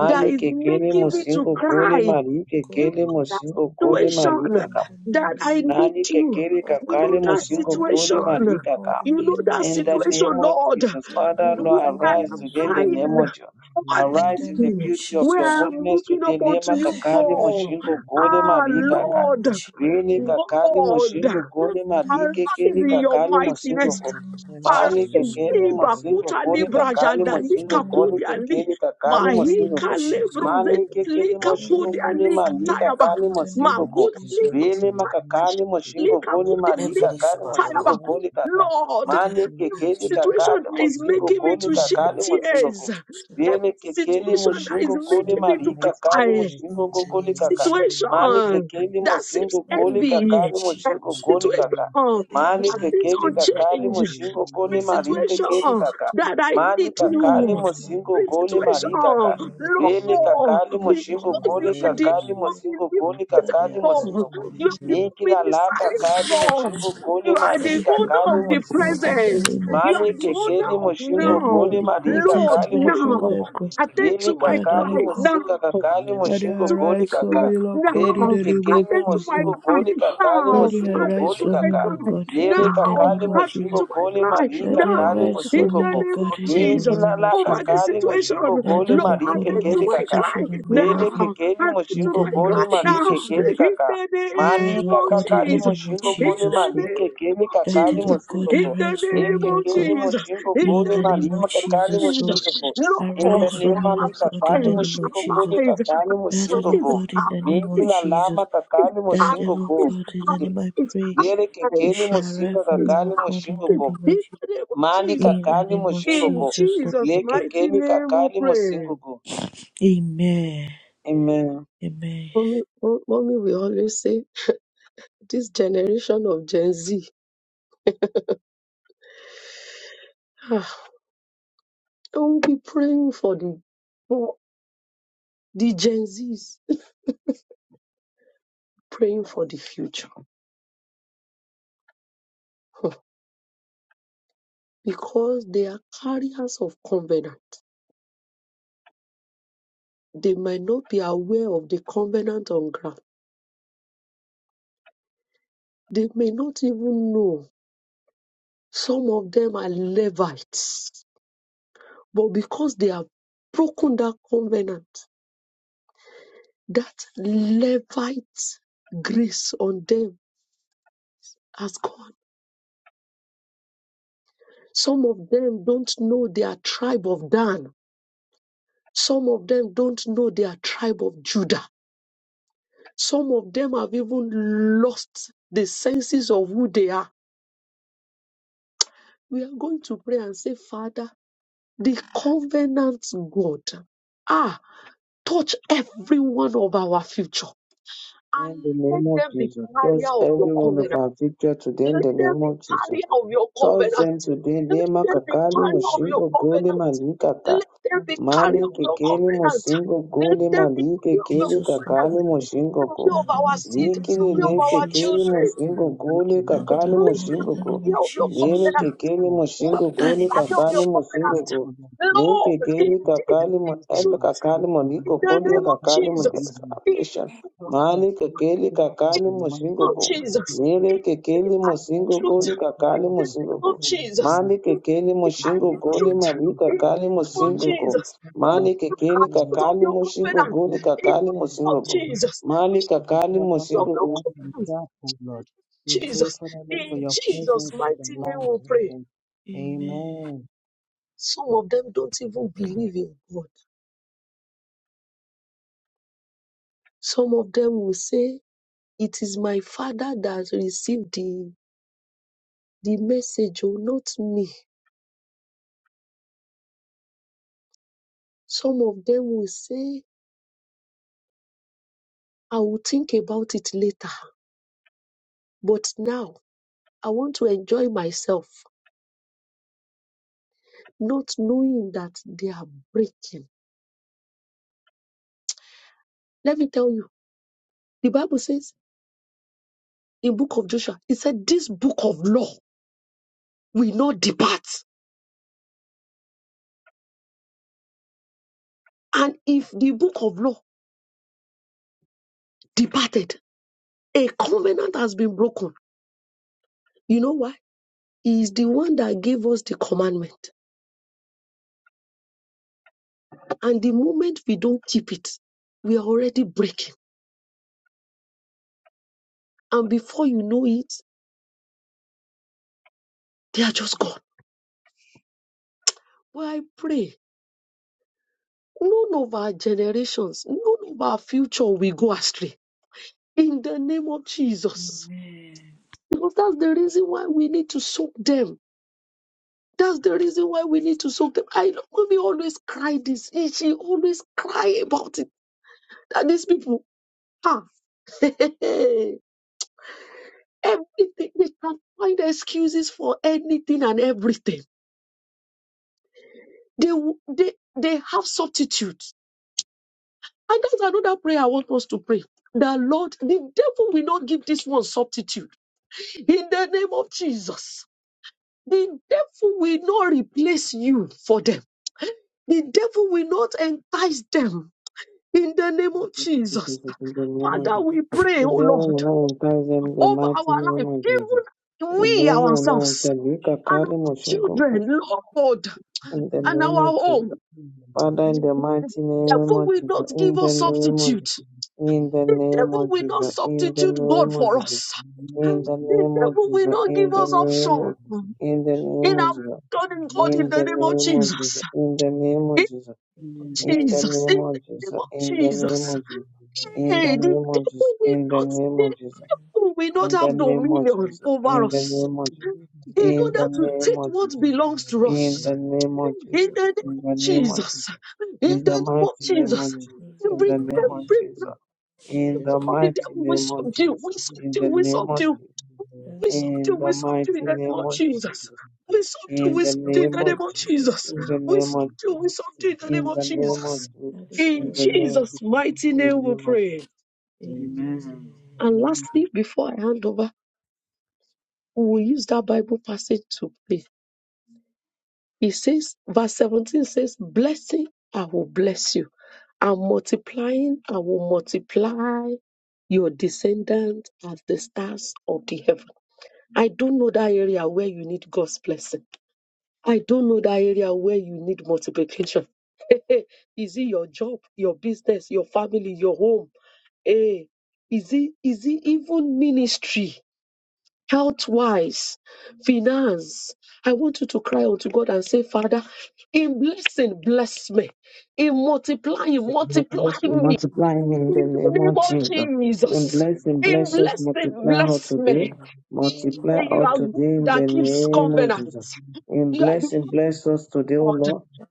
[SPEAKER 2] that is
[SPEAKER 5] Daddy,
[SPEAKER 1] kekele
[SPEAKER 2] making me
[SPEAKER 5] rise,
[SPEAKER 2] to
[SPEAKER 1] mushingogo,
[SPEAKER 2] cry.
[SPEAKER 1] lema ri
[SPEAKER 2] You
[SPEAKER 5] God,
[SPEAKER 1] kekele
[SPEAKER 2] know that
[SPEAKER 1] mushingogo, lema ri
[SPEAKER 2] situation
[SPEAKER 5] in
[SPEAKER 1] kaka.
[SPEAKER 5] the
[SPEAKER 3] you.
[SPEAKER 5] name
[SPEAKER 2] that I
[SPEAKER 3] Jesus.
[SPEAKER 2] need
[SPEAKER 1] Mali
[SPEAKER 2] you.
[SPEAKER 1] kekele
[SPEAKER 5] of Father,
[SPEAKER 2] You
[SPEAKER 1] kakali
[SPEAKER 5] Lord,
[SPEAKER 2] know that
[SPEAKER 3] Amen.
[SPEAKER 5] Father,
[SPEAKER 3] Thank
[SPEAKER 5] rise
[SPEAKER 1] mushingogo,
[SPEAKER 2] situation.
[SPEAKER 5] for
[SPEAKER 1] lema
[SPEAKER 5] me,
[SPEAKER 3] you,
[SPEAKER 1] ri
[SPEAKER 5] Lord,
[SPEAKER 1] kaka.
[SPEAKER 5] God,
[SPEAKER 3] Jesus.
[SPEAKER 5] in
[SPEAKER 2] You
[SPEAKER 5] the
[SPEAKER 2] know
[SPEAKER 3] Thanks
[SPEAKER 5] name
[SPEAKER 2] that
[SPEAKER 5] of
[SPEAKER 1] In the
[SPEAKER 5] Jesus.
[SPEAKER 1] name
[SPEAKER 2] situation,
[SPEAKER 1] of
[SPEAKER 2] Lord,
[SPEAKER 1] Jesus,
[SPEAKER 5] Daddy,
[SPEAKER 1] Father,
[SPEAKER 5] Lord,
[SPEAKER 2] where
[SPEAKER 1] Lord,
[SPEAKER 3] for
[SPEAKER 2] I
[SPEAKER 5] Father,
[SPEAKER 3] me.
[SPEAKER 1] arise
[SPEAKER 2] am
[SPEAKER 5] rise
[SPEAKER 1] today in
[SPEAKER 5] for
[SPEAKER 1] the
[SPEAKER 5] me,
[SPEAKER 1] name
[SPEAKER 3] Lord.
[SPEAKER 2] crying.
[SPEAKER 5] Lord.
[SPEAKER 1] of Jesus.
[SPEAKER 3] Thank
[SPEAKER 2] What
[SPEAKER 5] In
[SPEAKER 1] Arise
[SPEAKER 5] the
[SPEAKER 1] in the
[SPEAKER 5] name
[SPEAKER 2] me,
[SPEAKER 5] of
[SPEAKER 1] beauty of your
[SPEAKER 5] Jesus,
[SPEAKER 2] where I'm
[SPEAKER 1] holiness
[SPEAKER 2] looking
[SPEAKER 1] today.
[SPEAKER 2] up unto
[SPEAKER 1] Lema
[SPEAKER 2] you
[SPEAKER 5] Daddy,
[SPEAKER 1] kakali
[SPEAKER 5] arise.
[SPEAKER 2] for.
[SPEAKER 3] you,
[SPEAKER 1] mushingo
[SPEAKER 3] Jesus.
[SPEAKER 1] gole
[SPEAKER 2] Ah,
[SPEAKER 3] for
[SPEAKER 5] In the
[SPEAKER 1] marika ka.
[SPEAKER 5] name
[SPEAKER 2] Lord,
[SPEAKER 5] of
[SPEAKER 3] love.
[SPEAKER 1] Vili
[SPEAKER 5] Jesus,
[SPEAKER 3] Thank you,
[SPEAKER 1] kakali
[SPEAKER 2] God,
[SPEAKER 3] Jesus.
[SPEAKER 5] Daddy,
[SPEAKER 1] mushingo
[SPEAKER 5] my
[SPEAKER 1] gole
[SPEAKER 5] God,
[SPEAKER 2] arise
[SPEAKER 1] marike
[SPEAKER 5] arise for
[SPEAKER 1] keli
[SPEAKER 5] me.
[SPEAKER 2] in your
[SPEAKER 1] kakali mushingo
[SPEAKER 2] mightiness.
[SPEAKER 5] In the
[SPEAKER 1] go.
[SPEAKER 5] name of
[SPEAKER 1] Mali
[SPEAKER 5] Jesus, Lord,
[SPEAKER 1] kekeli
[SPEAKER 2] Arise,
[SPEAKER 1] mushingo
[SPEAKER 2] bakuta
[SPEAKER 1] gole
[SPEAKER 5] Daddy,
[SPEAKER 2] libra
[SPEAKER 1] kakali
[SPEAKER 5] arise
[SPEAKER 2] jandali
[SPEAKER 5] for
[SPEAKER 1] mushingo
[SPEAKER 5] me,
[SPEAKER 1] gole
[SPEAKER 5] Lord
[SPEAKER 2] kakuti
[SPEAKER 5] God.
[SPEAKER 2] ali.
[SPEAKER 1] kekeli kakali
[SPEAKER 5] In the
[SPEAKER 1] mushingo
[SPEAKER 5] name of
[SPEAKER 2] Mahika
[SPEAKER 1] go.
[SPEAKER 3] for love.
[SPEAKER 5] Jesus,
[SPEAKER 2] lebro
[SPEAKER 3] The
[SPEAKER 5] Lord,
[SPEAKER 1] Mali
[SPEAKER 3] earth is
[SPEAKER 2] zendli
[SPEAKER 1] kekeli
[SPEAKER 3] yours.
[SPEAKER 5] Daddy,
[SPEAKER 1] mushingo
[SPEAKER 2] kakuti
[SPEAKER 5] arise
[SPEAKER 1] gole
[SPEAKER 2] ali
[SPEAKER 5] for me,
[SPEAKER 1] malika
[SPEAKER 5] Lord
[SPEAKER 2] katayaba.
[SPEAKER 5] God.
[SPEAKER 1] kakali
[SPEAKER 5] In the
[SPEAKER 3] The
[SPEAKER 5] name
[SPEAKER 1] mushingo
[SPEAKER 5] of
[SPEAKER 3] life
[SPEAKER 1] go.
[SPEAKER 2] Maguda
[SPEAKER 5] Jesus,
[SPEAKER 3] for
[SPEAKER 2] libra
[SPEAKER 3] us
[SPEAKER 5] Lord.
[SPEAKER 1] Vili
[SPEAKER 3] and you.
[SPEAKER 2] tayaba.
[SPEAKER 1] makakali
[SPEAKER 3] It is
[SPEAKER 1] mushingo
[SPEAKER 2] Lika
[SPEAKER 1] gole
[SPEAKER 2] kuti
[SPEAKER 3] everything
[SPEAKER 2] ali
[SPEAKER 1] malika
[SPEAKER 3] we
[SPEAKER 5] Heavenly
[SPEAKER 3] need to
[SPEAKER 1] kakali
[SPEAKER 5] Father,
[SPEAKER 3] make our
[SPEAKER 1] mushingo
[SPEAKER 5] Lord
[SPEAKER 2] katayaba.
[SPEAKER 5] God,
[SPEAKER 3] lives
[SPEAKER 1] gole kaka.
[SPEAKER 3] because
[SPEAKER 2] Lord,
[SPEAKER 5] Daddy,
[SPEAKER 1] Mane
[SPEAKER 3] thank
[SPEAKER 2] every
[SPEAKER 3] you,
[SPEAKER 1] kekele
[SPEAKER 5] arise for
[SPEAKER 3] Jesus.
[SPEAKER 5] me.
[SPEAKER 2] situation
[SPEAKER 1] kakale
[SPEAKER 2] that is
[SPEAKER 3] Thank
[SPEAKER 1] muzingo
[SPEAKER 3] you,
[SPEAKER 2] making me
[SPEAKER 1] gole
[SPEAKER 2] to
[SPEAKER 5] In
[SPEAKER 2] shed
[SPEAKER 5] the
[SPEAKER 3] Lord.
[SPEAKER 5] name
[SPEAKER 1] kakale
[SPEAKER 5] of
[SPEAKER 1] muzingo go.
[SPEAKER 2] tears,
[SPEAKER 5] Jesus, Lord.
[SPEAKER 1] Vele
[SPEAKER 2] every
[SPEAKER 1] kekele
[SPEAKER 2] situation
[SPEAKER 5] Daddy,
[SPEAKER 2] that
[SPEAKER 1] muzingo
[SPEAKER 2] is
[SPEAKER 5] arise for
[SPEAKER 1] gole
[SPEAKER 2] making
[SPEAKER 5] me,
[SPEAKER 2] me
[SPEAKER 1] mari
[SPEAKER 2] to
[SPEAKER 5] Lord.
[SPEAKER 3] Amen.
[SPEAKER 1] kakale
[SPEAKER 2] cry,
[SPEAKER 3] Amen.
[SPEAKER 1] muzingo
[SPEAKER 5] In
[SPEAKER 1] go
[SPEAKER 3] Thank
[SPEAKER 5] the
[SPEAKER 3] you, Jesus. I
[SPEAKER 1] gole
[SPEAKER 5] name
[SPEAKER 3] want to
[SPEAKER 5] of
[SPEAKER 1] kaka.
[SPEAKER 3] thank
[SPEAKER 5] Jesus,
[SPEAKER 1] Mane
[SPEAKER 5] Lord.
[SPEAKER 2] situation
[SPEAKER 1] kekele
[SPEAKER 2] that
[SPEAKER 1] muzingo
[SPEAKER 2] seems
[SPEAKER 5] Oh
[SPEAKER 1] gole
[SPEAKER 5] God, in my
[SPEAKER 2] heavy,
[SPEAKER 1] kakale
[SPEAKER 5] Jesus,
[SPEAKER 2] every
[SPEAKER 1] muzingo
[SPEAKER 5] Lord.
[SPEAKER 1] gole kaka.
[SPEAKER 2] situation
[SPEAKER 5] Let it
[SPEAKER 1] Mane
[SPEAKER 2] that
[SPEAKER 5] arise,
[SPEAKER 2] seems
[SPEAKER 1] kekele
[SPEAKER 5] O Lord
[SPEAKER 1] kakale
[SPEAKER 5] God,
[SPEAKER 2] unchanged
[SPEAKER 1] muzingo gole
[SPEAKER 2] every
[SPEAKER 5] in the
[SPEAKER 1] mari
[SPEAKER 5] name
[SPEAKER 2] situation
[SPEAKER 5] of
[SPEAKER 1] kekele
[SPEAKER 2] uh,
[SPEAKER 5] Jesus.
[SPEAKER 1] kaka.
[SPEAKER 5] Lord.
[SPEAKER 2] that I
[SPEAKER 1] Mane
[SPEAKER 2] need
[SPEAKER 1] kakale
[SPEAKER 5] Heavenly
[SPEAKER 2] you.
[SPEAKER 5] Father,
[SPEAKER 1] muzingo
[SPEAKER 2] Every
[SPEAKER 1] gole
[SPEAKER 5] let it
[SPEAKER 2] situation,
[SPEAKER 1] mari
[SPEAKER 5] arise,
[SPEAKER 1] kaka.
[SPEAKER 2] uh,
[SPEAKER 5] from me, O Lord God,
[SPEAKER 1] Vele
[SPEAKER 2] Lord,
[SPEAKER 1] kakale
[SPEAKER 5] in the
[SPEAKER 1] muzingo
[SPEAKER 5] name
[SPEAKER 2] because
[SPEAKER 5] of
[SPEAKER 2] you
[SPEAKER 1] gole
[SPEAKER 2] are the
[SPEAKER 1] kakale
[SPEAKER 5] Jesus, Lord.
[SPEAKER 1] muzingo gole
[SPEAKER 5] Let
[SPEAKER 2] omnipresent
[SPEAKER 5] it
[SPEAKER 1] kakale
[SPEAKER 2] God.
[SPEAKER 5] arise
[SPEAKER 1] muzingo go.
[SPEAKER 5] for
[SPEAKER 2] You
[SPEAKER 5] me,
[SPEAKER 2] are
[SPEAKER 5] Lord.
[SPEAKER 2] the
[SPEAKER 1] Mikila laka
[SPEAKER 2] omniscience
[SPEAKER 1] kali
[SPEAKER 2] God.
[SPEAKER 1] mushingo gole
[SPEAKER 2] You are
[SPEAKER 5] Let
[SPEAKER 2] the
[SPEAKER 5] it
[SPEAKER 1] malika
[SPEAKER 5] help me,
[SPEAKER 2] owner
[SPEAKER 1] kali
[SPEAKER 2] of the
[SPEAKER 5] Lord
[SPEAKER 1] mushingo
[SPEAKER 5] God,
[SPEAKER 1] go.
[SPEAKER 5] in the
[SPEAKER 2] present.
[SPEAKER 5] name of
[SPEAKER 2] You are
[SPEAKER 1] Male
[SPEAKER 5] Jesus.
[SPEAKER 2] the owner
[SPEAKER 1] kekeli
[SPEAKER 2] of
[SPEAKER 3] you,
[SPEAKER 1] mushingo
[SPEAKER 5] Let you
[SPEAKER 2] now.
[SPEAKER 5] be
[SPEAKER 1] gole
[SPEAKER 5] the
[SPEAKER 1] malika
[SPEAKER 5] protect
[SPEAKER 2] Lord,
[SPEAKER 5] of
[SPEAKER 1] kali
[SPEAKER 5] the
[SPEAKER 1] mushingo
[SPEAKER 2] now.
[SPEAKER 5] present
[SPEAKER 1] go.
[SPEAKER 5] God.
[SPEAKER 2] Attend
[SPEAKER 1] Veli
[SPEAKER 2] to my
[SPEAKER 5] Let the
[SPEAKER 1] kakali
[SPEAKER 5] Lord
[SPEAKER 2] cry
[SPEAKER 5] God,
[SPEAKER 1] musinga
[SPEAKER 2] now
[SPEAKER 1] kakali
[SPEAKER 5] let it
[SPEAKER 1] mushingo
[SPEAKER 2] to
[SPEAKER 1] gole
[SPEAKER 5] arise
[SPEAKER 2] my
[SPEAKER 5] for
[SPEAKER 1] kaka.
[SPEAKER 2] God
[SPEAKER 5] me, Lord God, in
[SPEAKER 1] Veli
[SPEAKER 2] now.
[SPEAKER 5] the name
[SPEAKER 2] I
[SPEAKER 5] of
[SPEAKER 1] kekeli
[SPEAKER 2] said to my
[SPEAKER 1] mushingo
[SPEAKER 5] Jesus.
[SPEAKER 2] God
[SPEAKER 1] gole kakali
[SPEAKER 2] now.
[SPEAKER 5] Let it
[SPEAKER 1] mushingo
[SPEAKER 2] I
[SPEAKER 5] arise
[SPEAKER 2] said
[SPEAKER 1] goli
[SPEAKER 5] for
[SPEAKER 2] to my
[SPEAKER 5] me,
[SPEAKER 1] kaka.
[SPEAKER 5] Lord
[SPEAKER 2] God
[SPEAKER 5] God,
[SPEAKER 1] Lele
[SPEAKER 5] in the
[SPEAKER 2] now.
[SPEAKER 1] kakali
[SPEAKER 5] name of
[SPEAKER 2] I
[SPEAKER 3] Lord.
[SPEAKER 2] said
[SPEAKER 1] mushingo
[SPEAKER 5] Jesus.
[SPEAKER 2] to my
[SPEAKER 1] gole
[SPEAKER 3] Thank
[SPEAKER 2] God
[SPEAKER 1] malika
[SPEAKER 5] Let it
[SPEAKER 2] now.
[SPEAKER 1] kali
[SPEAKER 3] you,
[SPEAKER 5] arise for
[SPEAKER 2] In
[SPEAKER 1] mushingo
[SPEAKER 5] me,
[SPEAKER 2] the
[SPEAKER 3] Jesus.
[SPEAKER 1] go.
[SPEAKER 5] Lord
[SPEAKER 2] name
[SPEAKER 5] God,
[SPEAKER 2] of
[SPEAKER 5] in the
[SPEAKER 2] Jesus,
[SPEAKER 1] Mikila
[SPEAKER 5] name of
[SPEAKER 1] laka
[SPEAKER 2] over
[SPEAKER 5] Jesus.
[SPEAKER 2] this
[SPEAKER 1] kali
[SPEAKER 3] Thank
[SPEAKER 2] situation,
[SPEAKER 1] mushingo gole
[SPEAKER 5] Daddy,
[SPEAKER 2] Lord,
[SPEAKER 5] Lord
[SPEAKER 1] malika
[SPEAKER 2] I
[SPEAKER 5] God,
[SPEAKER 2] said
[SPEAKER 5] over
[SPEAKER 2] to
[SPEAKER 1] kekeli
[SPEAKER 5] the
[SPEAKER 2] my
[SPEAKER 1] kaka.
[SPEAKER 5] situation
[SPEAKER 2] cry
[SPEAKER 5] of my
[SPEAKER 1] Veli
[SPEAKER 5] life in
[SPEAKER 2] now.
[SPEAKER 1] kekeli
[SPEAKER 2] I said
[SPEAKER 5] in
[SPEAKER 2] to
[SPEAKER 1] mushingo
[SPEAKER 5] the
[SPEAKER 2] my
[SPEAKER 5] name
[SPEAKER 1] gole
[SPEAKER 2] cry
[SPEAKER 5] of
[SPEAKER 1] malika
[SPEAKER 2] now.
[SPEAKER 5] Jesus,
[SPEAKER 1] kekeli
[SPEAKER 5] Lord.
[SPEAKER 2] In
[SPEAKER 1] kaka.
[SPEAKER 2] the
[SPEAKER 1] Mani
[SPEAKER 5] Daddy,
[SPEAKER 2] name
[SPEAKER 5] Lord God, in
[SPEAKER 2] of
[SPEAKER 1] kakakali
[SPEAKER 5] the
[SPEAKER 2] Jesus.
[SPEAKER 5] name of
[SPEAKER 1] mushingo
[SPEAKER 2] In the
[SPEAKER 1] gole
[SPEAKER 5] Jesus,
[SPEAKER 1] mani
[SPEAKER 5] Lord.
[SPEAKER 2] name
[SPEAKER 1] kekeli
[SPEAKER 2] of
[SPEAKER 5] Daddy,
[SPEAKER 1] kakali
[SPEAKER 2] Jesus.
[SPEAKER 5] Lord
[SPEAKER 1] mushingo
[SPEAKER 5] God,
[SPEAKER 2] In
[SPEAKER 1] go.
[SPEAKER 2] the
[SPEAKER 5] arise for
[SPEAKER 1] E
[SPEAKER 2] name
[SPEAKER 5] me,
[SPEAKER 2] of
[SPEAKER 5] Lord
[SPEAKER 1] kekeli
[SPEAKER 5] God,
[SPEAKER 2] Jesus.
[SPEAKER 1] mushingo
[SPEAKER 2] In
[SPEAKER 5] in
[SPEAKER 2] the
[SPEAKER 1] gole
[SPEAKER 5] the
[SPEAKER 1] mani
[SPEAKER 5] name of
[SPEAKER 2] name of
[SPEAKER 1] kakali
[SPEAKER 5] Jesus, Lord.
[SPEAKER 2] Jesus.
[SPEAKER 1] mushingo go. In
[SPEAKER 2] Lord,
[SPEAKER 1] the
[SPEAKER 5] Arise for
[SPEAKER 1] name
[SPEAKER 5] me,
[SPEAKER 1] of the
[SPEAKER 5] Lord God,
[SPEAKER 2] I
[SPEAKER 5] in
[SPEAKER 1] kakali
[SPEAKER 5] the
[SPEAKER 2] am
[SPEAKER 5] name of
[SPEAKER 1] mushingo gole
[SPEAKER 5] Jesus.
[SPEAKER 2] alive
[SPEAKER 1] kakali
[SPEAKER 5] Daddy,
[SPEAKER 1] mushingo
[SPEAKER 5] Lord
[SPEAKER 2] is
[SPEAKER 1] go.
[SPEAKER 5] God, in
[SPEAKER 2] up,
[SPEAKER 5] the name
[SPEAKER 1] Miki
[SPEAKER 5] of
[SPEAKER 2] is
[SPEAKER 1] la lama
[SPEAKER 5] Jesus.
[SPEAKER 2] is
[SPEAKER 1] kakali
[SPEAKER 2] up,
[SPEAKER 5] Daddy,
[SPEAKER 1] mushingo
[SPEAKER 5] Lord
[SPEAKER 1] go.
[SPEAKER 2] is
[SPEAKER 5] God, in the
[SPEAKER 2] up,
[SPEAKER 1] Le-
[SPEAKER 5] name I
[SPEAKER 2] is
[SPEAKER 5] pray,
[SPEAKER 2] up,
[SPEAKER 1] Lele
[SPEAKER 2] is
[SPEAKER 5] you
[SPEAKER 1] kekeli
[SPEAKER 5] shall arise
[SPEAKER 1] mushingo
[SPEAKER 5] for me,
[SPEAKER 2] is
[SPEAKER 1] kakali
[SPEAKER 5] Lord
[SPEAKER 2] up.
[SPEAKER 5] God, in
[SPEAKER 1] mushingo
[SPEAKER 5] the
[SPEAKER 2] is
[SPEAKER 1] go.
[SPEAKER 5] name of
[SPEAKER 2] In
[SPEAKER 5] Jesus.
[SPEAKER 2] the name of
[SPEAKER 1] Mani
[SPEAKER 2] Jesus,
[SPEAKER 5] In the
[SPEAKER 1] kakali
[SPEAKER 5] name of
[SPEAKER 1] mushingo go.
[SPEAKER 2] in
[SPEAKER 5] Jesus, Lord
[SPEAKER 1] Le
[SPEAKER 2] Jesus'
[SPEAKER 5] God.
[SPEAKER 2] mighty
[SPEAKER 1] kekeli
[SPEAKER 2] name, we
[SPEAKER 1] kakali mushingo
[SPEAKER 2] pray.
[SPEAKER 1] go.
[SPEAKER 5] Amen.
[SPEAKER 1] Amen.
[SPEAKER 5] Amen.
[SPEAKER 2] Mommy, mo- mommy, we always say this generation of Gen Z, ah, they will be praying for the for the Gen Zs, praying for the future because they are carriers of covenant. They might not be aware of the covenant on ground. They may not even know Some of them are Levites. But because they have broken that covenant, that Levite grace on them has gone. Some of them don't know their tribe of Dan. Some of them don't know their tribe of Judah. Some of them have even lost the senses of who they are. We are going to pray and say, Father, the covenant God, ah, touch every one of our future
[SPEAKER 1] In the
[SPEAKER 2] and let
[SPEAKER 1] name of
[SPEAKER 2] them be
[SPEAKER 1] Jesus. Bless
[SPEAKER 2] carrier of your
[SPEAKER 1] every one of
[SPEAKER 2] covenant.
[SPEAKER 1] our victory today in
[SPEAKER 2] Let
[SPEAKER 1] the
[SPEAKER 2] them
[SPEAKER 1] name
[SPEAKER 2] be
[SPEAKER 1] of Jesus.
[SPEAKER 2] carrier of your
[SPEAKER 1] Touch
[SPEAKER 2] covenant.
[SPEAKER 1] them today.
[SPEAKER 2] Let
[SPEAKER 1] Lema
[SPEAKER 2] them be
[SPEAKER 1] kakali
[SPEAKER 2] carrier of your
[SPEAKER 1] mushingo gole
[SPEAKER 2] covenant.
[SPEAKER 1] malikaka.
[SPEAKER 2] Let them be
[SPEAKER 1] Mali
[SPEAKER 2] carrier of your
[SPEAKER 1] kekeli
[SPEAKER 2] covenant.
[SPEAKER 1] mushingo
[SPEAKER 2] Let
[SPEAKER 1] gole
[SPEAKER 2] them be
[SPEAKER 1] mali
[SPEAKER 2] carrier of your
[SPEAKER 1] kekeli
[SPEAKER 5] Jesus, Lord. God.
[SPEAKER 2] covenant.
[SPEAKER 1] kakali mushingo go.
[SPEAKER 2] Carrier
[SPEAKER 5] Father,
[SPEAKER 2] of our
[SPEAKER 5] oh God,
[SPEAKER 2] seed,
[SPEAKER 5] in the
[SPEAKER 1] Likile
[SPEAKER 2] carrier
[SPEAKER 5] name
[SPEAKER 1] le
[SPEAKER 2] of
[SPEAKER 5] of
[SPEAKER 2] our
[SPEAKER 1] kekeli
[SPEAKER 5] Jesus. Father,
[SPEAKER 2] children.
[SPEAKER 1] mushingo gole
[SPEAKER 2] Lord, let
[SPEAKER 5] oh
[SPEAKER 1] kakali
[SPEAKER 2] them be
[SPEAKER 5] God, in
[SPEAKER 1] mushingo
[SPEAKER 5] the
[SPEAKER 1] go.
[SPEAKER 5] name of
[SPEAKER 2] carrier of your
[SPEAKER 1] Lele
[SPEAKER 5] Jesus.
[SPEAKER 2] covenant.
[SPEAKER 5] Father,
[SPEAKER 1] kekeli
[SPEAKER 2] Let
[SPEAKER 1] mushingo
[SPEAKER 2] them
[SPEAKER 5] in
[SPEAKER 2] be
[SPEAKER 5] the
[SPEAKER 1] gole
[SPEAKER 5] name
[SPEAKER 2] carrier of
[SPEAKER 5] of
[SPEAKER 1] kakali
[SPEAKER 2] your
[SPEAKER 1] mushingo
[SPEAKER 2] covenant.
[SPEAKER 1] go. Le
[SPEAKER 2] Lord,
[SPEAKER 1] kekeli
[SPEAKER 2] indeed,
[SPEAKER 1] kakali mo
[SPEAKER 2] in
[SPEAKER 1] ebe
[SPEAKER 2] truth,
[SPEAKER 1] kakali
[SPEAKER 2] in
[SPEAKER 1] muliko
[SPEAKER 2] the
[SPEAKER 1] kodi
[SPEAKER 2] name of
[SPEAKER 1] kakali mu
[SPEAKER 2] Jesus. Indeed,
[SPEAKER 1] salvation.
[SPEAKER 2] in
[SPEAKER 1] Mali kekeli
[SPEAKER 2] the
[SPEAKER 1] kakali
[SPEAKER 2] name
[SPEAKER 1] mushingo
[SPEAKER 2] of
[SPEAKER 1] go.
[SPEAKER 2] Jesus.
[SPEAKER 1] Lele
[SPEAKER 2] Indeed,
[SPEAKER 1] kekele
[SPEAKER 2] and in
[SPEAKER 1] mosingo
[SPEAKER 2] truth.
[SPEAKER 1] goli
[SPEAKER 2] In
[SPEAKER 1] kakali
[SPEAKER 2] the
[SPEAKER 1] mosingo
[SPEAKER 2] name
[SPEAKER 1] go.
[SPEAKER 2] of
[SPEAKER 3] you.
[SPEAKER 2] Jesus.
[SPEAKER 1] Mali
[SPEAKER 2] In
[SPEAKER 1] kekele
[SPEAKER 2] the
[SPEAKER 3] We
[SPEAKER 1] mosingo
[SPEAKER 2] and
[SPEAKER 3] ask
[SPEAKER 2] in
[SPEAKER 3] for
[SPEAKER 1] goli
[SPEAKER 3] your
[SPEAKER 2] truth.
[SPEAKER 1] mali
[SPEAKER 3] things.
[SPEAKER 2] In the
[SPEAKER 3] We ask
[SPEAKER 1] kakali
[SPEAKER 3] for your
[SPEAKER 2] name of
[SPEAKER 1] mosingo
[SPEAKER 3] love
[SPEAKER 1] go.
[SPEAKER 3] to
[SPEAKER 2] Jesus.
[SPEAKER 3] check
[SPEAKER 2] Make
[SPEAKER 3] our
[SPEAKER 1] Mali
[SPEAKER 3] feet.
[SPEAKER 2] them come
[SPEAKER 1] kekele
[SPEAKER 3] We ask
[SPEAKER 2] out of
[SPEAKER 1] kakali
[SPEAKER 2] your
[SPEAKER 3] for
[SPEAKER 1] mosingo
[SPEAKER 3] your
[SPEAKER 2] covenant.
[SPEAKER 1] goli
[SPEAKER 2] In the name
[SPEAKER 1] kakali
[SPEAKER 3] demonstration
[SPEAKER 2] of
[SPEAKER 1] mosingo
[SPEAKER 3] in
[SPEAKER 1] go.
[SPEAKER 3] the blood.
[SPEAKER 2] Jesus.
[SPEAKER 1] Mali
[SPEAKER 3] We
[SPEAKER 1] kakali
[SPEAKER 3] put up what
[SPEAKER 2] Of
[SPEAKER 3] we
[SPEAKER 1] mosingo
[SPEAKER 2] your
[SPEAKER 1] go.
[SPEAKER 3] stand in the
[SPEAKER 2] covenant.
[SPEAKER 3] gap, O Lord. We pray
[SPEAKER 2] Jesus.
[SPEAKER 3] for the Lord
[SPEAKER 5] the
[SPEAKER 3] for
[SPEAKER 2] In
[SPEAKER 5] name of
[SPEAKER 3] your
[SPEAKER 5] Jesus.
[SPEAKER 2] Jesus'
[SPEAKER 3] presence in
[SPEAKER 2] mighty
[SPEAKER 3] the
[SPEAKER 2] name
[SPEAKER 3] land,
[SPEAKER 2] we
[SPEAKER 3] O
[SPEAKER 2] pray.
[SPEAKER 3] Lord.
[SPEAKER 5] Amen.
[SPEAKER 3] Amen.
[SPEAKER 2] Some of them don't even believe in God. Some of them will say, It is my father that received the, the message, oh, not me. Some of them will say, I will think about it later. But now I want to enjoy myself. not knowing that they are breaking. Let me tell you, the Bible says in book of Joshua, it said this book of law will not depart. And if the book of law departed, a covenant has been broken. You know why? He is the one that gave us the commandment. And the moment we don't keep it, we are already breaking. And before you know it, they are just gone. But I pray none of our generations, none of our future will go astray. In the name of Jesus.
[SPEAKER 5] Amen.
[SPEAKER 2] Because that's the reason why we need to soak them. That's the reason why we need to soak them. I know mommy always cry this. eh, She always cry about it. And these people, ah, everything, they can find excuses for anything and everything. They, w- they, they have substitutes. And that's another prayer I want us to pray. The Lord, the devil will not give this one substitute. In the name of Jesus, the devil will not replace you for them The devil will not entice them in the name of Jesus.
[SPEAKER 1] Jesus, in the name of
[SPEAKER 2] Father,
[SPEAKER 1] Jesus.
[SPEAKER 2] we pray,
[SPEAKER 1] The
[SPEAKER 2] oh
[SPEAKER 1] devil
[SPEAKER 2] Lord,
[SPEAKER 1] will not entice them in the
[SPEAKER 2] over
[SPEAKER 1] mighty
[SPEAKER 2] our
[SPEAKER 1] name
[SPEAKER 2] life,
[SPEAKER 1] of Jesus. The
[SPEAKER 2] we
[SPEAKER 1] devil will not
[SPEAKER 2] ourselves
[SPEAKER 1] entice you
[SPEAKER 5] Jesus,
[SPEAKER 2] and
[SPEAKER 1] kakali
[SPEAKER 2] our
[SPEAKER 1] mosingo go.
[SPEAKER 2] children, Lord,
[SPEAKER 1] In the
[SPEAKER 5] in
[SPEAKER 2] and
[SPEAKER 5] the name
[SPEAKER 1] name
[SPEAKER 2] our
[SPEAKER 1] of Jesus.
[SPEAKER 2] home.
[SPEAKER 5] of
[SPEAKER 1] Father,
[SPEAKER 5] God.
[SPEAKER 1] in
[SPEAKER 2] The
[SPEAKER 1] the mighty
[SPEAKER 5] Father,
[SPEAKER 1] name
[SPEAKER 2] devil
[SPEAKER 1] of
[SPEAKER 2] will
[SPEAKER 1] Jesus.
[SPEAKER 2] not
[SPEAKER 1] In
[SPEAKER 2] give
[SPEAKER 1] the
[SPEAKER 2] us
[SPEAKER 1] name of Jesus.
[SPEAKER 2] substitute.
[SPEAKER 1] In the
[SPEAKER 2] The
[SPEAKER 1] name
[SPEAKER 2] devil
[SPEAKER 1] of
[SPEAKER 2] will not
[SPEAKER 1] Jesus, in the
[SPEAKER 2] substitute
[SPEAKER 1] name
[SPEAKER 2] God
[SPEAKER 1] of
[SPEAKER 2] for
[SPEAKER 1] Jesus,
[SPEAKER 2] us.
[SPEAKER 1] in the
[SPEAKER 2] The
[SPEAKER 1] name of
[SPEAKER 2] devil will
[SPEAKER 1] Jesus,
[SPEAKER 2] not
[SPEAKER 1] in
[SPEAKER 2] give
[SPEAKER 1] the
[SPEAKER 2] us
[SPEAKER 1] name of
[SPEAKER 2] option
[SPEAKER 1] Jesus, in the
[SPEAKER 5] Jesus,
[SPEAKER 2] in
[SPEAKER 1] name of Jesus,
[SPEAKER 2] abandoning God in
[SPEAKER 1] in
[SPEAKER 5] In
[SPEAKER 1] the
[SPEAKER 2] the name of
[SPEAKER 1] name of
[SPEAKER 2] Jesus. In
[SPEAKER 1] Jesus,
[SPEAKER 5] in the
[SPEAKER 1] in
[SPEAKER 5] name of
[SPEAKER 1] the
[SPEAKER 2] Jesus, in
[SPEAKER 1] name
[SPEAKER 2] the
[SPEAKER 1] of
[SPEAKER 2] name
[SPEAKER 1] Jesus,
[SPEAKER 2] of
[SPEAKER 1] in the name
[SPEAKER 2] Jesus.
[SPEAKER 1] of Jesus, in the
[SPEAKER 2] Hey, the
[SPEAKER 1] name of
[SPEAKER 2] devil
[SPEAKER 1] Jesus,
[SPEAKER 2] will
[SPEAKER 1] in
[SPEAKER 3] Amen.
[SPEAKER 1] the
[SPEAKER 2] not,
[SPEAKER 1] name
[SPEAKER 2] the
[SPEAKER 1] of Jesus,
[SPEAKER 2] devil will not
[SPEAKER 1] in the
[SPEAKER 2] have
[SPEAKER 1] name of
[SPEAKER 2] dominion
[SPEAKER 1] Jesus,
[SPEAKER 2] over
[SPEAKER 1] in the
[SPEAKER 2] us
[SPEAKER 1] name of Jesus,
[SPEAKER 2] in
[SPEAKER 1] in
[SPEAKER 2] order
[SPEAKER 1] the
[SPEAKER 2] to
[SPEAKER 1] name
[SPEAKER 2] take
[SPEAKER 1] of
[SPEAKER 2] what
[SPEAKER 1] Jesus,
[SPEAKER 3] the
[SPEAKER 2] belongs to
[SPEAKER 1] in
[SPEAKER 2] us.
[SPEAKER 1] the name of
[SPEAKER 2] In
[SPEAKER 5] Father,
[SPEAKER 2] the
[SPEAKER 1] Jesus,
[SPEAKER 2] name
[SPEAKER 5] Jesus,
[SPEAKER 1] in
[SPEAKER 2] of
[SPEAKER 1] the name of Jesus, in the name of
[SPEAKER 2] Jesus,
[SPEAKER 1] Jesus,
[SPEAKER 2] in
[SPEAKER 1] in
[SPEAKER 2] the
[SPEAKER 1] the
[SPEAKER 2] name of
[SPEAKER 1] mighty name
[SPEAKER 2] Jesus,
[SPEAKER 1] of
[SPEAKER 5] in
[SPEAKER 1] Jesus,
[SPEAKER 5] the
[SPEAKER 1] in
[SPEAKER 2] every,
[SPEAKER 1] the
[SPEAKER 5] name of
[SPEAKER 1] name of
[SPEAKER 5] Jesus,
[SPEAKER 2] every
[SPEAKER 1] Jesus.
[SPEAKER 5] give
[SPEAKER 1] In
[SPEAKER 5] us
[SPEAKER 1] the
[SPEAKER 3] devil
[SPEAKER 2] power
[SPEAKER 3] in
[SPEAKER 5] the
[SPEAKER 2] of the
[SPEAKER 1] mighty
[SPEAKER 2] devil we
[SPEAKER 5] love.
[SPEAKER 1] name of
[SPEAKER 2] subdue, we
[SPEAKER 1] Jesus. In
[SPEAKER 2] subdue,
[SPEAKER 1] the
[SPEAKER 2] we
[SPEAKER 1] name of
[SPEAKER 2] subdue,
[SPEAKER 1] Jesus.
[SPEAKER 2] we
[SPEAKER 5] Darken us,
[SPEAKER 1] In
[SPEAKER 2] subdue, we
[SPEAKER 1] the
[SPEAKER 5] Lord.
[SPEAKER 2] subdue in
[SPEAKER 1] mighty
[SPEAKER 2] the name
[SPEAKER 1] name
[SPEAKER 2] of
[SPEAKER 1] of
[SPEAKER 2] Jesus.
[SPEAKER 1] Jesus.
[SPEAKER 2] We subdue,
[SPEAKER 1] In
[SPEAKER 5] Give
[SPEAKER 2] we
[SPEAKER 1] the
[SPEAKER 5] us
[SPEAKER 2] subdue in
[SPEAKER 5] the
[SPEAKER 1] name
[SPEAKER 2] the
[SPEAKER 5] name
[SPEAKER 1] of
[SPEAKER 2] name
[SPEAKER 5] of
[SPEAKER 2] of
[SPEAKER 1] Jesus.
[SPEAKER 5] Jesus.
[SPEAKER 2] Jesus.
[SPEAKER 1] In the
[SPEAKER 2] We
[SPEAKER 1] name of
[SPEAKER 2] subdue,
[SPEAKER 1] Jesus.
[SPEAKER 2] we subdue in the name
[SPEAKER 1] In
[SPEAKER 2] of
[SPEAKER 1] the name of
[SPEAKER 2] Jesus.
[SPEAKER 5] Father,
[SPEAKER 1] Jesus. In
[SPEAKER 2] In
[SPEAKER 5] Jesus,
[SPEAKER 1] the name.
[SPEAKER 2] Jesus' mighty
[SPEAKER 1] In the
[SPEAKER 2] name we
[SPEAKER 1] name of
[SPEAKER 2] pray.
[SPEAKER 1] Jesus.
[SPEAKER 3] Jesus
[SPEAKER 1] Amen.
[SPEAKER 5] Amen.
[SPEAKER 2] And lastly, before I hand over we will use that Bible passage to pray. It says, verse 17 says, Blessing, I will bless you, and multiplying, I will multiply your descendants as the stars of the heaven. I don't know that area where you need God's blessing. I don't know that area where you need multiplication. Hey, is it your job, your business, your family, your home? Hey, is it is it even ministry? health wise, finance. I want you to cry unto God and say, Father, in blessing, bless me. In multiplying,
[SPEAKER 1] If you
[SPEAKER 2] multiply
[SPEAKER 1] bless- you
[SPEAKER 2] me.
[SPEAKER 1] Multiply
[SPEAKER 5] Amen.
[SPEAKER 1] him in
[SPEAKER 2] In
[SPEAKER 5] And
[SPEAKER 1] the name of
[SPEAKER 2] the name
[SPEAKER 1] Jesus.
[SPEAKER 2] of
[SPEAKER 1] And
[SPEAKER 2] Jesus.
[SPEAKER 1] bless him,
[SPEAKER 2] In
[SPEAKER 1] bless
[SPEAKER 5] Father,
[SPEAKER 1] us,
[SPEAKER 5] oh God,
[SPEAKER 2] blessing,
[SPEAKER 1] multiply her
[SPEAKER 2] bless
[SPEAKER 1] today.
[SPEAKER 2] me.
[SPEAKER 5] thank
[SPEAKER 3] Thank
[SPEAKER 5] you.
[SPEAKER 1] Multiply
[SPEAKER 2] And you
[SPEAKER 1] her
[SPEAKER 2] are God
[SPEAKER 1] today in the
[SPEAKER 2] that keeps
[SPEAKER 1] name
[SPEAKER 5] Father,
[SPEAKER 1] of
[SPEAKER 5] oh
[SPEAKER 2] covenant.
[SPEAKER 5] God,
[SPEAKER 1] Jesus. And
[SPEAKER 2] You are
[SPEAKER 1] bless him,
[SPEAKER 5] Jesus,
[SPEAKER 1] bless us today, O
[SPEAKER 2] the
[SPEAKER 1] Lord.
[SPEAKER 5] thank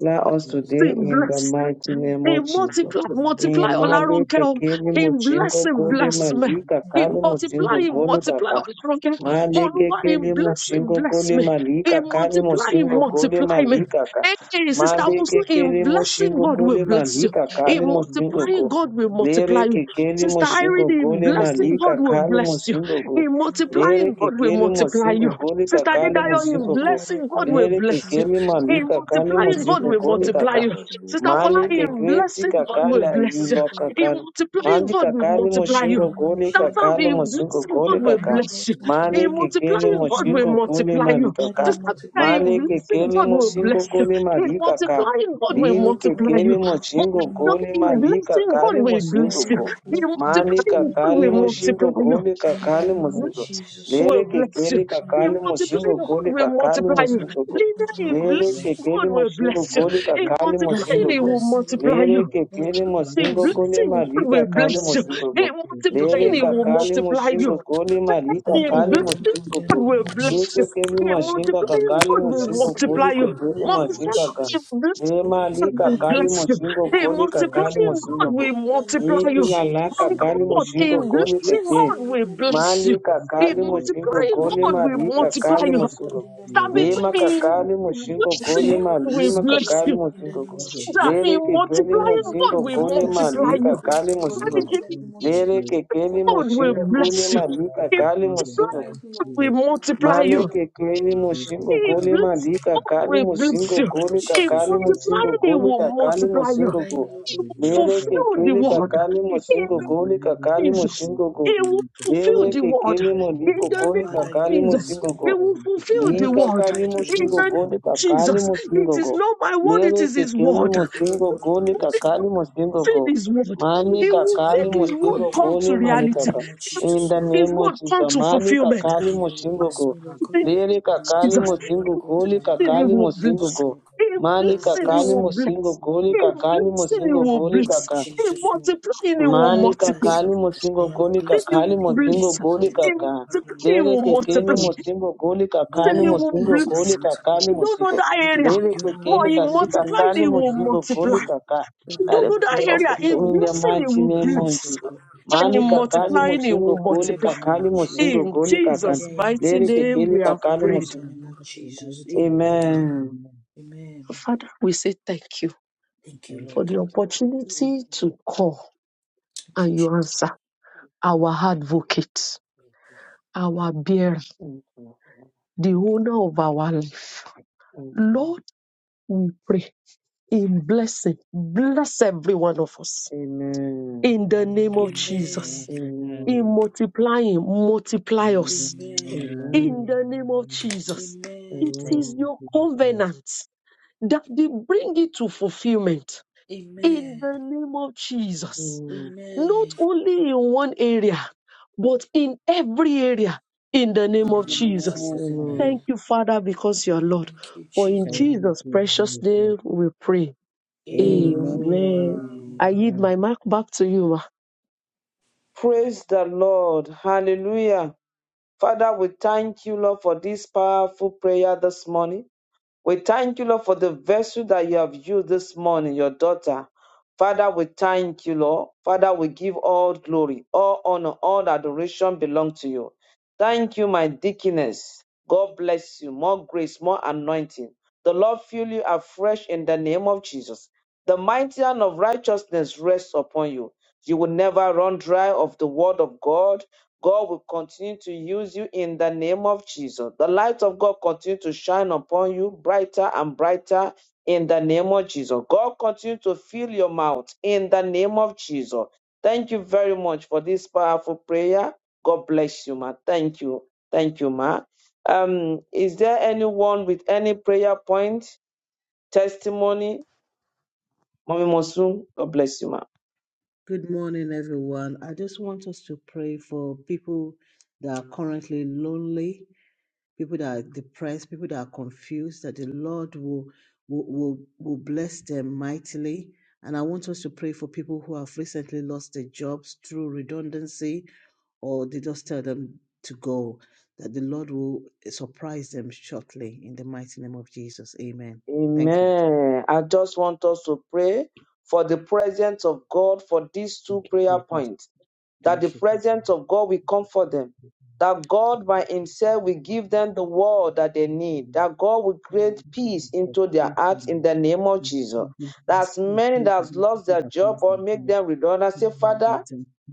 [SPEAKER 5] God in
[SPEAKER 1] us today
[SPEAKER 5] person.
[SPEAKER 1] in
[SPEAKER 2] God.
[SPEAKER 1] the mighty name
[SPEAKER 2] He
[SPEAKER 1] of Jesus.
[SPEAKER 5] so
[SPEAKER 2] multiply,
[SPEAKER 5] good. And
[SPEAKER 2] multiply
[SPEAKER 1] Imali
[SPEAKER 2] Olaronke. um,
[SPEAKER 1] kekeli
[SPEAKER 2] He
[SPEAKER 1] mochingo
[SPEAKER 2] bless, he
[SPEAKER 1] goli
[SPEAKER 5] Father,
[SPEAKER 2] bless
[SPEAKER 5] may
[SPEAKER 2] me.
[SPEAKER 1] mali
[SPEAKER 5] bless me,
[SPEAKER 2] He
[SPEAKER 1] kakali
[SPEAKER 5] Father, bless
[SPEAKER 1] mochingo
[SPEAKER 2] multiply,
[SPEAKER 5] me
[SPEAKER 2] he
[SPEAKER 1] goli
[SPEAKER 5] today
[SPEAKER 2] multiply
[SPEAKER 1] kaka.
[SPEAKER 2] Olaronke.
[SPEAKER 5] in the
[SPEAKER 1] Mali
[SPEAKER 5] name
[SPEAKER 2] Oluwa,
[SPEAKER 5] of
[SPEAKER 2] he
[SPEAKER 1] kekeli
[SPEAKER 2] bless, he
[SPEAKER 1] mochingo
[SPEAKER 2] bless
[SPEAKER 1] goli
[SPEAKER 2] me.
[SPEAKER 1] mali
[SPEAKER 2] He
[SPEAKER 5] that
[SPEAKER 1] kakali
[SPEAKER 5] may
[SPEAKER 2] multiply, he
[SPEAKER 5] bless
[SPEAKER 1] mochingo
[SPEAKER 5] me,
[SPEAKER 3] Thank
[SPEAKER 1] goli
[SPEAKER 5] bless
[SPEAKER 2] multiply me.
[SPEAKER 1] mali
[SPEAKER 5] me
[SPEAKER 1] kaka.
[SPEAKER 2] Hey,
[SPEAKER 5] in the name.
[SPEAKER 2] Sister
[SPEAKER 1] Male
[SPEAKER 2] Musu,
[SPEAKER 1] kekele
[SPEAKER 2] in blessing
[SPEAKER 1] moshingo
[SPEAKER 5] He
[SPEAKER 2] God will
[SPEAKER 1] le
[SPEAKER 2] bless
[SPEAKER 5] multiply,
[SPEAKER 2] you.
[SPEAKER 1] malika
[SPEAKER 5] Father,
[SPEAKER 1] kale
[SPEAKER 2] In
[SPEAKER 1] moshingo
[SPEAKER 5] multiply me,
[SPEAKER 1] go.
[SPEAKER 2] multiplying
[SPEAKER 5] O
[SPEAKER 2] God will
[SPEAKER 5] God.
[SPEAKER 1] Lere
[SPEAKER 2] multiply you.
[SPEAKER 1] kekele
[SPEAKER 2] Sister
[SPEAKER 1] moshingo
[SPEAKER 2] Irene, in
[SPEAKER 1] gole
[SPEAKER 5] That
[SPEAKER 2] blessing
[SPEAKER 5] may
[SPEAKER 1] malika
[SPEAKER 2] God will
[SPEAKER 5] bless
[SPEAKER 1] kale
[SPEAKER 5] me,
[SPEAKER 2] bless you.
[SPEAKER 5] Father,
[SPEAKER 1] moshingo go.
[SPEAKER 5] bless
[SPEAKER 2] In
[SPEAKER 5] me, O God.
[SPEAKER 1] Lere
[SPEAKER 2] multiplying
[SPEAKER 5] In
[SPEAKER 2] God
[SPEAKER 5] the
[SPEAKER 2] will
[SPEAKER 1] kekele
[SPEAKER 2] multiply
[SPEAKER 1] moshingo
[SPEAKER 2] you.
[SPEAKER 1] gole
[SPEAKER 2] Sister
[SPEAKER 1] kakale
[SPEAKER 2] Dedayo, in
[SPEAKER 1] moshingo
[SPEAKER 5] that in
[SPEAKER 1] go.
[SPEAKER 5] all your
[SPEAKER 2] blessing God
[SPEAKER 5] God, in
[SPEAKER 2] will
[SPEAKER 1] Lere
[SPEAKER 5] the
[SPEAKER 2] bless you.
[SPEAKER 1] kekele
[SPEAKER 5] Jesus' name.
[SPEAKER 2] In
[SPEAKER 1] malika kale
[SPEAKER 2] multiplying
[SPEAKER 5] You
[SPEAKER 2] God
[SPEAKER 1] moshingo
[SPEAKER 2] will
[SPEAKER 5] bless
[SPEAKER 1] gole
[SPEAKER 5] me, Lord
[SPEAKER 2] multiply
[SPEAKER 1] kaka.
[SPEAKER 2] you.
[SPEAKER 5] God, you
[SPEAKER 2] Sister
[SPEAKER 5] bless
[SPEAKER 1] Male
[SPEAKER 2] Fola,
[SPEAKER 5] me, Lord
[SPEAKER 2] in
[SPEAKER 5] God,
[SPEAKER 1] kegreti
[SPEAKER 2] blessing,
[SPEAKER 5] multiply,
[SPEAKER 2] God will
[SPEAKER 1] kakala
[SPEAKER 5] Lord,
[SPEAKER 2] bless you.
[SPEAKER 5] you
[SPEAKER 1] yulo
[SPEAKER 5] God, you
[SPEAKER 2] In
[SPEAKER 1] kakala.
[SPEAKER 5] bless
[SPEAKER 2] multiplying,
[SPEAKER 5] me.
[SPEAKER 1] Mandi
[SPEAKER 2] God will
[SPEAKER 1] kakale
[SPEAKER 5] In
[SPEAKER 2] multiply
[SPEAKER 5] the
[SPEAKER 1] moshingo
[SPEAKER 2] you.
[SPEAKER 5] name of
[SPEAKER 1] gole
[SPEAKER 2] Sister
[SPEAKER 5] Jesus,
[SPEAKER 2] Sam,
[SPEAKER 1] kakale
[SPEAKER 2] in
[SPEAKER 1] moshingo
[SPEAKER 2] blessing,
[SPEAKER 1] gole
[SPEAKER 2] God will
[SPEAKER 5] Daddy,
[SPEAKER 1] kaka.
[SPEAKER 5] my God,
[SPEAKER 2] bless you.
[SPEAKER 5] and
[SPEAKER 1] Male
[SPEAKER 2] In
[SPEAKER 5] Father, you
[SPEAKER 1] kekele
[SPEAKER 5] bless
[SPEAKER 2] multiplying, God
[SPEAKER 5] me,
[SPEAKER 2] will
[SPEAKER 1] moshingo
[SPEAKER 5] O God.
[SPEAKER 1] gole
[SPEAKER 2] multiply you.
[SPEAKER 1] malika
[SPEAKER 5] Daddy,
[SPEAKER 1] kaka.
[SPEAKER 2] Sister Peter,
[SPEAKER 5] multiply,
[SPEAKER 1] Male
[SPEAKER 2] in
[SPEAKER 5] Daddy, you
[SPEAKER 2] blessing,
[SPEAKER 1] kekele
[SPEAKER 2] God
[SPEAKER 1] mo
[SPEAKER 5] multiply
[SPEAKER 2] will
[SPEAKER 5] me,
[SPEAKER 1] singo
[SPEAKER 2] bless you.
[SPEAKER 5] O
[SPEAKER 1] musingogole
[SPEAKER 5] God.
[SPEAKER 2] In
[SPEAKER 1] malikaka,
[SPEAKER 2] multiplying, God will
[SPEAKER 5] Daddy,
[SPEAKER 1] lili
[SPEAKER 5] no God,
[SPEAKER 2] multiply
[SPEAKER 5] you
[SPEAKER 1] kekele
[SPEAKER 2] you.
[SPEAKER 1] mo
[SPEAKER 2] Mother
[SPEAKER 1] shingo
[SPEAKER 5] will multiply me, O
[SPEAKER 2] Joy,
[SPEAKER 1] gole
[SPEAKER 2] In
[SPEAKER 5] God.
[SPEAKER 1] malika
[SPEAKER 2] blessing, God
[SPEAKER 1] kale mo
[SPEAKER 2] will
[SPEAKER 1] singo
[SPEAKER 2] bless
[SPEAKER 5] Daddy,
[SPEAKER 2] you.
[SPEAKER 5] you
[SPEAKER 1] musingogo,
[SPEAKER 2] In
[SPEAKER 5] bless me,
[SPEAKER 1] male
[SPEAKER 5] you
[SPEAKER 2] multiplying,
[SPEAKER 5] bless
[SPEAKER 2] God
[SPEAKER 5] me,
[SPEAKER 1] kakale
[SPEAKER 2] will
[SPEAKER 5] O God.
[SPEAKER 2] multiply you
[SPEAKER 1] mushingogole
[SPEAKER 5] In
[SPEAKER 1] kakale
[SPEAKER 5] the name of
[SPEAKER 1] musingo,
[SPEAKER 5] Jesus, in
[SPEAKER 1] lele
[SPEAKER 2] will bless
[SPEAKER 1] kekele
[SPEAKER 2] you.
[SPEAKER 5] the name
[SPEAKER 1] kakale
[SPEAKER 2] You
[SPEAKER 5] of
[SPEAKER 2] multiply
[SPEAKER 5] Jesus.
[SPEAKER 2] God
[SPEAKER 1] musingogole
[SPEAKER 3] you.
[SPEAKER 2] will
[SPEAKER 1] kakale
[SPEAKER 5] Daddy,
[SPEAKER 2] multiply you.
[SPEAKER 3] Thank
[SPEAKER 1] musingogo,
[SPEAKER 2] Leader,
[SPEAKER 5] multiply, O
[SPEAKER 2] you
[SPEAKER 5] God,
[SPEAKER 1] lele
[SPEAKER 2] bless
[SPEAKER 1] kekele
[SPEAKER 2] God
[SPEAKER 1] mo
[SPEAKER 2] will bless you.
[SPEAKER 1] mushingogole
[SPEAKER 2] In
[SPEAKER 1] kakale
[SPEAKER 2] multiplying,
[SPEAKER 5] Daddy,
[SPEAKER 2] He
[SPEAKER 1] musingogo,
[SPEAKER 2] will
[SPEAKER 5] bless me, Lord.
[SPEAKER 2] multiply
[SPEAKER 1] lele
[SPEAKER 2] you.
[SPEAKER 1] kekele
[SPEAKER 5] Daddy,
[SPEAKER 1] mo
[SPEAKER 5] you
[SPEAKER 2] In
[SPEAKER 1] singo
[SPEAKER 5] bless me,
[SPEAKER 1] gole
[SPEAKER 5] O
[SPEAKER 2] blessing,
[SPEAKER 5] God,
[SPEAKER 2] God
[SPEAKER 5] you
[SPEAKER 1] malika
[SPEAKER 2] will
[SPEAKER 1] kale mo
[SPEAKER 2] bless
[SPEAKER 5] multiply
[SPEAKER 2] you.
[SPEAKER 5] me.
[SPEAKER 1] singo
[SPEAKER 2] In
[SPEAKER 1] musingogo,
[SPEAKER 5] In the
[SPEAKER 1] lele
[SPEAKER 2] multiplying, He
[SPEAKER 5] name
[SPEAKER 2] will
[SPEAKER 5] of
[SPEAKER 1] kakale
[SPEAKER 2] multiply
[SPEAKER 5] Jesus,
[SPEAKER 2] you.
[SPEAKER 5] Lord.
[SPEAKER 1] mushingogole
[SPEAKER 5] Daddy,
[SPEAKER 2] In
[SPEAKER 1] malikakale
[SPEAKER 5] Lord, in
[SPEAKER 2] blessing,
[SPEAKER 5] the
[SPEAKER 2] God
[SPEAKER 1] musingogo.
[SPEAKER 5] name
[SPEAKER 2] will
[SPEAKER 5] of
[SPEAKER 2] bless you.
[SPEAKER 5] Jesus.
[SPEAKER 1] Ekekeli
[SPEAKER 2] In
[SPEAKER 1] mashinga
[SPEAKER 5] We
[SPEAKER 2] multiplying,
[SPEAKER 1] kakali
[SPEAKER 2] God will
[SPEAKER 1] mushingo
[SPEAKER 5] bless you,
[SPEAKER 1] goli
[SPEAKER 2] multiply
[SPEAKER 5] O
[SPEAKER 2] you.
[SPEAKER 5] God, in
[SPEAKER 1] kekeli
[SPEAKER 5] the name of
[SPEAKER 2] Multiply,
[SPEAKER 1] mashinga ka
[SPEAKER 5] Jesus.
[SPEAKER 2] in blessing,
[SPEAKER 5] We
[SPEAKER 1] nemali
[SPEAKER 2] God will
[SPEAKER 5] multiply
[SPEAKER 1] kakali
[SPEAKER 5] you,
[SPEAKER 2] bless you.
[SPEAKER 1] mushingo
[SPEAKER 5] multiply me,
[SPEAKER 2] In
[SPEAKER 5] supply me,
[SPEAKER 1] goli
[SPEAKER 5] O God.
[SPEAKER 1] kakali
[SPEAKER 2] multiplying,
[SPEAKER 1] mushingo
[SPEAKER 2] God
[SPEAKER 1] go
[SPEAKER 2] will
[SPEAKER 5] In the name
[SPEAKER 2] multiply
[SPEAKER 5] of
[SPEAKER 2] you.
[SPEAKER 1] yikinyala
[SPEAKER 5] Jesus,
[SPEAKER 2] Mommy,
[SPEAKER 5] Lord.
[SPEAKER 1] kakali
[SPEAKER 2] comfort,
[SPEAKER 1] mushingo
[SPEAKER 5] you
[SPEAKER 2] in
[SPEAKER 5] will
[SPEAKER 1] goli
[SPEAKER 2] blessing,
[SPEAKER 5] bless
[SPEAKER 1] keke
[SPEAKER 5] me
[SPEAKER 2] God
[SPEAKER 5] in
[SPEAKER 2] will
[SPEAKER 5] the name of
[SPEAKER 2] bless
[SPEAKER 1] mali
[SPEAKER 2] you.
[SPEAKER 5] Jesus.
[SPEAKER 2] We
[SPEAKER 1] kakali mushingo
[SPEAKER 2] multiply you,
[SPEAKER 5] Daddy,
[SPEAKER 1] goli
[SPEAKER 2] Lord.
[SPEAKER 5] you
[SPEAKER 2] We
[SPEAKER 1] mali
[SPEAKER 5] will bless me,
[SPEAKER 2] multiply
[SPEAKER 1] kakali
[SPEAKER 5] O
[SPEAKER 2] you.
[SPEAKER 5] God,
[SPEAKER 1] mushingo
[SPEAKER 5] in the
[SPEAKER 1] go.
[SPEAKER 5] name of
[SPEAKER 2] Service
[SPEAKER 1] lima
[SPEAKER 5] Jesus.
[SPEAKER 2] in
[SPEAKER 1] kakali mushingo
[SPEAKER 3] you.
[SPEAKER 5] Daddy,
[SPEAKER 1] goli
[SPEAKER 2] blessing,
[SPEAKER 5] you will
[SPEAKER 2] we
[SPEAKER 5] bless
[SPEAKER 1] malima
[SPEAKER 5] me,
[SPEAKER 2] bless
[SPEAKER 5] Lord,
[SPEAKER 1] kakali
[SPEAKER 2] you.
[SPEAKER 5] in the
[SPEAKER 1] mushingo go
[SPEAKER 5] name
[SPEAKER 3] God
[SPEAKER 5] of
[SPEAKER 3] will
[SPEAKER 2] Sister,
[SPEAKER 5] Jesus.
[SPEAKER 3] bless
[SPEAKER 1] lere
[SPEAKER 2] we
[SPEAKER 5] Lord.
[SPEAKER 3] you in
[SPEAKER 1] kekeli
[SPEAKER 3] the
[SPEAKER 2] multiply
[SPEAKER 5] Daddy,
[SPEAKER 2] you,
[SPEAKER 5] Lord
[SPEAKER 3] mighty
[SPEAKER 1] mushingo
[SPEAKER 2] Lord.
[SPEAKER 5] God,
[SPEAKER 2] We
[SPEAKER 5] you
[SPEAKER 3] name of
[SPEAKER 1] goli
[SPEAKER 5] bless
[SPEAKER 3] Jesus.
[SPEAKER 1] mali
[SPEAKER 5] me,
[SPEAKER 2] multiply
[SPEAKER 5] you
[SPEAKER 2] you.
[SPEAKER 5] bless
[SPEAKER 1] kakali
[SPEAKER 3] Multiply
[SPEAKER 5] me, Lord
[SPEAKER 3] you
[SPEAKER 1] mushingo
[SPEAKER 3] in
[SPEAKER 5] God,
[SPEAKER 1] go
[SPEAKER 5] in
[SPEAKER 3] the
[SPEAKER 2] Managing,
[SPEAKER 5] the
[SPEAKER 3] name
[SPEAKER 5] name
[SPEAKER 3] of
[SPEAKER 5] of
[SPEAKER 1] lere
[SPEAKER 5] Jesus.
[SPEAKER 3] Jesus.
[SPEAKER 5] I am
[SPEAKER 1] kekeli
[SPEAKER 5] covered
[SPEAKER 2] Lord,
[SPEAKER 5] by the
[SPEAKER 1] mushingo
[SPEAKER 3] God
[SPEAKER 2] we
[SPEAKER 5] blood of
[SPEAKER 3] will
[SPEAKER 1] goli
[SPEAKER 2] bless you.
[SPEAKER 1] mali
[SPEAKER 5] Jesus,
[SPEAKER 3] multiply
[SPEAKER 5] Lord.
[SPEAKER 2] We
[SPEAKER 3] you.
[SPEAKER 1] kakali
[SPEAKER 3] God will
[SPEAKER 2] multiply,
[SPEAKER 1] mushingo go
[SPEAKER 3] bless
[SPEAKER 5] Daddy,
[SPEAKER 2] you, Lord,
[SPEAKER 5] Lord
[SPEAKER 3] you.
[SPEAKER 2] we
[SPEAKER 5] God, I
[SPEAKER 2] multiply
[SPEAKER 5] am
[SPEAKER 3] God will
[SPEAKER 5] covered
[SPEAKER 2] you.
[SPEAKER 5] by the
[SPEAKER 1] Maleke
[SPEAKER 3] multiply
[SPEAKER 5] blood
[SPEAKER 1] keli
[SPEAKER 3] you in
[SPEAKER 5] in
[SPEAKER 3] the
[SPEAKER 5] the
[SPEAKER 1] mushingo
[SPEAKER 5] name of
[SPEAKER 2] He
[SPEAKER 1] goli
[SPEAKER 3] name
[SPEAKER 5] Jesus.
[SPEAKER 3] of
[SPEAKER 2] bless God
[SPEAKER 1] Manekekeli
[SPEAKER 2] will
[SPEAKER 5] In
[SPEAKER 3] Jesus. God will Bless
[SPEAKER 5] the
[SPEAKER 2] bless you.
[SPEAKER 5] name of
[SPEAKER 1] mushingogoli
[SPEAKER 2] He
[SPEAKER 3] you,
[SPEAKER 5] Jesus,
[SPEAKER 1] mandikakali
[SPEAKER 5] Lord.
[SPEAKER 3] man,
[SPEAKER 1] musingogoli
[SPEAKER 3] man,
[SPEAKER 2] multiply, he
[SPEAKER 3] man,
[SPEAKER 1] kakali musingogoli
[SPEAKER 2] will
[SPEAKER 5] Daddy,
[SPEAKER 1] kakali
[SPEAKER 5] you
[SPEAKER 2] multiply
[SPEAKER 3] and
[SPEAKER 2] you.
[SPEAKER 5] multiply me,
[SPEAKER 1] musingogoli
[SPEAKER 3] multiply
[SPEAKER 5] Lord
[SPEAKER 2] He
[SPEAKER 5] God.
[SPEAKER 3] you.
[SPEAKER 2] will
[SPEAKER 3] Thank
[SPEAKER 2] fulfill
[SPEAKER 3] you,
[SPEAKER 2] the
[SPEAKER 1] lelekekeli
[SPEAKER 2] word
[SPEAKER 3] Jesus.
[SPEAKER 1] kakali
[SPEAKER 2] in the name
[SPEAKER 3] And
[SPEAKER 2] of
[SPEAKER 3] we
[SPEAKER 1] musingogoli
[SPEAKER 3] never have
[SPEAKER 1] kakali
[SPEAKER 3] to
[SPEAKER 2] Jesus.
[SPEAKER 3] do
[SPEAKER 1] musingogoli
[SPEAKER 2] He will
[SPEAKER 3] to
[SPEAKER 2] fulfill
[SPEAKER 3] pray.
[SPEAKER 2] the word
[SPEAKER 1] lelekekeli
[SPEAKER 3] God
[SPEAKER 2] in
[SPEAKER 3] will
[SPEAKER 2] the name
[SPEAKER 1] mulikokoli
[SPEAKER 2] of
[SPEAKER 3] multiply
[SPEAKER 5] Father, you
[SPEAKER 1] kakali
[SPEAKER 5] will
[SPEAKER 3] you,
[SPEAKER 2] Jesus.
[SPEAKER 5] bless me, Lord.
[SPEAKER 2] He
[SPEAKER 1] musingogoli
[SPEAKER 3] multiply
[SPEAKER 2] will
[SPEAKER 3] you,
[SPEAKER 2] fulfill
[SPEAKER 5] You
[SPEAKER 3] multiply
[SPEAKER 2] the
[SPEAKER 3] you.
[SPEAKER 2] word
[SPEAKER 5] multiply,
[SPEAKER 1] likakali
[SPEAKER 2] in
[SPEAKER 5] you
[SPEAKER 2] the
[SPEAKER 5] will
[SPEAKER 3] Amen.
[SPEAKER 2] name of
[SPEAKER 5] multiply me,
[SPEAKER 1] mushingogoli
[SPEAKER 5] Lord God,
[SPEAKER 1] kakali
[SPEAKER 2] Jesus.
[SPEAKER 5] in
[SPEAKER 2] It is
[SPEAKER 1] musingogoli
[SPEAKER 2] not my word, it is his
[SPEAKER 1] lelekekeli
[SPEAKER 2] word.
[SPEAKER 5] the name of Jesus. Daddy, Lord God, you will
[SPEAKER 1] musingogoli
[SPEAKER 5] bless me.
[SPEAKER 1] kakali
[SPEAKER 3] Multiply
[SPEAKER 2] Feed
[SPEAKER 1] musingogoli
[SPEAKER 2] his word.
[SPEAKER 5] You will
[SPEAKER 2] He
[SPEAKER 3] you.
[SPEAKER 2] will
[SPEAKER 5] multiply
[SPEAKER 1] manikakali
[SPEAKER 2] make
[SPEAKER 5] me,
[SPEAKER 2] his
[SPEAKER 5] Lord God,
[SPEAKER 2] word come
[SPEAKER 1] musingogoli
[SPEAKER 2] to
[SPEAKER 5] in the
[SPEAKER 2] reality.
[SPEAKER 1] manikaka
[SPEAKER 5] name of
[SPEAKER 2] He will
[SPEAKER 1] in
[SPEAKER 5] Jesus,
[SPEAKER 1] the
[SPEAKER 5] Lord.
[SPEAKER 2] make
[SPEAKER 3] Thank
[SPEAKER 2] His
[SPEAKER 1] name of
[SPEAKER 2] word
[SPEAKER 3] you.
[SPEAKER 1] Jesus,
[SPEAKER 2] come to
[SPEAKER 1] Mali
[SPEAKER 2] fulfillment.
[SPEAKER 1] Kakali
[SPEAKER 5] Daddy, you will bless
[SPEAKER 1] Moshingogo,
[SPEAKER 5] me, Lord God.
[SPEAKER 2] In
[SPEAKER 1] Lele
[SPEAKER 5] You
[SPEAKER 1] Kakali
[SPEAKER 2] Jesus.
[SPEAKER 5] multiply me, Lord
[SPEAKER 1] Mosingo
[SPEAKER 5] God, in
[SPEAKER 1] Goli
[SPEAKER 5] the
[SPEAKER 2] He
[SPEAKER 5] name of
[SPEAKER 1] Kakali
[SPEAKER 2] will
[SPEAKER 1] Mosingo
[SPEAKER 5] Jesus,
[SPEAKER 2] bless.
[SPEAKER 1] Go,
[SPEAKER 5] Lord.
[SPEAKER 2] He
[SPEAKER 1] Mali
[SPEAKER 5] God, you
[SPEAKER 2] blessing, he
[SPEAKER 1] Kakali
[SPEAKER 5] bless
[SPEAKER 2] will
[SPEAKER 1] Mosingo
[SPEAKER 2] bless.
[SPEAKER 1] Goli
[SPEAKER 2] He
[SPEAKER 1] Kakali
[SPEAKER 2] blessing, he
[SPEAKER 1] Mosingo
[SPEAKER 2] will
[SPEAKER 1] Goli
[SPEAKER 5] me,
[SPEAKER 2] bless.
[SPEAKER 5] Lord
[SPEAKER 1] Kaka,
[SPEAKER 2] He
[SPEAKER 5] Jesus, Lord.
[SPEAKER 2] multiplying, he
[SPEAKER 5] Daddy,
[SPEAKER 2] will
[SPEAKER 5] you
[SPEAKER 1] Mani
[SPEAKER 2] multiply.
[SPEAKER 5] bless
[SPEAKER 1] kakali
[SPEAKER 5] me.
[SPEAKER 1] mosingo
[SPEAKER 5] I am
[SPEAKER 1] goli
[SPEAKER 2] Then
[SPEAKER 5] blessed
[SPEAKER 2] he
[SPEAKER 5] in the
[SPEAKER 2] will
[SPEAKER 1] kakali
[SPEAKER 5] name of
[SPEAKER 1] mosingo
[SPEAKER 2] bless.
[SPEAKER 5] Jesus. I am blessed
[SPEAKER 1] goli
[SPEAKER 2] He
[SPEAKER 1] kaka.
[SPEAKER 5] in the name
[SPEAKER 2] multiplying, he
[SPEAKER 1] Lele
[SPEAKER 2] will
[SPEAKER 5] of
[SPEAKER 2] multiply.
[SPEAKER 1] kekele
[SPEAKER 5] Jesus.
[SPEAKER 1] mosingo goli
[SPEAKER 5] God,
[SPEAKER 2] Then
[SPEAKER 1] kakali
[SPEAKER 5] I
[SPEAKER 2] he
[SPEAKER 5] am
[SPEAKER 2] will
[SPEAKER 1] mosingo
[SPEAKER 5] blessed, I
[SPEAKER 2] bless.
[SPEAKER 1] goli
[SPEAKER 5] am
[SPEAKER 1] kakali
[SPEAKER 5] multiplied,
[SPEAKER 2] You
[SPEAKER 5] Lord.
[SPEAKER 2] don't know
[SPEAKER 1] mosingo.
[SPEAKER 2] that
[SPEAKER 5] Let it
[SPEAKER 2] area,
[SPEAKER 5] be
[SPEAKER 1] Lele
[SPEAKER 5] your
[SPEAKER 2] but
[SPEAKER 1] kekele
[SPEAKER 2] he
[SPEAKER 5] measure
[SPEAKER 1] kasi
[SPEAKER 5] be doubt
[SPEAKER 2] multiplied,
[SPEAKER 1] kakali
[SPEAKER 2] he
[SPEAKER 5] in the
[SPEAKER 2] will
[SPEAKER 5] name
[SPEAKER 1] mosingo
[SPEAKER 5] of
[SPEAKER 2] multiply.
[SPEAKER 1] goli
[SPEAKER 5] Jesus.
[SPEAKER 1] kaka.
[SPEAKER 2] You
[SPEAKER 5] Daddy, I
[SPEAKER 2] don't
[SPEAKER 1] Lale
[SPEAKER 5] am
[SPEAKER 2] know that area,
[SPEAKER 5] blessed, Lord
[SPEAKER 2] he
[SPEAKER 5] God,
[SPEAKER 1] in
[SPEAKER 5] in
[SPEAKER 1] the
[SPEAKER 5] the
[SPEAKER 2] blessing, he
[SPEAKER 5] name
[SPEAKER 1] mighty
[SPEAKER 2] will
[SPEAKER 5] of
[SPEAKER 1] name of
[SPEAKER 5] Jesus,
[SPEAKER 2] bless.
[SPEAKER 5] Lord
[SPEAKER 1] Jesus.
[SPEAKER 5] God.
[SPEAKER 2] And in
[SPEAKER 1] Mani
[SPEAKER 5] I am
[SPEAKER 1] kakali
[SPEAKER 5] blessed, I am
[SPEAKER 2] multiplying, he
[SPEAKER 1] mosingo
[SPEAKER 2] will
[SPEAKER 5] multiplied
[SPEAKER 1] goli
[SPEAKER 5] in
[SPEAKER 2] multiply.
[SPEAKER 5] the name
[SPEAKER 1] kakali
[SPEAKER 5] of Jesus.
[SPEAKER 1] mosingo
[SPEAKER 2] In
[SPEAKER 1] goli kaka.
[SPEAKER 2] Jesus'
[SPEAKER 5] Daddy, I am
[SPEAKER 2] mighty
[SPEAKER 1] Lele
[SPEAKER 5] blessed, I
[SPEAKER 2] name,
[SPEAKER 5] am
[SPEAKER 1] kekele
[SPEAKER 2] we have
[SPEAKER 1] kakali
[SPEAKER 5] multiplied in
[SPEAKER 2] prayed.
[SPEAKER 5] the
[SPEAKER 1] mosingo.
[SPEAKER 5] name of Jesus. Amen.
[SPEAKER 1] Amen.
[SPEAKER 5] Amen.
[SPEAKER 2] Father, we say thank you
[SPEAKER 5] Thank you,
[SPEAKER 3] Thank you,
[SPEAKER 2] for
[SPEAKER 5] Lord.
[SPEAKER 2] the
[SPEAKER 3] Lord.
[SPEAKER 2] opportunity to come.
[SPEAKER 5] Thank you,
[SPEAKER 2] and you answer. Our advocate, our bearer,
[SPEAKER 1] Amen.
[SPEAKER 2] the owner of our life. Lord, we pray in blessing, bless every one of us
[SPEAKER 1] Amen.
[SPEAKER 2] in the name of
[SPEAKER 5] Jesus. Amen.
[SPEAKER 2] Jesus.
[SPEAKER 3] Amen.
[SPEAKER 2] In
[SPEAKER 1] Amen.
[SPEAKER 2] multiplying, multiply us
[SPEAKER 5] Amen.
[SPEAKER 3] Amen.
[SPEAKER 2] in
[SPEAKER 1] Amen.
[SPEAKER 2] the name of Jesus.
[SPEAKER 5] Amen.
[SPEAKER 2] It
[SPEAKER 3] Thank
[SPEAKER 2] is
[SPEAKER 1] Amen.
[SPEAKER 3] you,
[SPEAKER 2] your
[SPEAKER 3] Jesus.
[SPEAKER 2] covenant that they bring it to fulfillment in
[SPEAKER 5] Amen.
[SPEAKER 2] the name of Jesus.
[SPEAKER 1] Amen.
[SPEAKER 2] not
[SPEAKER 5] Amen.
[SPEAKER 2] only in one area, but in every area in the name
[SPEAKER 5] In the
[SPEAKER 2] of
[SPEAKER 5] name of
[SPEAKER 2] Jesus.
[SPEAKER 5] Jesus.
[SPEAKER 3] Amen.
[SPEAKER 1] Amen.
[SPEAKER 5] Amen.
[SPEAKER 2] Thank you, Father, because you are Lord.
[SPEAKER 5] Thank you,
[SPEAKER 2] For
[SPEAKER 5] Jesus.
[SPEAKER 2] in
[SPEAKER 3] Thank
[SPEAKER 1] Amen.
[SPEAKER 3] you,
[SPEAKER 2] Jesus' precious
[SPEAKER 3] Jesus.
[SPEAKER 2] name we pray.
[SPEAKER 3] Amen.
[SPEAKER 2] Amen.
[SPEAKER 5] Amen.
[SPEAKER 2] I
[SPEAKER 1] Amen.
[SPEAKER 2] yield my mark back to you, ma.
[SPEAKER 1] Praise the Lord. Hallelujah. Father, we thank you, Lord, for this powerful prayer this morning. We thank you, Lord, for the vessel that you have used this morning, your daughter. Father, we thank you, Lord. Father, we give all glory, all honor, all adoration belong to you. Thank you, my deaconess. God bless you. More grace, more anointing. The Lord fill you afresh in the name of Jesus. The mighty hand of righteousness rests upon you. You will never run dry of the word of God. God will continue to use you in the name of Jesus. The light of God continue to shine upon you brighter and brighter in the name of Jesus. God continue to fill your mouth in the name of Jesus. Thank you very much for this powerful prayer. God bless you, ma. Thank you. Thank you, ma. Um, is there anyone with any prayer point, testimony? Mommy Mosun, God bless you, ma.
[SPEAKER 3] Good morning, everyone. I just want us to pray for people that are currently lonely, people that are depressed, people that are confused, that the Lord will, will, will, will bless them mightily. And I want us to pray for people who have recently lost their jobs through redundancy, or they just tell them to go, that the Lord will eh, surprise them shortly in the mighty name of Jesus. Amen. Thank you.
[SPEAKER 1] Amen. I just want us to pray for the presence of God for these two
[SPEAKER 3] Thank
[SPEAKER 1] prayer
[SPEAKER 3] you. Jesus.
[SPEAKER 1] points that the
[SPEAKER 3] Thank you.
[SPEAKER 1] presence of God will comfort them, that God by Himself will give them the word that they need, that God will create peace into their hearts in the name of Jesus. That's many that's lost their job or make them redundant. Say, Father,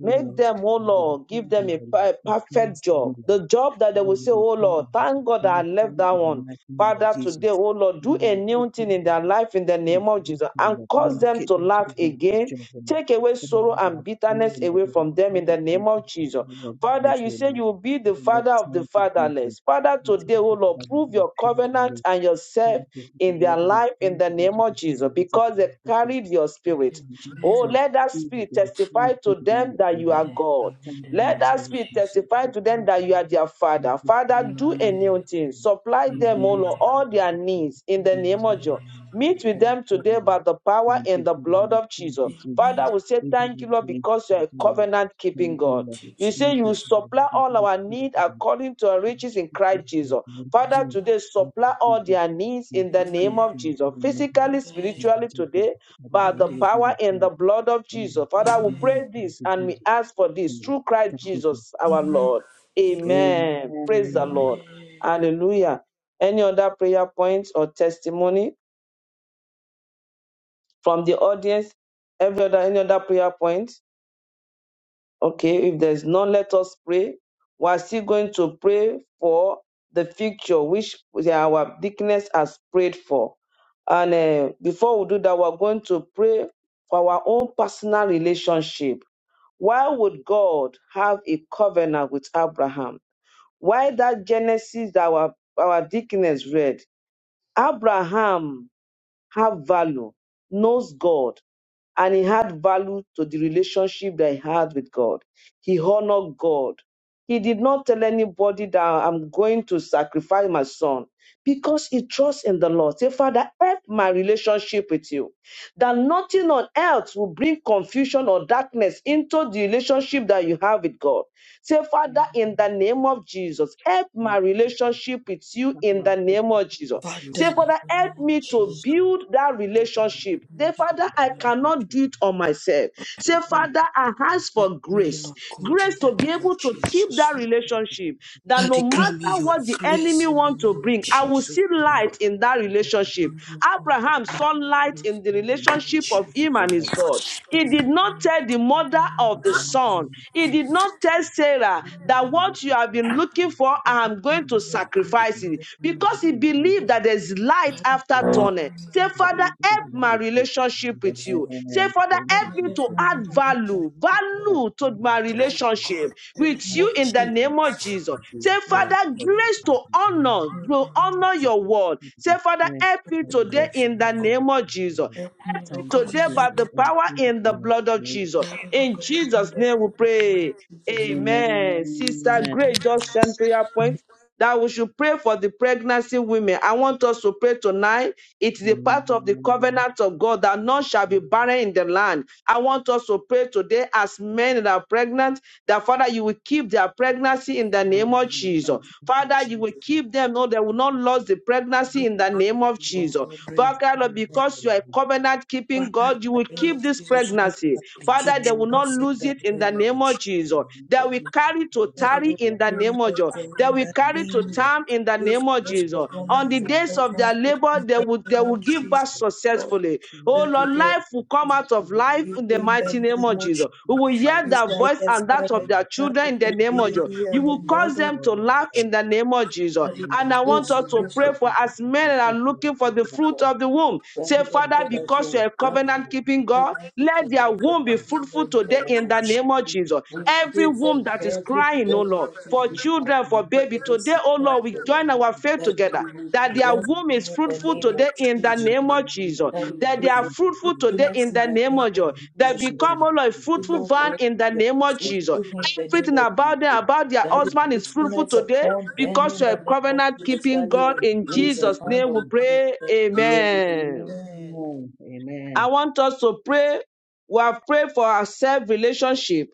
[SPEAKER 1] make them, oh Lord, give them a, per- perfect
[SPEAKER 3] Father.
[SPEAKER 1] job.
[SPEAKER 3] Lord,
[SPEAKER 1] The job that they
[SPEAKER 3] Father,
[SPEAKER 1] will
[SPEAKER 3] may
[SPEAKER 1] say,
[SPEAKER 3] the
[SPEAKER 1] oh Lord,
[SPEAKER 3] kingdom be
[SPEAKER 1] thank God that I
[SPEAKER 3] surprised
[SPEAKER 1] left
[SPEAKER 3] in
[SPEAKER 1] that
[SPEAKER 3] the
[SPEAKER 1] one.
[SPEAKER 3] mighty name of
[SPEAKER 1] Father, today,
[SPEAKER 3] Jesus.
[SPEAKER 1] oh Lord,
[SPEAKER 3] Father,
[SPEAKER 1] do a
[SPEAKER 3] Lord,
[SPEAKER 1] new
[SPEAKER 3] open
[SPEAKER 1] thing in
[SPEAKER 3] the
[SPEAKER 1] their life in the
[SPEAKER 3] open the
[SPEAKER 1] name of
[SPEAKER 3] eyes,
[SPEAKER 1] Jesus
[SPEAKER 3] Lord,
[SPEAKER 1] and
[SPEAKER 3] Lord,
[SPEAKER 1] cause them
[SPEAKER 3] relocate
[SPEAKER 1] to
[SPEAKER 3] them to
[SPEAKER 1] laugh
[SPEAKER 3] the right
[SPEAKER 1] again
[SPEAKER 3] picture of the Lord.
[SPEAKER 1] Take away
[SPEAKER 3] Father,
[SPEAKER 1] sorrow and
[SPEAKER 3] Lord, I pray,
[SPEAKER 1] bitterness
[SPEAKER 3] Lord,
[SPEAKER 1] away
[SPEAKER 3] that you
[SPEAKER 1] from them in the
[SPEAKER 3] come and
[SPEAKER 1] name
[SPEAKER 3] to
[SPEAKER 1] of Jesus.
[SPEAKER 3] fulfill your
[SPEAKER 1] Father,
[SPEAKER 3] goodness,
[SPEAKER 1] you
[SPEAKER 3] O
[SPEAKER 1] say you
[SPEAKER 3] Lord.
[SPEAKER 1] will be the
[SPEAKER 3] Father, Lord,
[SPEAKER 1] father of the
[SPEAKER 3] thank you, Jesus.
[SPEAKER 1] fatherless. Father,
[SPEAKER 3] We
[SPEAKER 1] today,
[SPEAKER 3] thank
[SPEAKER 1] O
[SPEAKER 3] you,
[SPEAKER 1] Lord,
[SPEAKER 3] Father, Lord,
[SPEAKER 1] prove
[SPEAKER 3] we
[SPEAKER 1] your
[SPEAKER 3] pray, O
[SPEAKER 1] covenant
[SPEAKER 3] Lord.
[SPEAKER 1] and
[SPEAKER 3] Thank
[SPEAKER 1] yourself
[SPEAKER 3] you,
[SPEAKER 1] in
[SPEAKER 3] Father,
[SPEAKER 1] their
[SPEAKER 3] Lord, we
[SPEAKER 1] life
[SPEAKER 3] pray
[SPEAKER 1] in the
[SPEAKER 3] for those
[SPEAKER 1] name
[SPEAKER 3] who
[SPEAKER 1] of
[SPEAKER 3] are here,
[SPEAKER 1] Jesus
[SPEAKER 3] Lord, that
[SPEAKER 1] because they
[SPEAKER 3] you
[SPEAKER 1] carried your
[SPEAKER 3] have
[SPEAKER 1] spirit.
[SPEAKER 3] been
[SPEAKER 1] Oh,
[SPEAKER 5] Amen.
[SPEAKER 3] Jesus.
[SPEAKER 1] let that
[SPEAKER 3] We will
[SPEAKER 1] spirit
[SPEAKER 3] be free
[SPEAKER 1] testify to
[SPEAKER 3] from
[SPEAKER 1] them
[SPEAKER 3] the
[SPEAKER 1] that you are
[SPEAKER 3] Lord.
[SPEAKER 1] God.
[SPEAKER 3] Thank
[SPEAKER 5] In the
[SPEAKER 3] you,
[SPEAKER 5] name
[SPEAKER 1] Let that
[SPEAKER 5] of
[SPEAKER 1] spirit
[SPEAKER 5] Jesus.
[SPEAKER 1] testify to them that you
[SPEAKER 3] Jesus.
[SPEAKER 1] are their father.
[SPEAKER 3] Amen.
[SPEAKER 1] Father, do a new
[SPEAKER 5] Amen.
[SPEAKER 1] thing. Supply them, O Lord,
[SPEAKER 5] Amen.
[SPEAKER 1] all their needs in the name of Jesus.
[SPEAKER 5] Amen.
[SPEAKER 1] Meet with them today by the power in the blood of Jesus. Father,
[SPEAKER 5] Amen.
[SPEAKER 1] we say thank you, Lord, because you are a covenant keeping God.
[SPEAKER 5] To
[SPEAKER 1] You say you will
[SPEAKER 5] Jesus.
[SPEAKER 1] supply all our need according to our riches in Christ Jesus.
[SPEAKER 5] Yes,
[SPEAKER 1] Father,
[SPEAKER 5] Lord.
[SPEAKER 1] today supply all their needs in the name
[SPEAKER 5] Amen.
[SPEAKER 1] of Jesus, physically,
[SPEAKER 5] Amen.
[SPEAKER 1] spiritually, today, by the
[SPEAKER 5] Amen.
[SPEAKER 1] power in the blood of Jesus. Father, we
[SPEAKER 5] Amen.
[SPEAKER 1] pray this and we ask for this through Christ Jesus, our
[SPEAKER 5] Amen.
[SPEAKER 1] Lord. Amen. Praise the Lord.
[SPEAKER 5] Amen.
[SPEAKER 1] Hallelujah. Any other prayer points or testimony from the audience? Every other, any other prayer point? Okay, if there's none, let us pray. We're still going to pray for the future which our deaconess has prayed for. And eh, before we do that, we're going to pray for our own personal relationship. Why would God have a covenant with Abraham? Why that Genesis that our, our deaconess read? Abraham have value, knows God, and he had value to the relationship that he had with God. He honored God. He did not tell anybody that I'm going to sacrifice my son because he trusts in the Lord. Say, Father, help my relationship with you. That nothing on earth will bring confusion or darkness into the relationship that you have with God. Say, Father, in the name of Jesus, help my
[SPEAKER 3] Thank you, Jesus.
[SPEAKER 1] relationship with you
[SPEAKER 3] Have
[SPEAKER 1] in
[SPEAKER 3] my
[SPEAKER 1] the
[SPEAKER 3] faith
[SPEAKER 1] name
[SPEAKER 3] in
[SPEAKER 1] of Jesus.
[SPEAKER 5] Father,
[SPEAKER 3] you,
[SPEAKER 1] Say,
[SPEAKER 3] Lord.
[SPEAKER 5] in
[SPEAKER 1] Father,
[SPEAKER 5] the name
[SPEAKER 1] help
[SPEAKER 5] of
[SPEAKER 1] me
[SPEAKER 3] Thank you,
[SPEAKER 1] to
[SPEAKER 5] Jesus.
[SPEAKER 3] Lord.
[SPEAKER 1] build that
[SPEAKER 3] Thank you, Lord.
[SPEAKER 5] we
[SPEAKER 1] relationship.
[SPEAKER 3] Thank
[SPEAKER 5] thank
[SPEAKER 3] you,
[SPEAKER 1] Say,
[SPEAKER 3] Lord.
[SPEAKER 5] you,
[SPEAKER 1] Father, I
[SPEAKER 5] Lord.
[SPEAKER 3] Thank you,
[SPEAKER 1] cannot do it on myself. Say,
[SPEAKER 3] Lord. Thank
[SPEAKER 1] Father, I ask
[SPEAKER 5] Help
[SPEAKER 1] for
[SPEAKER 5] Me,
[SPEAKER 1] grace.
[SPEAKER 5] Lord God, in
[SPEAKER 1] Grace to
[SPEAKER 5] the
[SPEAKER 1] be
[SPEAKER 5] name of
[SPEAKER 1] able to keep
[SPEAKER 5] Jesus.
[SPEAKER 1] that
[SPEAKER 5] Lord.
[SPEAKER 1] relationship. That no
[SPEAKER 5] Daddy, grant me
[SPEAKER 1] matter
[SPEAKER 5] your
[SPEAKER 1] what the
[SPEAKER 5] grace
[SPEAKER 1] enemy
[SPEAKER 5] in the
[SPEAKER 1] wants to
[SPEAKER 5] name of
[SPEAKER 1] bring, I will
[SPEAKER 5] Jesus.
[SPEAKER 1] see
[SPEAKER 5] Lord.
[SPEAKER 1] light in that relationship.
[SPEAKER 5] Lord God,
[SPEAKER 1] Abraham saw light
[SPEAKER 5] grace
[SPEAKER 1] in the
[SPEAKER 5] in the name of
[SPEAKER 1] relationship of him
[SPEAKER 5] Jesus.
[SPEAKER 1] and his God. He did not tell Rachel, the mother of the son. He
[SPEAKER 3] you,
[SPEAKER 1] did not tell Sarah that what
[SPEAKER 3] Jesus.
[SPEAKER 1] you have
[SPEAKER 3] Thank
[SPEAKER 1] been looking
[SPEAKER 3] you,
[SPEAKER 1] for,
[SPEAKER 5] Let it
[SPEAKER 1] I'm going to
[SPEAKER 5] be your grace
[SPEAKER 1] sacrifice
[SPEAKER 5] in
[SPEAKER 1] it
[SPEAKER 5] the name of
[SPEAKER 1] because he
[SPEAKER 5] Jesus.
[SPEAKER 1] believed
[SPEAKER 5] Lord.
[SPEAKER 1] that there's light
[SPEAKER 5] Let it
[SPEAKER 1] after
[SPEAKER 5] be your
[SPEAKER 1] tunnel.
[SPEAKER 5] grace,
[SPEAKER 1] Say,
[SPEAKER 5] Lord
[SPEAKER 1] Father, help
[SPEAKER 5] God,
[SPEAKER 1] my
[SPEAKER 5] in the
[SPEAKER 1] relationship
[SPEAKER 5] name of
[SPEAKER 1] with
[SPEAKER 5] Jesus.
[SPEAKER 1] you.
[SPEAKER 5] Lord.
[SPEAKER 1] Say, Father,
[SPEAKER 5] Let
[SPEAKER 1] help
[SPEAKER 5] me
[SPEAKER 1] me
[SPEAKER 5] have
[SPEAKER 1] to add
[SPEAKER 5] my religion,
[SPEAKER 1] value,
[SPEAKER 5] Lord.
[SPEAKER 1] value to my
[SPEAKER 5] Let it,
[SPEAKER 3] Jesus.
[SPEAKER 1] relationship
[SPEAKER 5] God, in the
[SPEAKER 1] with
[SPEAKER 5] name
[SPEAKER 3] Strength
[SPEAKER 5] of
[SPEAKER 1] you in the
[SPEAKER 5] Jesus.
[SPEAKER 1] name of Jesus. Say,
[SPEAKER 5] Let it
[SPEAKER 1] Father,
[SPEAKER 5] be
[SPEAKER 1] grace to honor,
[SPEAKER 5] in
[SPEAKER 1] to
[SPEAKER 5] the name of
[SPEAKER 1] honor
[SPEAKER 5] Jesus.
[SPEAKER 1] your word. Say, Father, help
[SPEAKER 5] Let
[SPEAKER 1] me
[SPEAKER 5] the
[SPEAKER 3] upon our
[SPEAKER 1] today
[SPEAKER 5] grace,
[SPEAKER 1] in the
[SPEAKER 5] Lord God.
[SPEAKER 3] woman.
[SPEAKER 1] name of Jesus
[SPEAKER 5] Help me, Lord
[SPEAKER 3] Thank you,
[SPEAKER 5] God, in
[SPEAKER 1] today
[SPEAKER 5] the name
[SPEAKER 3] Jesus.
[SPEAKER 1] by
[SPEAKER 5] of
[SPEAKER 1] the
[SPEAKER 5] Jesus.
[SPEAKER 3] and
[SPEAKER 1] power
[SPEAKER 3] Thank you,
[SPEAKER 1] in the
[SPEAKER 3] Lord.
[SPEAKER 1] blood of Jesus.
[SPEAKER 5] Daddy, Lord
[SPEAKER 1] In
[SPEAKER 5] God, help me,
[SPEAKER 1] Jesus'
[SPEAKER 5] Lord
[SPEAKER 1] name we
[SPEAKER 5] God, in the name
[SPEAKER 1] pray.
[SPEAKER 5] of Jesus. the
[SPEAKER 3] Amen.
[SPEAKER 5] Lord,
[SPEAKER 1] Amen.
[SPEAKER 5] in
[SPEAKER 1] Sister
[SPEAKER 3] Amen.
[SPEAKER 5] the
[SPEAKER 1] Gray just sent prayer point that we should pray for the pregnancy women. I want us to pray tonight. It is a part of the covenant of God that none shall be barren in the land. I want us to pray today as men that are pregnant, that Father, you will keep their pregnancy in the name of
[SPEAKER 5] name of
[SPEAKER 1] Jesus. Father, you will
[SPEAKER 5] Jesus,
[SPEAKER 1] keep them, no, they will not lose the pregnancy in the name of
[SPEAKER 5] Lord
[SPEAKER 1] Jesus.
[SPEAKER 5] God, break
[SPEAKER 1] Father, because you are a covenant keeping
[SPEAKER 5] Father, in
[SPEAKER 1] God, you
[SPEAKER 5] the
[SPEAKER 1] will
[SPEAKER 5] name
[SPEAKER 1] keep
[SPEAKER 5] of
[SPEAKER 1] this
[SPEAKER 5] Jesus, no
[SPEAKER 1] pregnancy.
[SPEAKER 3] Amen.
[SPEAKER 1] Father, they will not
[SPEAKER 5] complications
[SPEAKER 1] lose
[SPEAKER 5] in
[SPEAKER 1] lose
[SPEAKER 5] the
[SPEAKER 1] it in the
[SPEAKER 5] name of
[SPEAKER 1] name of Jesus.
[SPEAKER 5] Jesus,
[SPEAKER 1] That
[SPEAKER 5] Lord.
[SPEAKER 1] we carry to
[SPEAKER 5] That it
[SPEAKER 1] tarry
[SPEAKER 5] we
[SPEAKER 1] in the
[SPEAKER 5] pray,
[SPEAKER 1] name of
[SPEAKER 5] Lord
[SPEAKER 1] Jesus.
[SPEAKER 5] God,
[SPEAKER 1] That
[SPEAKER 5] in
[SPEAKER 1] we
[SPEAKER 5] the
[SPEAKER 1] carry
[SPEAKER 5] name
[SPEAKER 1] to
[SPEAKER 5] of
[SPEAKER 1] time in the
[SPEAKER 5] Jesus,
[SPEAKER 1] name of
[SPEAKER 5] rest
[SPEAKER 1] Jesus.
[SPEAKER 5] upon
[SPEAKER 1] On the
[SPEAKER 5] every
[SPEAKER 1] days
[SPEAKER 3] Amen.
[SPEAKER 1] of their
[SPEAKER 5] pregnancy
[SPEAKER 1] labor,
[SPEAKER 5] in
[SPEAKER 1] they
[SPEAKER 5] the
[SPEAKER 1] will they
[SPEAKER 5] name
[SPEAKER 1] will
[SPEAKER 5] of
[SPEAKER 1] give
[SPEAKER 5] Jesus,
[SPEAKER 1] back
[SPEAKER 5] Lord.
[SPEAKER 1] successfully.
[SPEAKER 3] Thank
[SPEAKER 1] Oh
[SPEAKER 5] That
[SPEAKER 1] Lord,
[SPEAKER 3] you. do not
[SPEAKER 5] there
[SPEAKER 1] life will come out of life
[SPEAKER 3] successfully
[SPEAKER 5] is
[SPEAKER 1] in the
[SPEAKER 5] in the
[SPEAKER 3] try
[SPEAKER 1] mighty
[SPEAKER 3] to
[SPEAKER 1] name
[SPEAKER 3] be
[SPEAKER 1] of
[SPEAKER 5] name of Jesus,
[SPEAKER 1] Jesus. We
[SPEAKER 3] self
[SPEAKER 1] will
[SPEAKER 3] right
[SPEAKER 1] hear
[SPEAKER 5] we
[SPEAKER 1] their
[SPEAKER 5] shall
[SPEAKER 1] voice
[SPEAKER 5] have
[SPEAKER 1] and that
[SPEAKER 5] sight
[SPEAKER 1] of
[SPEAKER 5] the
[SPEAKER 1] their
[SPEAKER 5] sound
[SPEAKER 1] children
[SPEAKER 5] of
[SPEAKER 1] in the
[SPEAKER 5] the
[SPEAKER 1] name of Jesus.
[SPEAKER 5] baby
[SPEAKER 1] You
[SPEAKER 5] and the
[SPEAKER 1] will cause
[SPEAKER 5] mother,
[SPEAKER 1] them to laugh in the name of Jesus.
[SPEAKER 5] and in the
[SPEAKER 1] And I want
[SPEAKER 5] grace
[SPEAKER 1] us
[SPEAKER 5] you
[SPEAKER 1] to
[SPEAKER 5] rest
[SPEAKER 1] pray
[SPEAKER 5] upon
[SPEAKER 1] for as men that are looking for the
[SPEAKER 5] Lord
[SPEAKER 1] fruit
[SPEAKER 5] God.
[SPEAKER 1] of the womb womb.
[SPEAKER 5] That
[SPEAKER 1] Say,
[SPEAKER 5] Lord
[SPEAKER 1] Father,
[SPEAKER 5] God, as you
[SPEAKER 1] because
[SPEAKER 5] have
[SPEAKER 1] you're a
[SPEAKER 5] granted
[SPEAKER 1] covenant
[SPEAKER 5] this
[SPEAKER 1] keeping God,
[SPEAKER 5] pregnancy
[SPEAKER 1] let
[SPEAKER 5] to
[SPEAKER 1] their
[SPEAKER 5] Lord
[SPEAKER 1] womb
[SPEAKER 5] God,
[SPEAKER 1] be
[SPEAKER 5] as we know
[SPEAKER 1] fruitful
[SPEAKER 5] in the
[SPEAKER 1] today
[SPEAKER 5] name
[SPEAKER 1] in
[SPEAKER 5] of
[SPEAKER 1] the
[SPEAKER 5] Jesus.
[SPEAKER 1] name of Jesus.
[SPEAKER 5] We
[SPEAKER 1] Every
[SPEAKER 5] pray for
[SPEAKER 1] womb that is
[SPEAKER 5] everybody
[SPEAKER 1] crying, oh Lord,
[SPEAKER 5] that is
[SPEAKER 1] for
[SPEAKER 5] looking up
[SPEAKER 1] children,
[SPEAKER 5] to
[SPEAKER 1] for
[SPEAKER 5] you
[SPEAKER 1] baby,
[SPEAKER 5] for
[SPEAKER 1] today,
[SPEAKER 5] this
[SPEAKER 1] oh Lord, we
[SPEAKER 5] miracle, Lord.
[SPEAKER 1] join our faith
[SPEAKER 5] That you
[SPEAKER 1] together
[SPEAKER 5] will
[SPEAKER 1] that their
[SPEAKER 5] bless
[SPEAKER 1] womb
[SPEAKER 5] them
[SPEAKER 1] is
[SPEAKER 5] in the
[SPEAKER 1] fruitful
[SPEAKER 5] name of
[SPEAKER 1] today in the
[SPEAKER 5] Jesus.
[SPEAKER 1] name
[SPEAKER 5] Lord.
[SPEAKER 1] of Jesus.
[SPEAKER 5] That we
[SPEAKER 3] and
[SPEAKER 1] That they
[SPEAKER 5] pray
[SPEAKER 1] are
[SPEAKER 5] for
[SPEAKER 1] fruitful today
[SPEAKER 5] fruitfulness
[SPEAKER 1] in
[SPEAKER 5] in
[SPEAKER 1] the
[SPEAKER 5] the
[SPEAKER 1] name
[SPEAKER 5] name
[SPEAKER 1] of
[SPEAKER 5] of
[SPEAKER 1] Jesus. They
[SPEAKER 5] Jesus. Lord,
[SPEAKER 1] become
[SPEAKER 3] financially
[SPEAKER 1] all a
[SPEAKER 3] and
[SPEAKER 5] We,
[SPEAKER 1] fruitful
[SPEAKER 5] Lord
[SPEAKER 1] vine
[SPEAKER 5] God,
[SPEAKER 1] in the
[SPEAKER 5] we are
[SPEAKER 1] name of
[SPEAKER 3] Amen.
[SPEAKER 1] Jesus.
[SPEAKER 5] fruitful in the
[SPEAKER 3] Amen.
[SPEAKER 5] name
[SPEAKER 1] Everything
[SPEAKER 5] of
[SPEAKER 1] about them,
[SPEAKER 5] Jesus.
[SPEAKER 1] about their
[SPEAKER 5] That is
[SPEAKER 1] husband is fruitful
[SPEAKER 5] fruitfulness
[SPEAKER 1] today
[SPEAKER 5] upon them
[SPEAKER 1] because
[SPEAKER 5] in
[SPEAKER 1] you're
[SPEAKER 5] the
[SPEAKER 1] a
[SPEAKER 5] name of
[SPEAKER 1] covenant
[SPEAKER 5] Jesus.
[SPEAKER 1] keeping
[SPEAKER 5] That your
[SPEAKER 1] God. In
[SPEAKER 5] grace
[SPEAKER 1] Jesus'
[SPEAKER 5] abound
[SPEAKER 1] name we
[SPEAKER 5] upon them in
[SPEAKER 1] pray.
[SPEAKER 5] the name of Jesus.
[SPEAKER 1] Amen.
[SPEAKER 5] Amen.
[SPEAKER 1] I want us to pray. We have prayed for our self relationship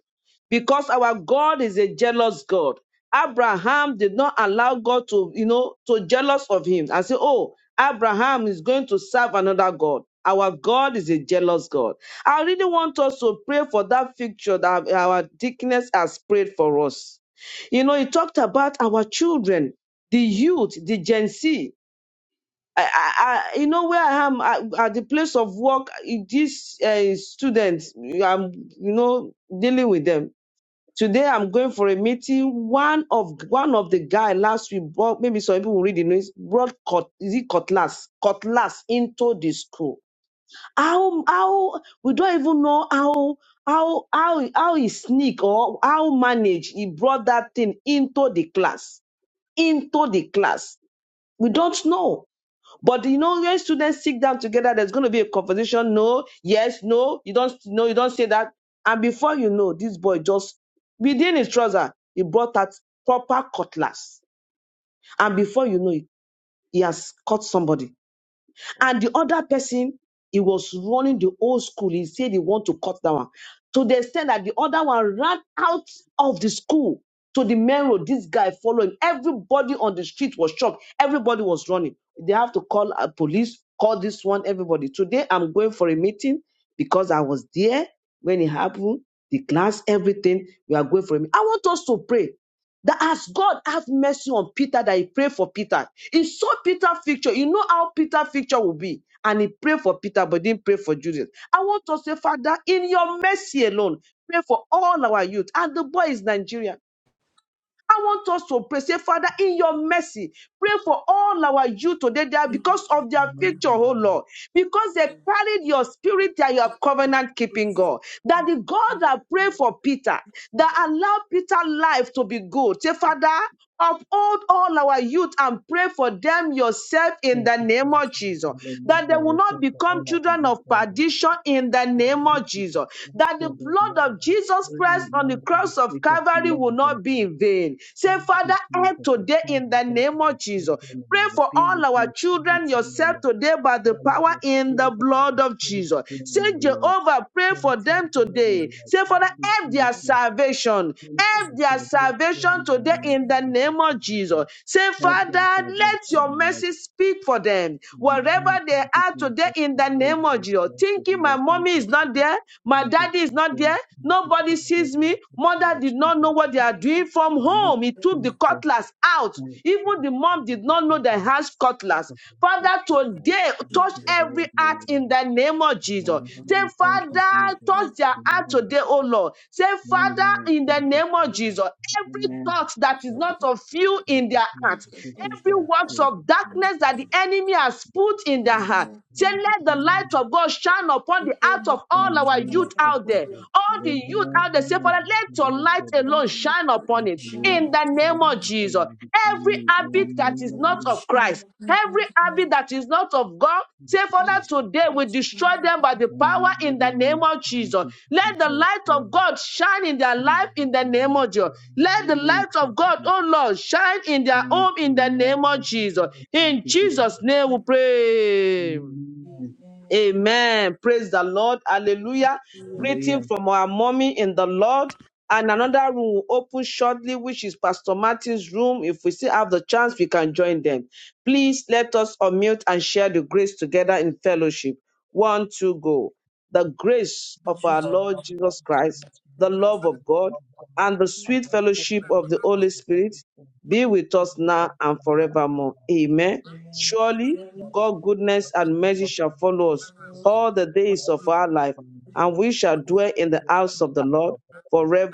[SPEAKER 1] because our God is a jealous God. Abraham did not allow God to, you know, to jealous of him and say, "Oh, Abraham is going to serve another God." Our God is a jealous God. I really want us to pray for that picture that our deaconess has prayed for us. You know, he talked about our children, the youth, the Gen Z. I, I, I- you know where I am I, at the place of work. eh, These uh, students, I'm, you know, dealing with them. Today I'm going for a meeting. One of one of the guy last week brought maybe some people will read the news brought cut is it cutlass cutlass into the school. How how we don't even know how how how how he sneak or how manage he brought that thing into the class into the class. We don't know but you know, when students sit down together, there's going to be a conversation. No, yes, no, you don't, no, you don't say that. And before you know, this boy just within his trouser, he brought that proper cutlass. And before you know it, he has cut somebody. And the other person, he was running the old school. He said he want to cut that one. To the extent that the other one ran out of the school to the main road. This guy following. Everybody on the street was shocked. Everybody was running. They have to call uh, police, call this one, everybody. Today I'm going for a meeting because I was there when it happened. The class, everything, we are going for a meeting. I want us to pray that as God have mercy on Peter, that he prayed for Peter. He saw Peter's picture. You know how Peter's picture will be. And he prayed for Peter, but didn't pray for Judas. I want to say, Father, in your mercy alone, pray for all our youth. And the boy is Nigeria. I want us to pray, say, Father, in your mercy, pray for all our youth today they are because of their future, oh
[SPEAKER 3] Amen.
[SPEAKER 1] Lord, because they
[SPEAKER 5] Thank
[SPEAKER 1] carried your spirit that you are
[SPEAKER 5] you for your
[SPEAKER 1] covenant keeping
[SPEAKER 5] grace and
[SPEAKER 1] God. That the God that prayed for Peter, that allowed Peter's life to be good. Say, Father, Uphold all our youth and pray for them yourself in
[SPEAKER 3] Thank
[SPEAKER 1] the
[SPEAKER 3] you,
[SPEAKER 1] name
[SPEAKER 3] Jesus.
[SPEAKER 1] of Jesus. That they
[SPEAKER 3] Hallelujah.
[SPEAKER 1] will
[SPEAKER 3] We pray
[SPEAKER 1] not
[SPEAKER 3] for
[SPEAKER 1] become
[SPEAKER 3] all our
[SPEAKER 1] children
[SPEAKER 3] youth
[SPEAKER 1] of
[SPEAKER 3] and the
[SPEAKER 1] perdition in the name of Jesus. That the blood
[SPEAKER 3] Lord
[SPEAKER 1] of
[SPEAKER 3] and
[SPEAKER 1] Jesus
[SPEAKER 3] bring
[SPEAKER 1] Christ
[SPEAKER 3] the
[SPEAKER 1] on the
[SPEAKER 3] Lord to the
[SPEAKER 1] cross of
[SPEAKER 3] feet of the
[SPEAKER 1] Calvary will
[SPEAKER 3] Lord and
[SPEAKER 1] not be in vain. Say,
[SPEAKER 3] thank
[SPEAKER 1] Father,
[SPEAKER 3] you,
[SPEAKER 1] help
[SPEAKER 3] Jesus, for
[SPEAKER 1] today
[SPEAKER 3] time
[SPEAKER 1] in the
[SPEAKER 3] with us
[SPEAKER 1] name of
[SPEAKER 3] and
[SPEAKER 1] Jesus.
[SPEAKER 3] children
[SPEAKER 1] Pray
[SPEAKER 3] and
[SPEAKER 1] for
[SPEAKER 3] be
[SPEAKER 1] all
[SPEAKER 3] with
[SPEAKER 1] our
[SPEAKER 3] them,
[SPEAKER 1] children,
[SPEAKER 3] everything, O
[SPEAKER 1] yourself
[SPEAKER 3] Lord.
[SPEAKER 1] today by the
[SPEAKER 3] The Lord,
[SPEAKER 1] power
[SPEAKER 3] the
[SPEAKER 1] in the
[SPEAKER 3] Spirit of
[SPEAKER 1] blood of
[SPEAKER 3] the
[SPEAKER 1] Jesus. Say,
[SPEAKER 3] Spirit,
[SPEAKER 1] Jehovah, pray
[SPEAKER 3] Thank
[SPEAKER 1] for
[SPEAKER 3] you,
[SPEAKER 1] them
[SPEAKER 3] dear
[SPEAKER 1] today.
[SPEAKER 3] Lord.
[SPEAKER 1] Say, Father,
[SPEAKER 3] Thank you,
[SPEAKER 1] help their
[SPEAKER 3] Jesus.
[SPEAKER 1] salvation.
[SPEAKER 3] Thank you,
[SPEAKER 1] Help their
[SPEAKER 3] salvation, Lord.
[SPEAKER 1] salvation today in the
[SPEAKER 3] Thank
[SPEAKER 1] name
[SPEAKER 3] you,
[SPEAKER 1] of Jesus.
[SPEAKER 3] Jesus.
[SPEAKER 1] Say,
[SPEAKER 3] Help
[SPEAKER 1] Father,
[SPEAKER 3] thy salvation,
[SPEAKER 1] let
[SPEAKER 5] thank
[SPEAKER 3] in
[SPEAKER 5] you
[SPEAKER 1] your
[SPEAKER 3] my life,
[SPEAKER 1] mercy speak for them.
[SPEAKER 3] and we
[SPEAKER 1] Wherever
[SPEAKER 3] may
[SPEAKER 1] they
[SPEAKER 3] thank you
[SPEAKER 1] are today
[SPEAKER 3] for
[SPEAKER 1] in
[SPEAKER 3] the
[SPEAKER 1] the
[SPEAKER 3] Lord.
[SPEAKER 1] name of Jesus. Thinking my
[SPEAKER 3] Amen. Thank
[SPEAKER 1] mommy
[SPEAKER 3] you,
[SPEAKER 1] is not
[SPEAKER 3] Jesus.
[SPEAKER 1] there, my
[SPEAKER 3] Hallelujah. Thank you, for the Lord. Thank you, Jesus. Thank you, Jesus.
[SPEAKER 1] daddy is not there,
[SPEAKER 3] Thank you,
[SPEAKER 1] nobody
[SPEAKER 3] for
[SPEAKER 1] Mommy
[SPEAKER 3] the love
[SPEAKER 1] sees me.
[SPEAKER 3] of God
[SPEAKER 1] Mother
[SPEAKER 3] that
[SPEAKER 1] did
[SPEAKER 3] you
[SPEAKER 1] not know
[SPEAKER 3] give
[SPEAKER 1] what
[SPEAKER 3] us,
[SPEAKER 1] they are
[SPEAKER 3] Lord.
[SPEAKER 1] doing.
[SPEAKER 5] for
[SPEAKER 1] From
[SPEAKER 3] And not
[SPEAKER 1] home, he
[SPEAKER 5] your love. Thank
[SPEAKER 1] took
[SPEAKER 5] you
[SPEAKER 1] the
[SPEAKER 3] thank
[SPEAKER 5] have
[SPEAKER 3] you,
[SPEAKER 1] cutlass out.
[SPEAKER 3] thank
[SPEAKER 1] Even the mom did not
[SPEAKER 3] the
[SPEAKER 1] know they had
[SPEAKER 3] presence
[SPEAKER 1] cutlass.
[SPEAKER 3] of
[SPEAKER 5] for
[SPEAKER 1] Father,
[SPEAKER 3] Jesus.
[SPEAKER 1] today,
[SPEAKER 3] Thank
[SPEAKER 1] touch
[SPEAKER 5] children.
[SPEAKER 3] you, for the
[SPEAKER 1] every heart
[SPEAKER 3] Lord.
[SPEAKER 1] in the name of
[SPEAKER 5] the
[SPEAKER 1] Jesus.
[SPEAKER 5] the
[SPEAKER 1] Say,
[SPEAKER 3] Thank you,
[SPEAKER 5] the their
[SPEAKER 1] Father,
[SPEAKER 3] Jesus.
[SPEAKER 5] their their
[SPEAKER 1] touch their heart today, oh Lord. Say,
[SPEAKER 3] Amen.
[SPEAKER 1] Father, in
[SPEAKER 3] Thank
[SPEAKER 1] the
[SPEAKER 3] you.
[SPEAKER 1] name of
[SPEAKER 3] Jesus.
[SPEAKER 1] Jesus, every
[SPEAKER 3] Amen.
[SPEAKER 1] thought that is
[SPEAKER 3] Thank
[SPEAKER 5] their
[SPEAKER 3] you.
[SPEAKER 1] not of you in
[SPEAKER 3] Thank
[SPEAKER 1] their
[SPEAKER 3] you.
[SPEAKER 1] heart,
[SPEAKER 3] Thank you for
[SPEAKER 1] every
[SPEAKER 3] our
[SPEAKER 1] works
[SPEAKER 3] children.
[SPEAKER 1] of darkness that the
[SPEAKER 3] Amen.
[SPEAKER 1] enemy has put in their heart. Say, let the light of God shine upon the heart of all
[SPEAKER 5] light.
[SPEAKER 1] our
[SPEAKER 3] Amen.
[SPEAKER 1] youth
[SPEAKER 3] Thank
[SPEAKER 1] out
[SPEAKER 5] light
[SPEAKER 1] there.
[SPEAKER 5] light
[SPEAKER 3] you.
[SPEAKER 1] All the
[SPEAKER 3] Jesus.
[SPEAKER 1] youth
[SPEAKER 3] Amen.
[SPEAKER 1] out there, say, Father, let your
[SPEAKER 3] Amen.
[SPEAKER 1] light
[SPEAKER 3] for the-
[SPEAKER 1] alone shine upon
[SPEAKER 5] light Shine
[SPEAKER 1] it
[SPEAKER 3] for the love
[SPEAKER 1] in
[SPEAKER 5] shine
[SPEAKER 3] of
[SPEAKER 1] the name
[SPEAKER 3] Christ,
[SPEAKER 1] of
[SPEAKER 3] for the
[SPEAKER 1] Jesus.
[SPEAKER 3] love of
[SPEAKER 1] Every
[SPEAKER 3] you.
[SPEAKER 1] habit that is not
[SPEAKER 5] shine
[SPEAKER 3] Amen.
[SPEAKER 1] of
[SPEAKER 5] shine
[SPEAKER 1] Christ,
[SPEAKER 5] upon
[SPEAKER 1] every habit that is not of God,
[SPEAKER 3] Thank
[SPEAKER 1] say,
[SPEAKER 3] you,
[SPEAKER 1] Father,
[SPEAKER 3] Jesus.
[SPEAKER 1] today
[SPEAKER 5] upon
[SPEAKER 1] we destroy
[SPEAKER 5] upon
[SPEAKER 1] them by
[SPEAKER 5] upon
[SPEAKER 1] the power
[SPEAKER 3] Amen.
[SPEAKER 1] in
[SPEAKER 3] Thank
[SPEAKER 1] the name
[SPEAKER 3] you,
[SPEAKER 1] of
[SPEAKER 3] Jesus.
[SPEAKER 1] Jesus.
[SPEAKER 3] Amen. Amen. Thank you,
[SPEAKER 1] Let the
[SPEAKER 3] Jesus.
[SPEAKER 1] light of God shine in their life in the name of Jesus. Let the light of God, oh Lord, shine in their
[SPEAKER 3] Amen.
[SPEAKER 1] home in the name of Jesus.
[SPEAKER 3] Thank
[SPEAKER 1] In
[SPEAKER 3] you, Jesus.
[SPEAKER 1] Jesus' name we pray.
[SPEAKER 5] name.
[SPEAKER 3] Amen.
[SPEAKER 5] name.
[SPEAKER 1] Amen. Praise the Lord. Hallelujah.
[SPEAKER 5] Amen.
[SPEAKER 1] Greeting
[SPEAKER 3] Hallelujah.
[SPEAKER 1] from our mommy in the Lord. And another room will open shortly, which is Pastor Martin's room. If we still have the chance, we can join them. Please let us unmute and share the grace together in fellowship. One, two, go. The grace
[SPEAKER 5] In
[SPEAKER 1] of our
[SPEAKER 3] Of
[SPEAKER 5] Jesus'
[SPEAKER 3] our
[SPEAKER 1] Lord
[SPEAKER 3] Lord
[SPEAKER 1] Jesus
[SPEAKER 3] and
[SPEAKER 1] Christ,
[SPEAKER 3] Savior,
[SPEAKER 1] the
[SPEAKER 3] Jesus,
[SPEAKER 5] name.
[SPEAKER 1] love of
[SPEAKER 3] the love
[SPEAKER 1] God,
[SPEAKER 3] of God
[SPEAKER 1] and the
[SPEAKER 3] and
[SPEAKER 1] sweet
[SPEAKER 3] the
[SPEAKER 1] fellowship of
[SPEAKER 3] faithfulness
[SPEAKER 1] the
[SPEAKER 3] of our
[SPEAKER 1] Holy
[SPEAKER 3] Lord
[SPEAKER 1] Spirit
[SPEAKER 3] and Savior,
[SPEAKER 1] be with us
[SPEAKER 3] Jesus, the Son
[SPEAKER 1] now
[SPEAKER 3] of
[SPEAKER 1] and
[SPEAKER 3] God, and the
[SPEAKER 1] forevermore.
[SPEAKER 3] Lord of
[SPEAKER 1] Amen.
[SPEAKER 3] God.
[SPEAKER 5] Amen.
[SPEAKER 1] Surely
[SPEAKER 3] Lord,
[SPEAKER 5] Sharing
[SPEAKER 3] we
[SPEAKER 1] God, goodness
[SPEAKER 3] thank
[SPEAKER 1] and
[SPEAKER 3] you
[SPEAKER 1] mercy
[SPEAKER 3] for the
[SPEAKER 1] shall follow
[SPEAKER 5] the
[SPEAKER 1] us
[SPEAKER 3] gift of the
[SPEAKER 5] cross
[SPEAKER 3] Lord.
[SPEAKER 1] all the
[SPEAKER 5] of
[SPEAKER 1] days
[SPEAKER 3] Lord, we
[SPEAKER 1] of our
[SPEAKER 3] thank you
[SPEAKER 1] life,
[SPEAKER 3] for your
[SPEAKER 1] and
[SPEAKER 3] love.
[SPEAKER 1] we shall
[SPEAKER 5] the Lord.
[SPEAKER 3] Lord,
[SPEAKER 1] dwell
[SPEAKER 3] we
[SPEAKER 1] in
[SPEAKER 3] thank
[SPEAKER 1] the
[SPEAKER 3] you for
[SPEAKER 1] house
[SPEAKER 3] the
[SPEAKER 1] of the
[SPEAKER 3] kindness
[SPEAKER 1] Lord
[SPEAKER 3] of the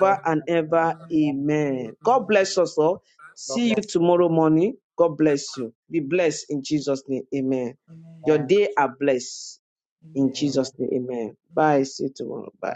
[SPEAKER 3] Lord. For the
[SPEAKER 1] and
[SPEAKER 3] kindness
[SPEAKER 1] ever.
[SPEAKER 3] of
[SPEAKER 5] Amen.
[SPEAKER 3] the Lord.
[SPEAKER 1] Amen. God bless us all.
[SPEAKER 3] God
[SPEAKER 1] See you
[SPEAKER 3] bless you.
[SPEAKER 1] tomorrow morning. God bless you. Be blessed in Jesus' name. Amen.
[SPEAKER 5] Amen.
[SPEAKER 1] Your
[SPEAKER 3] Yeah.
[SPEAKER 1] day are blessed in
[SPEAKER 5] Amen.
[SPEAKER 1] Jesus'
[SPEAKER 3] Amen.
[SPEAKER 1] name. Amen. Bye. See you tomorrow. Bye.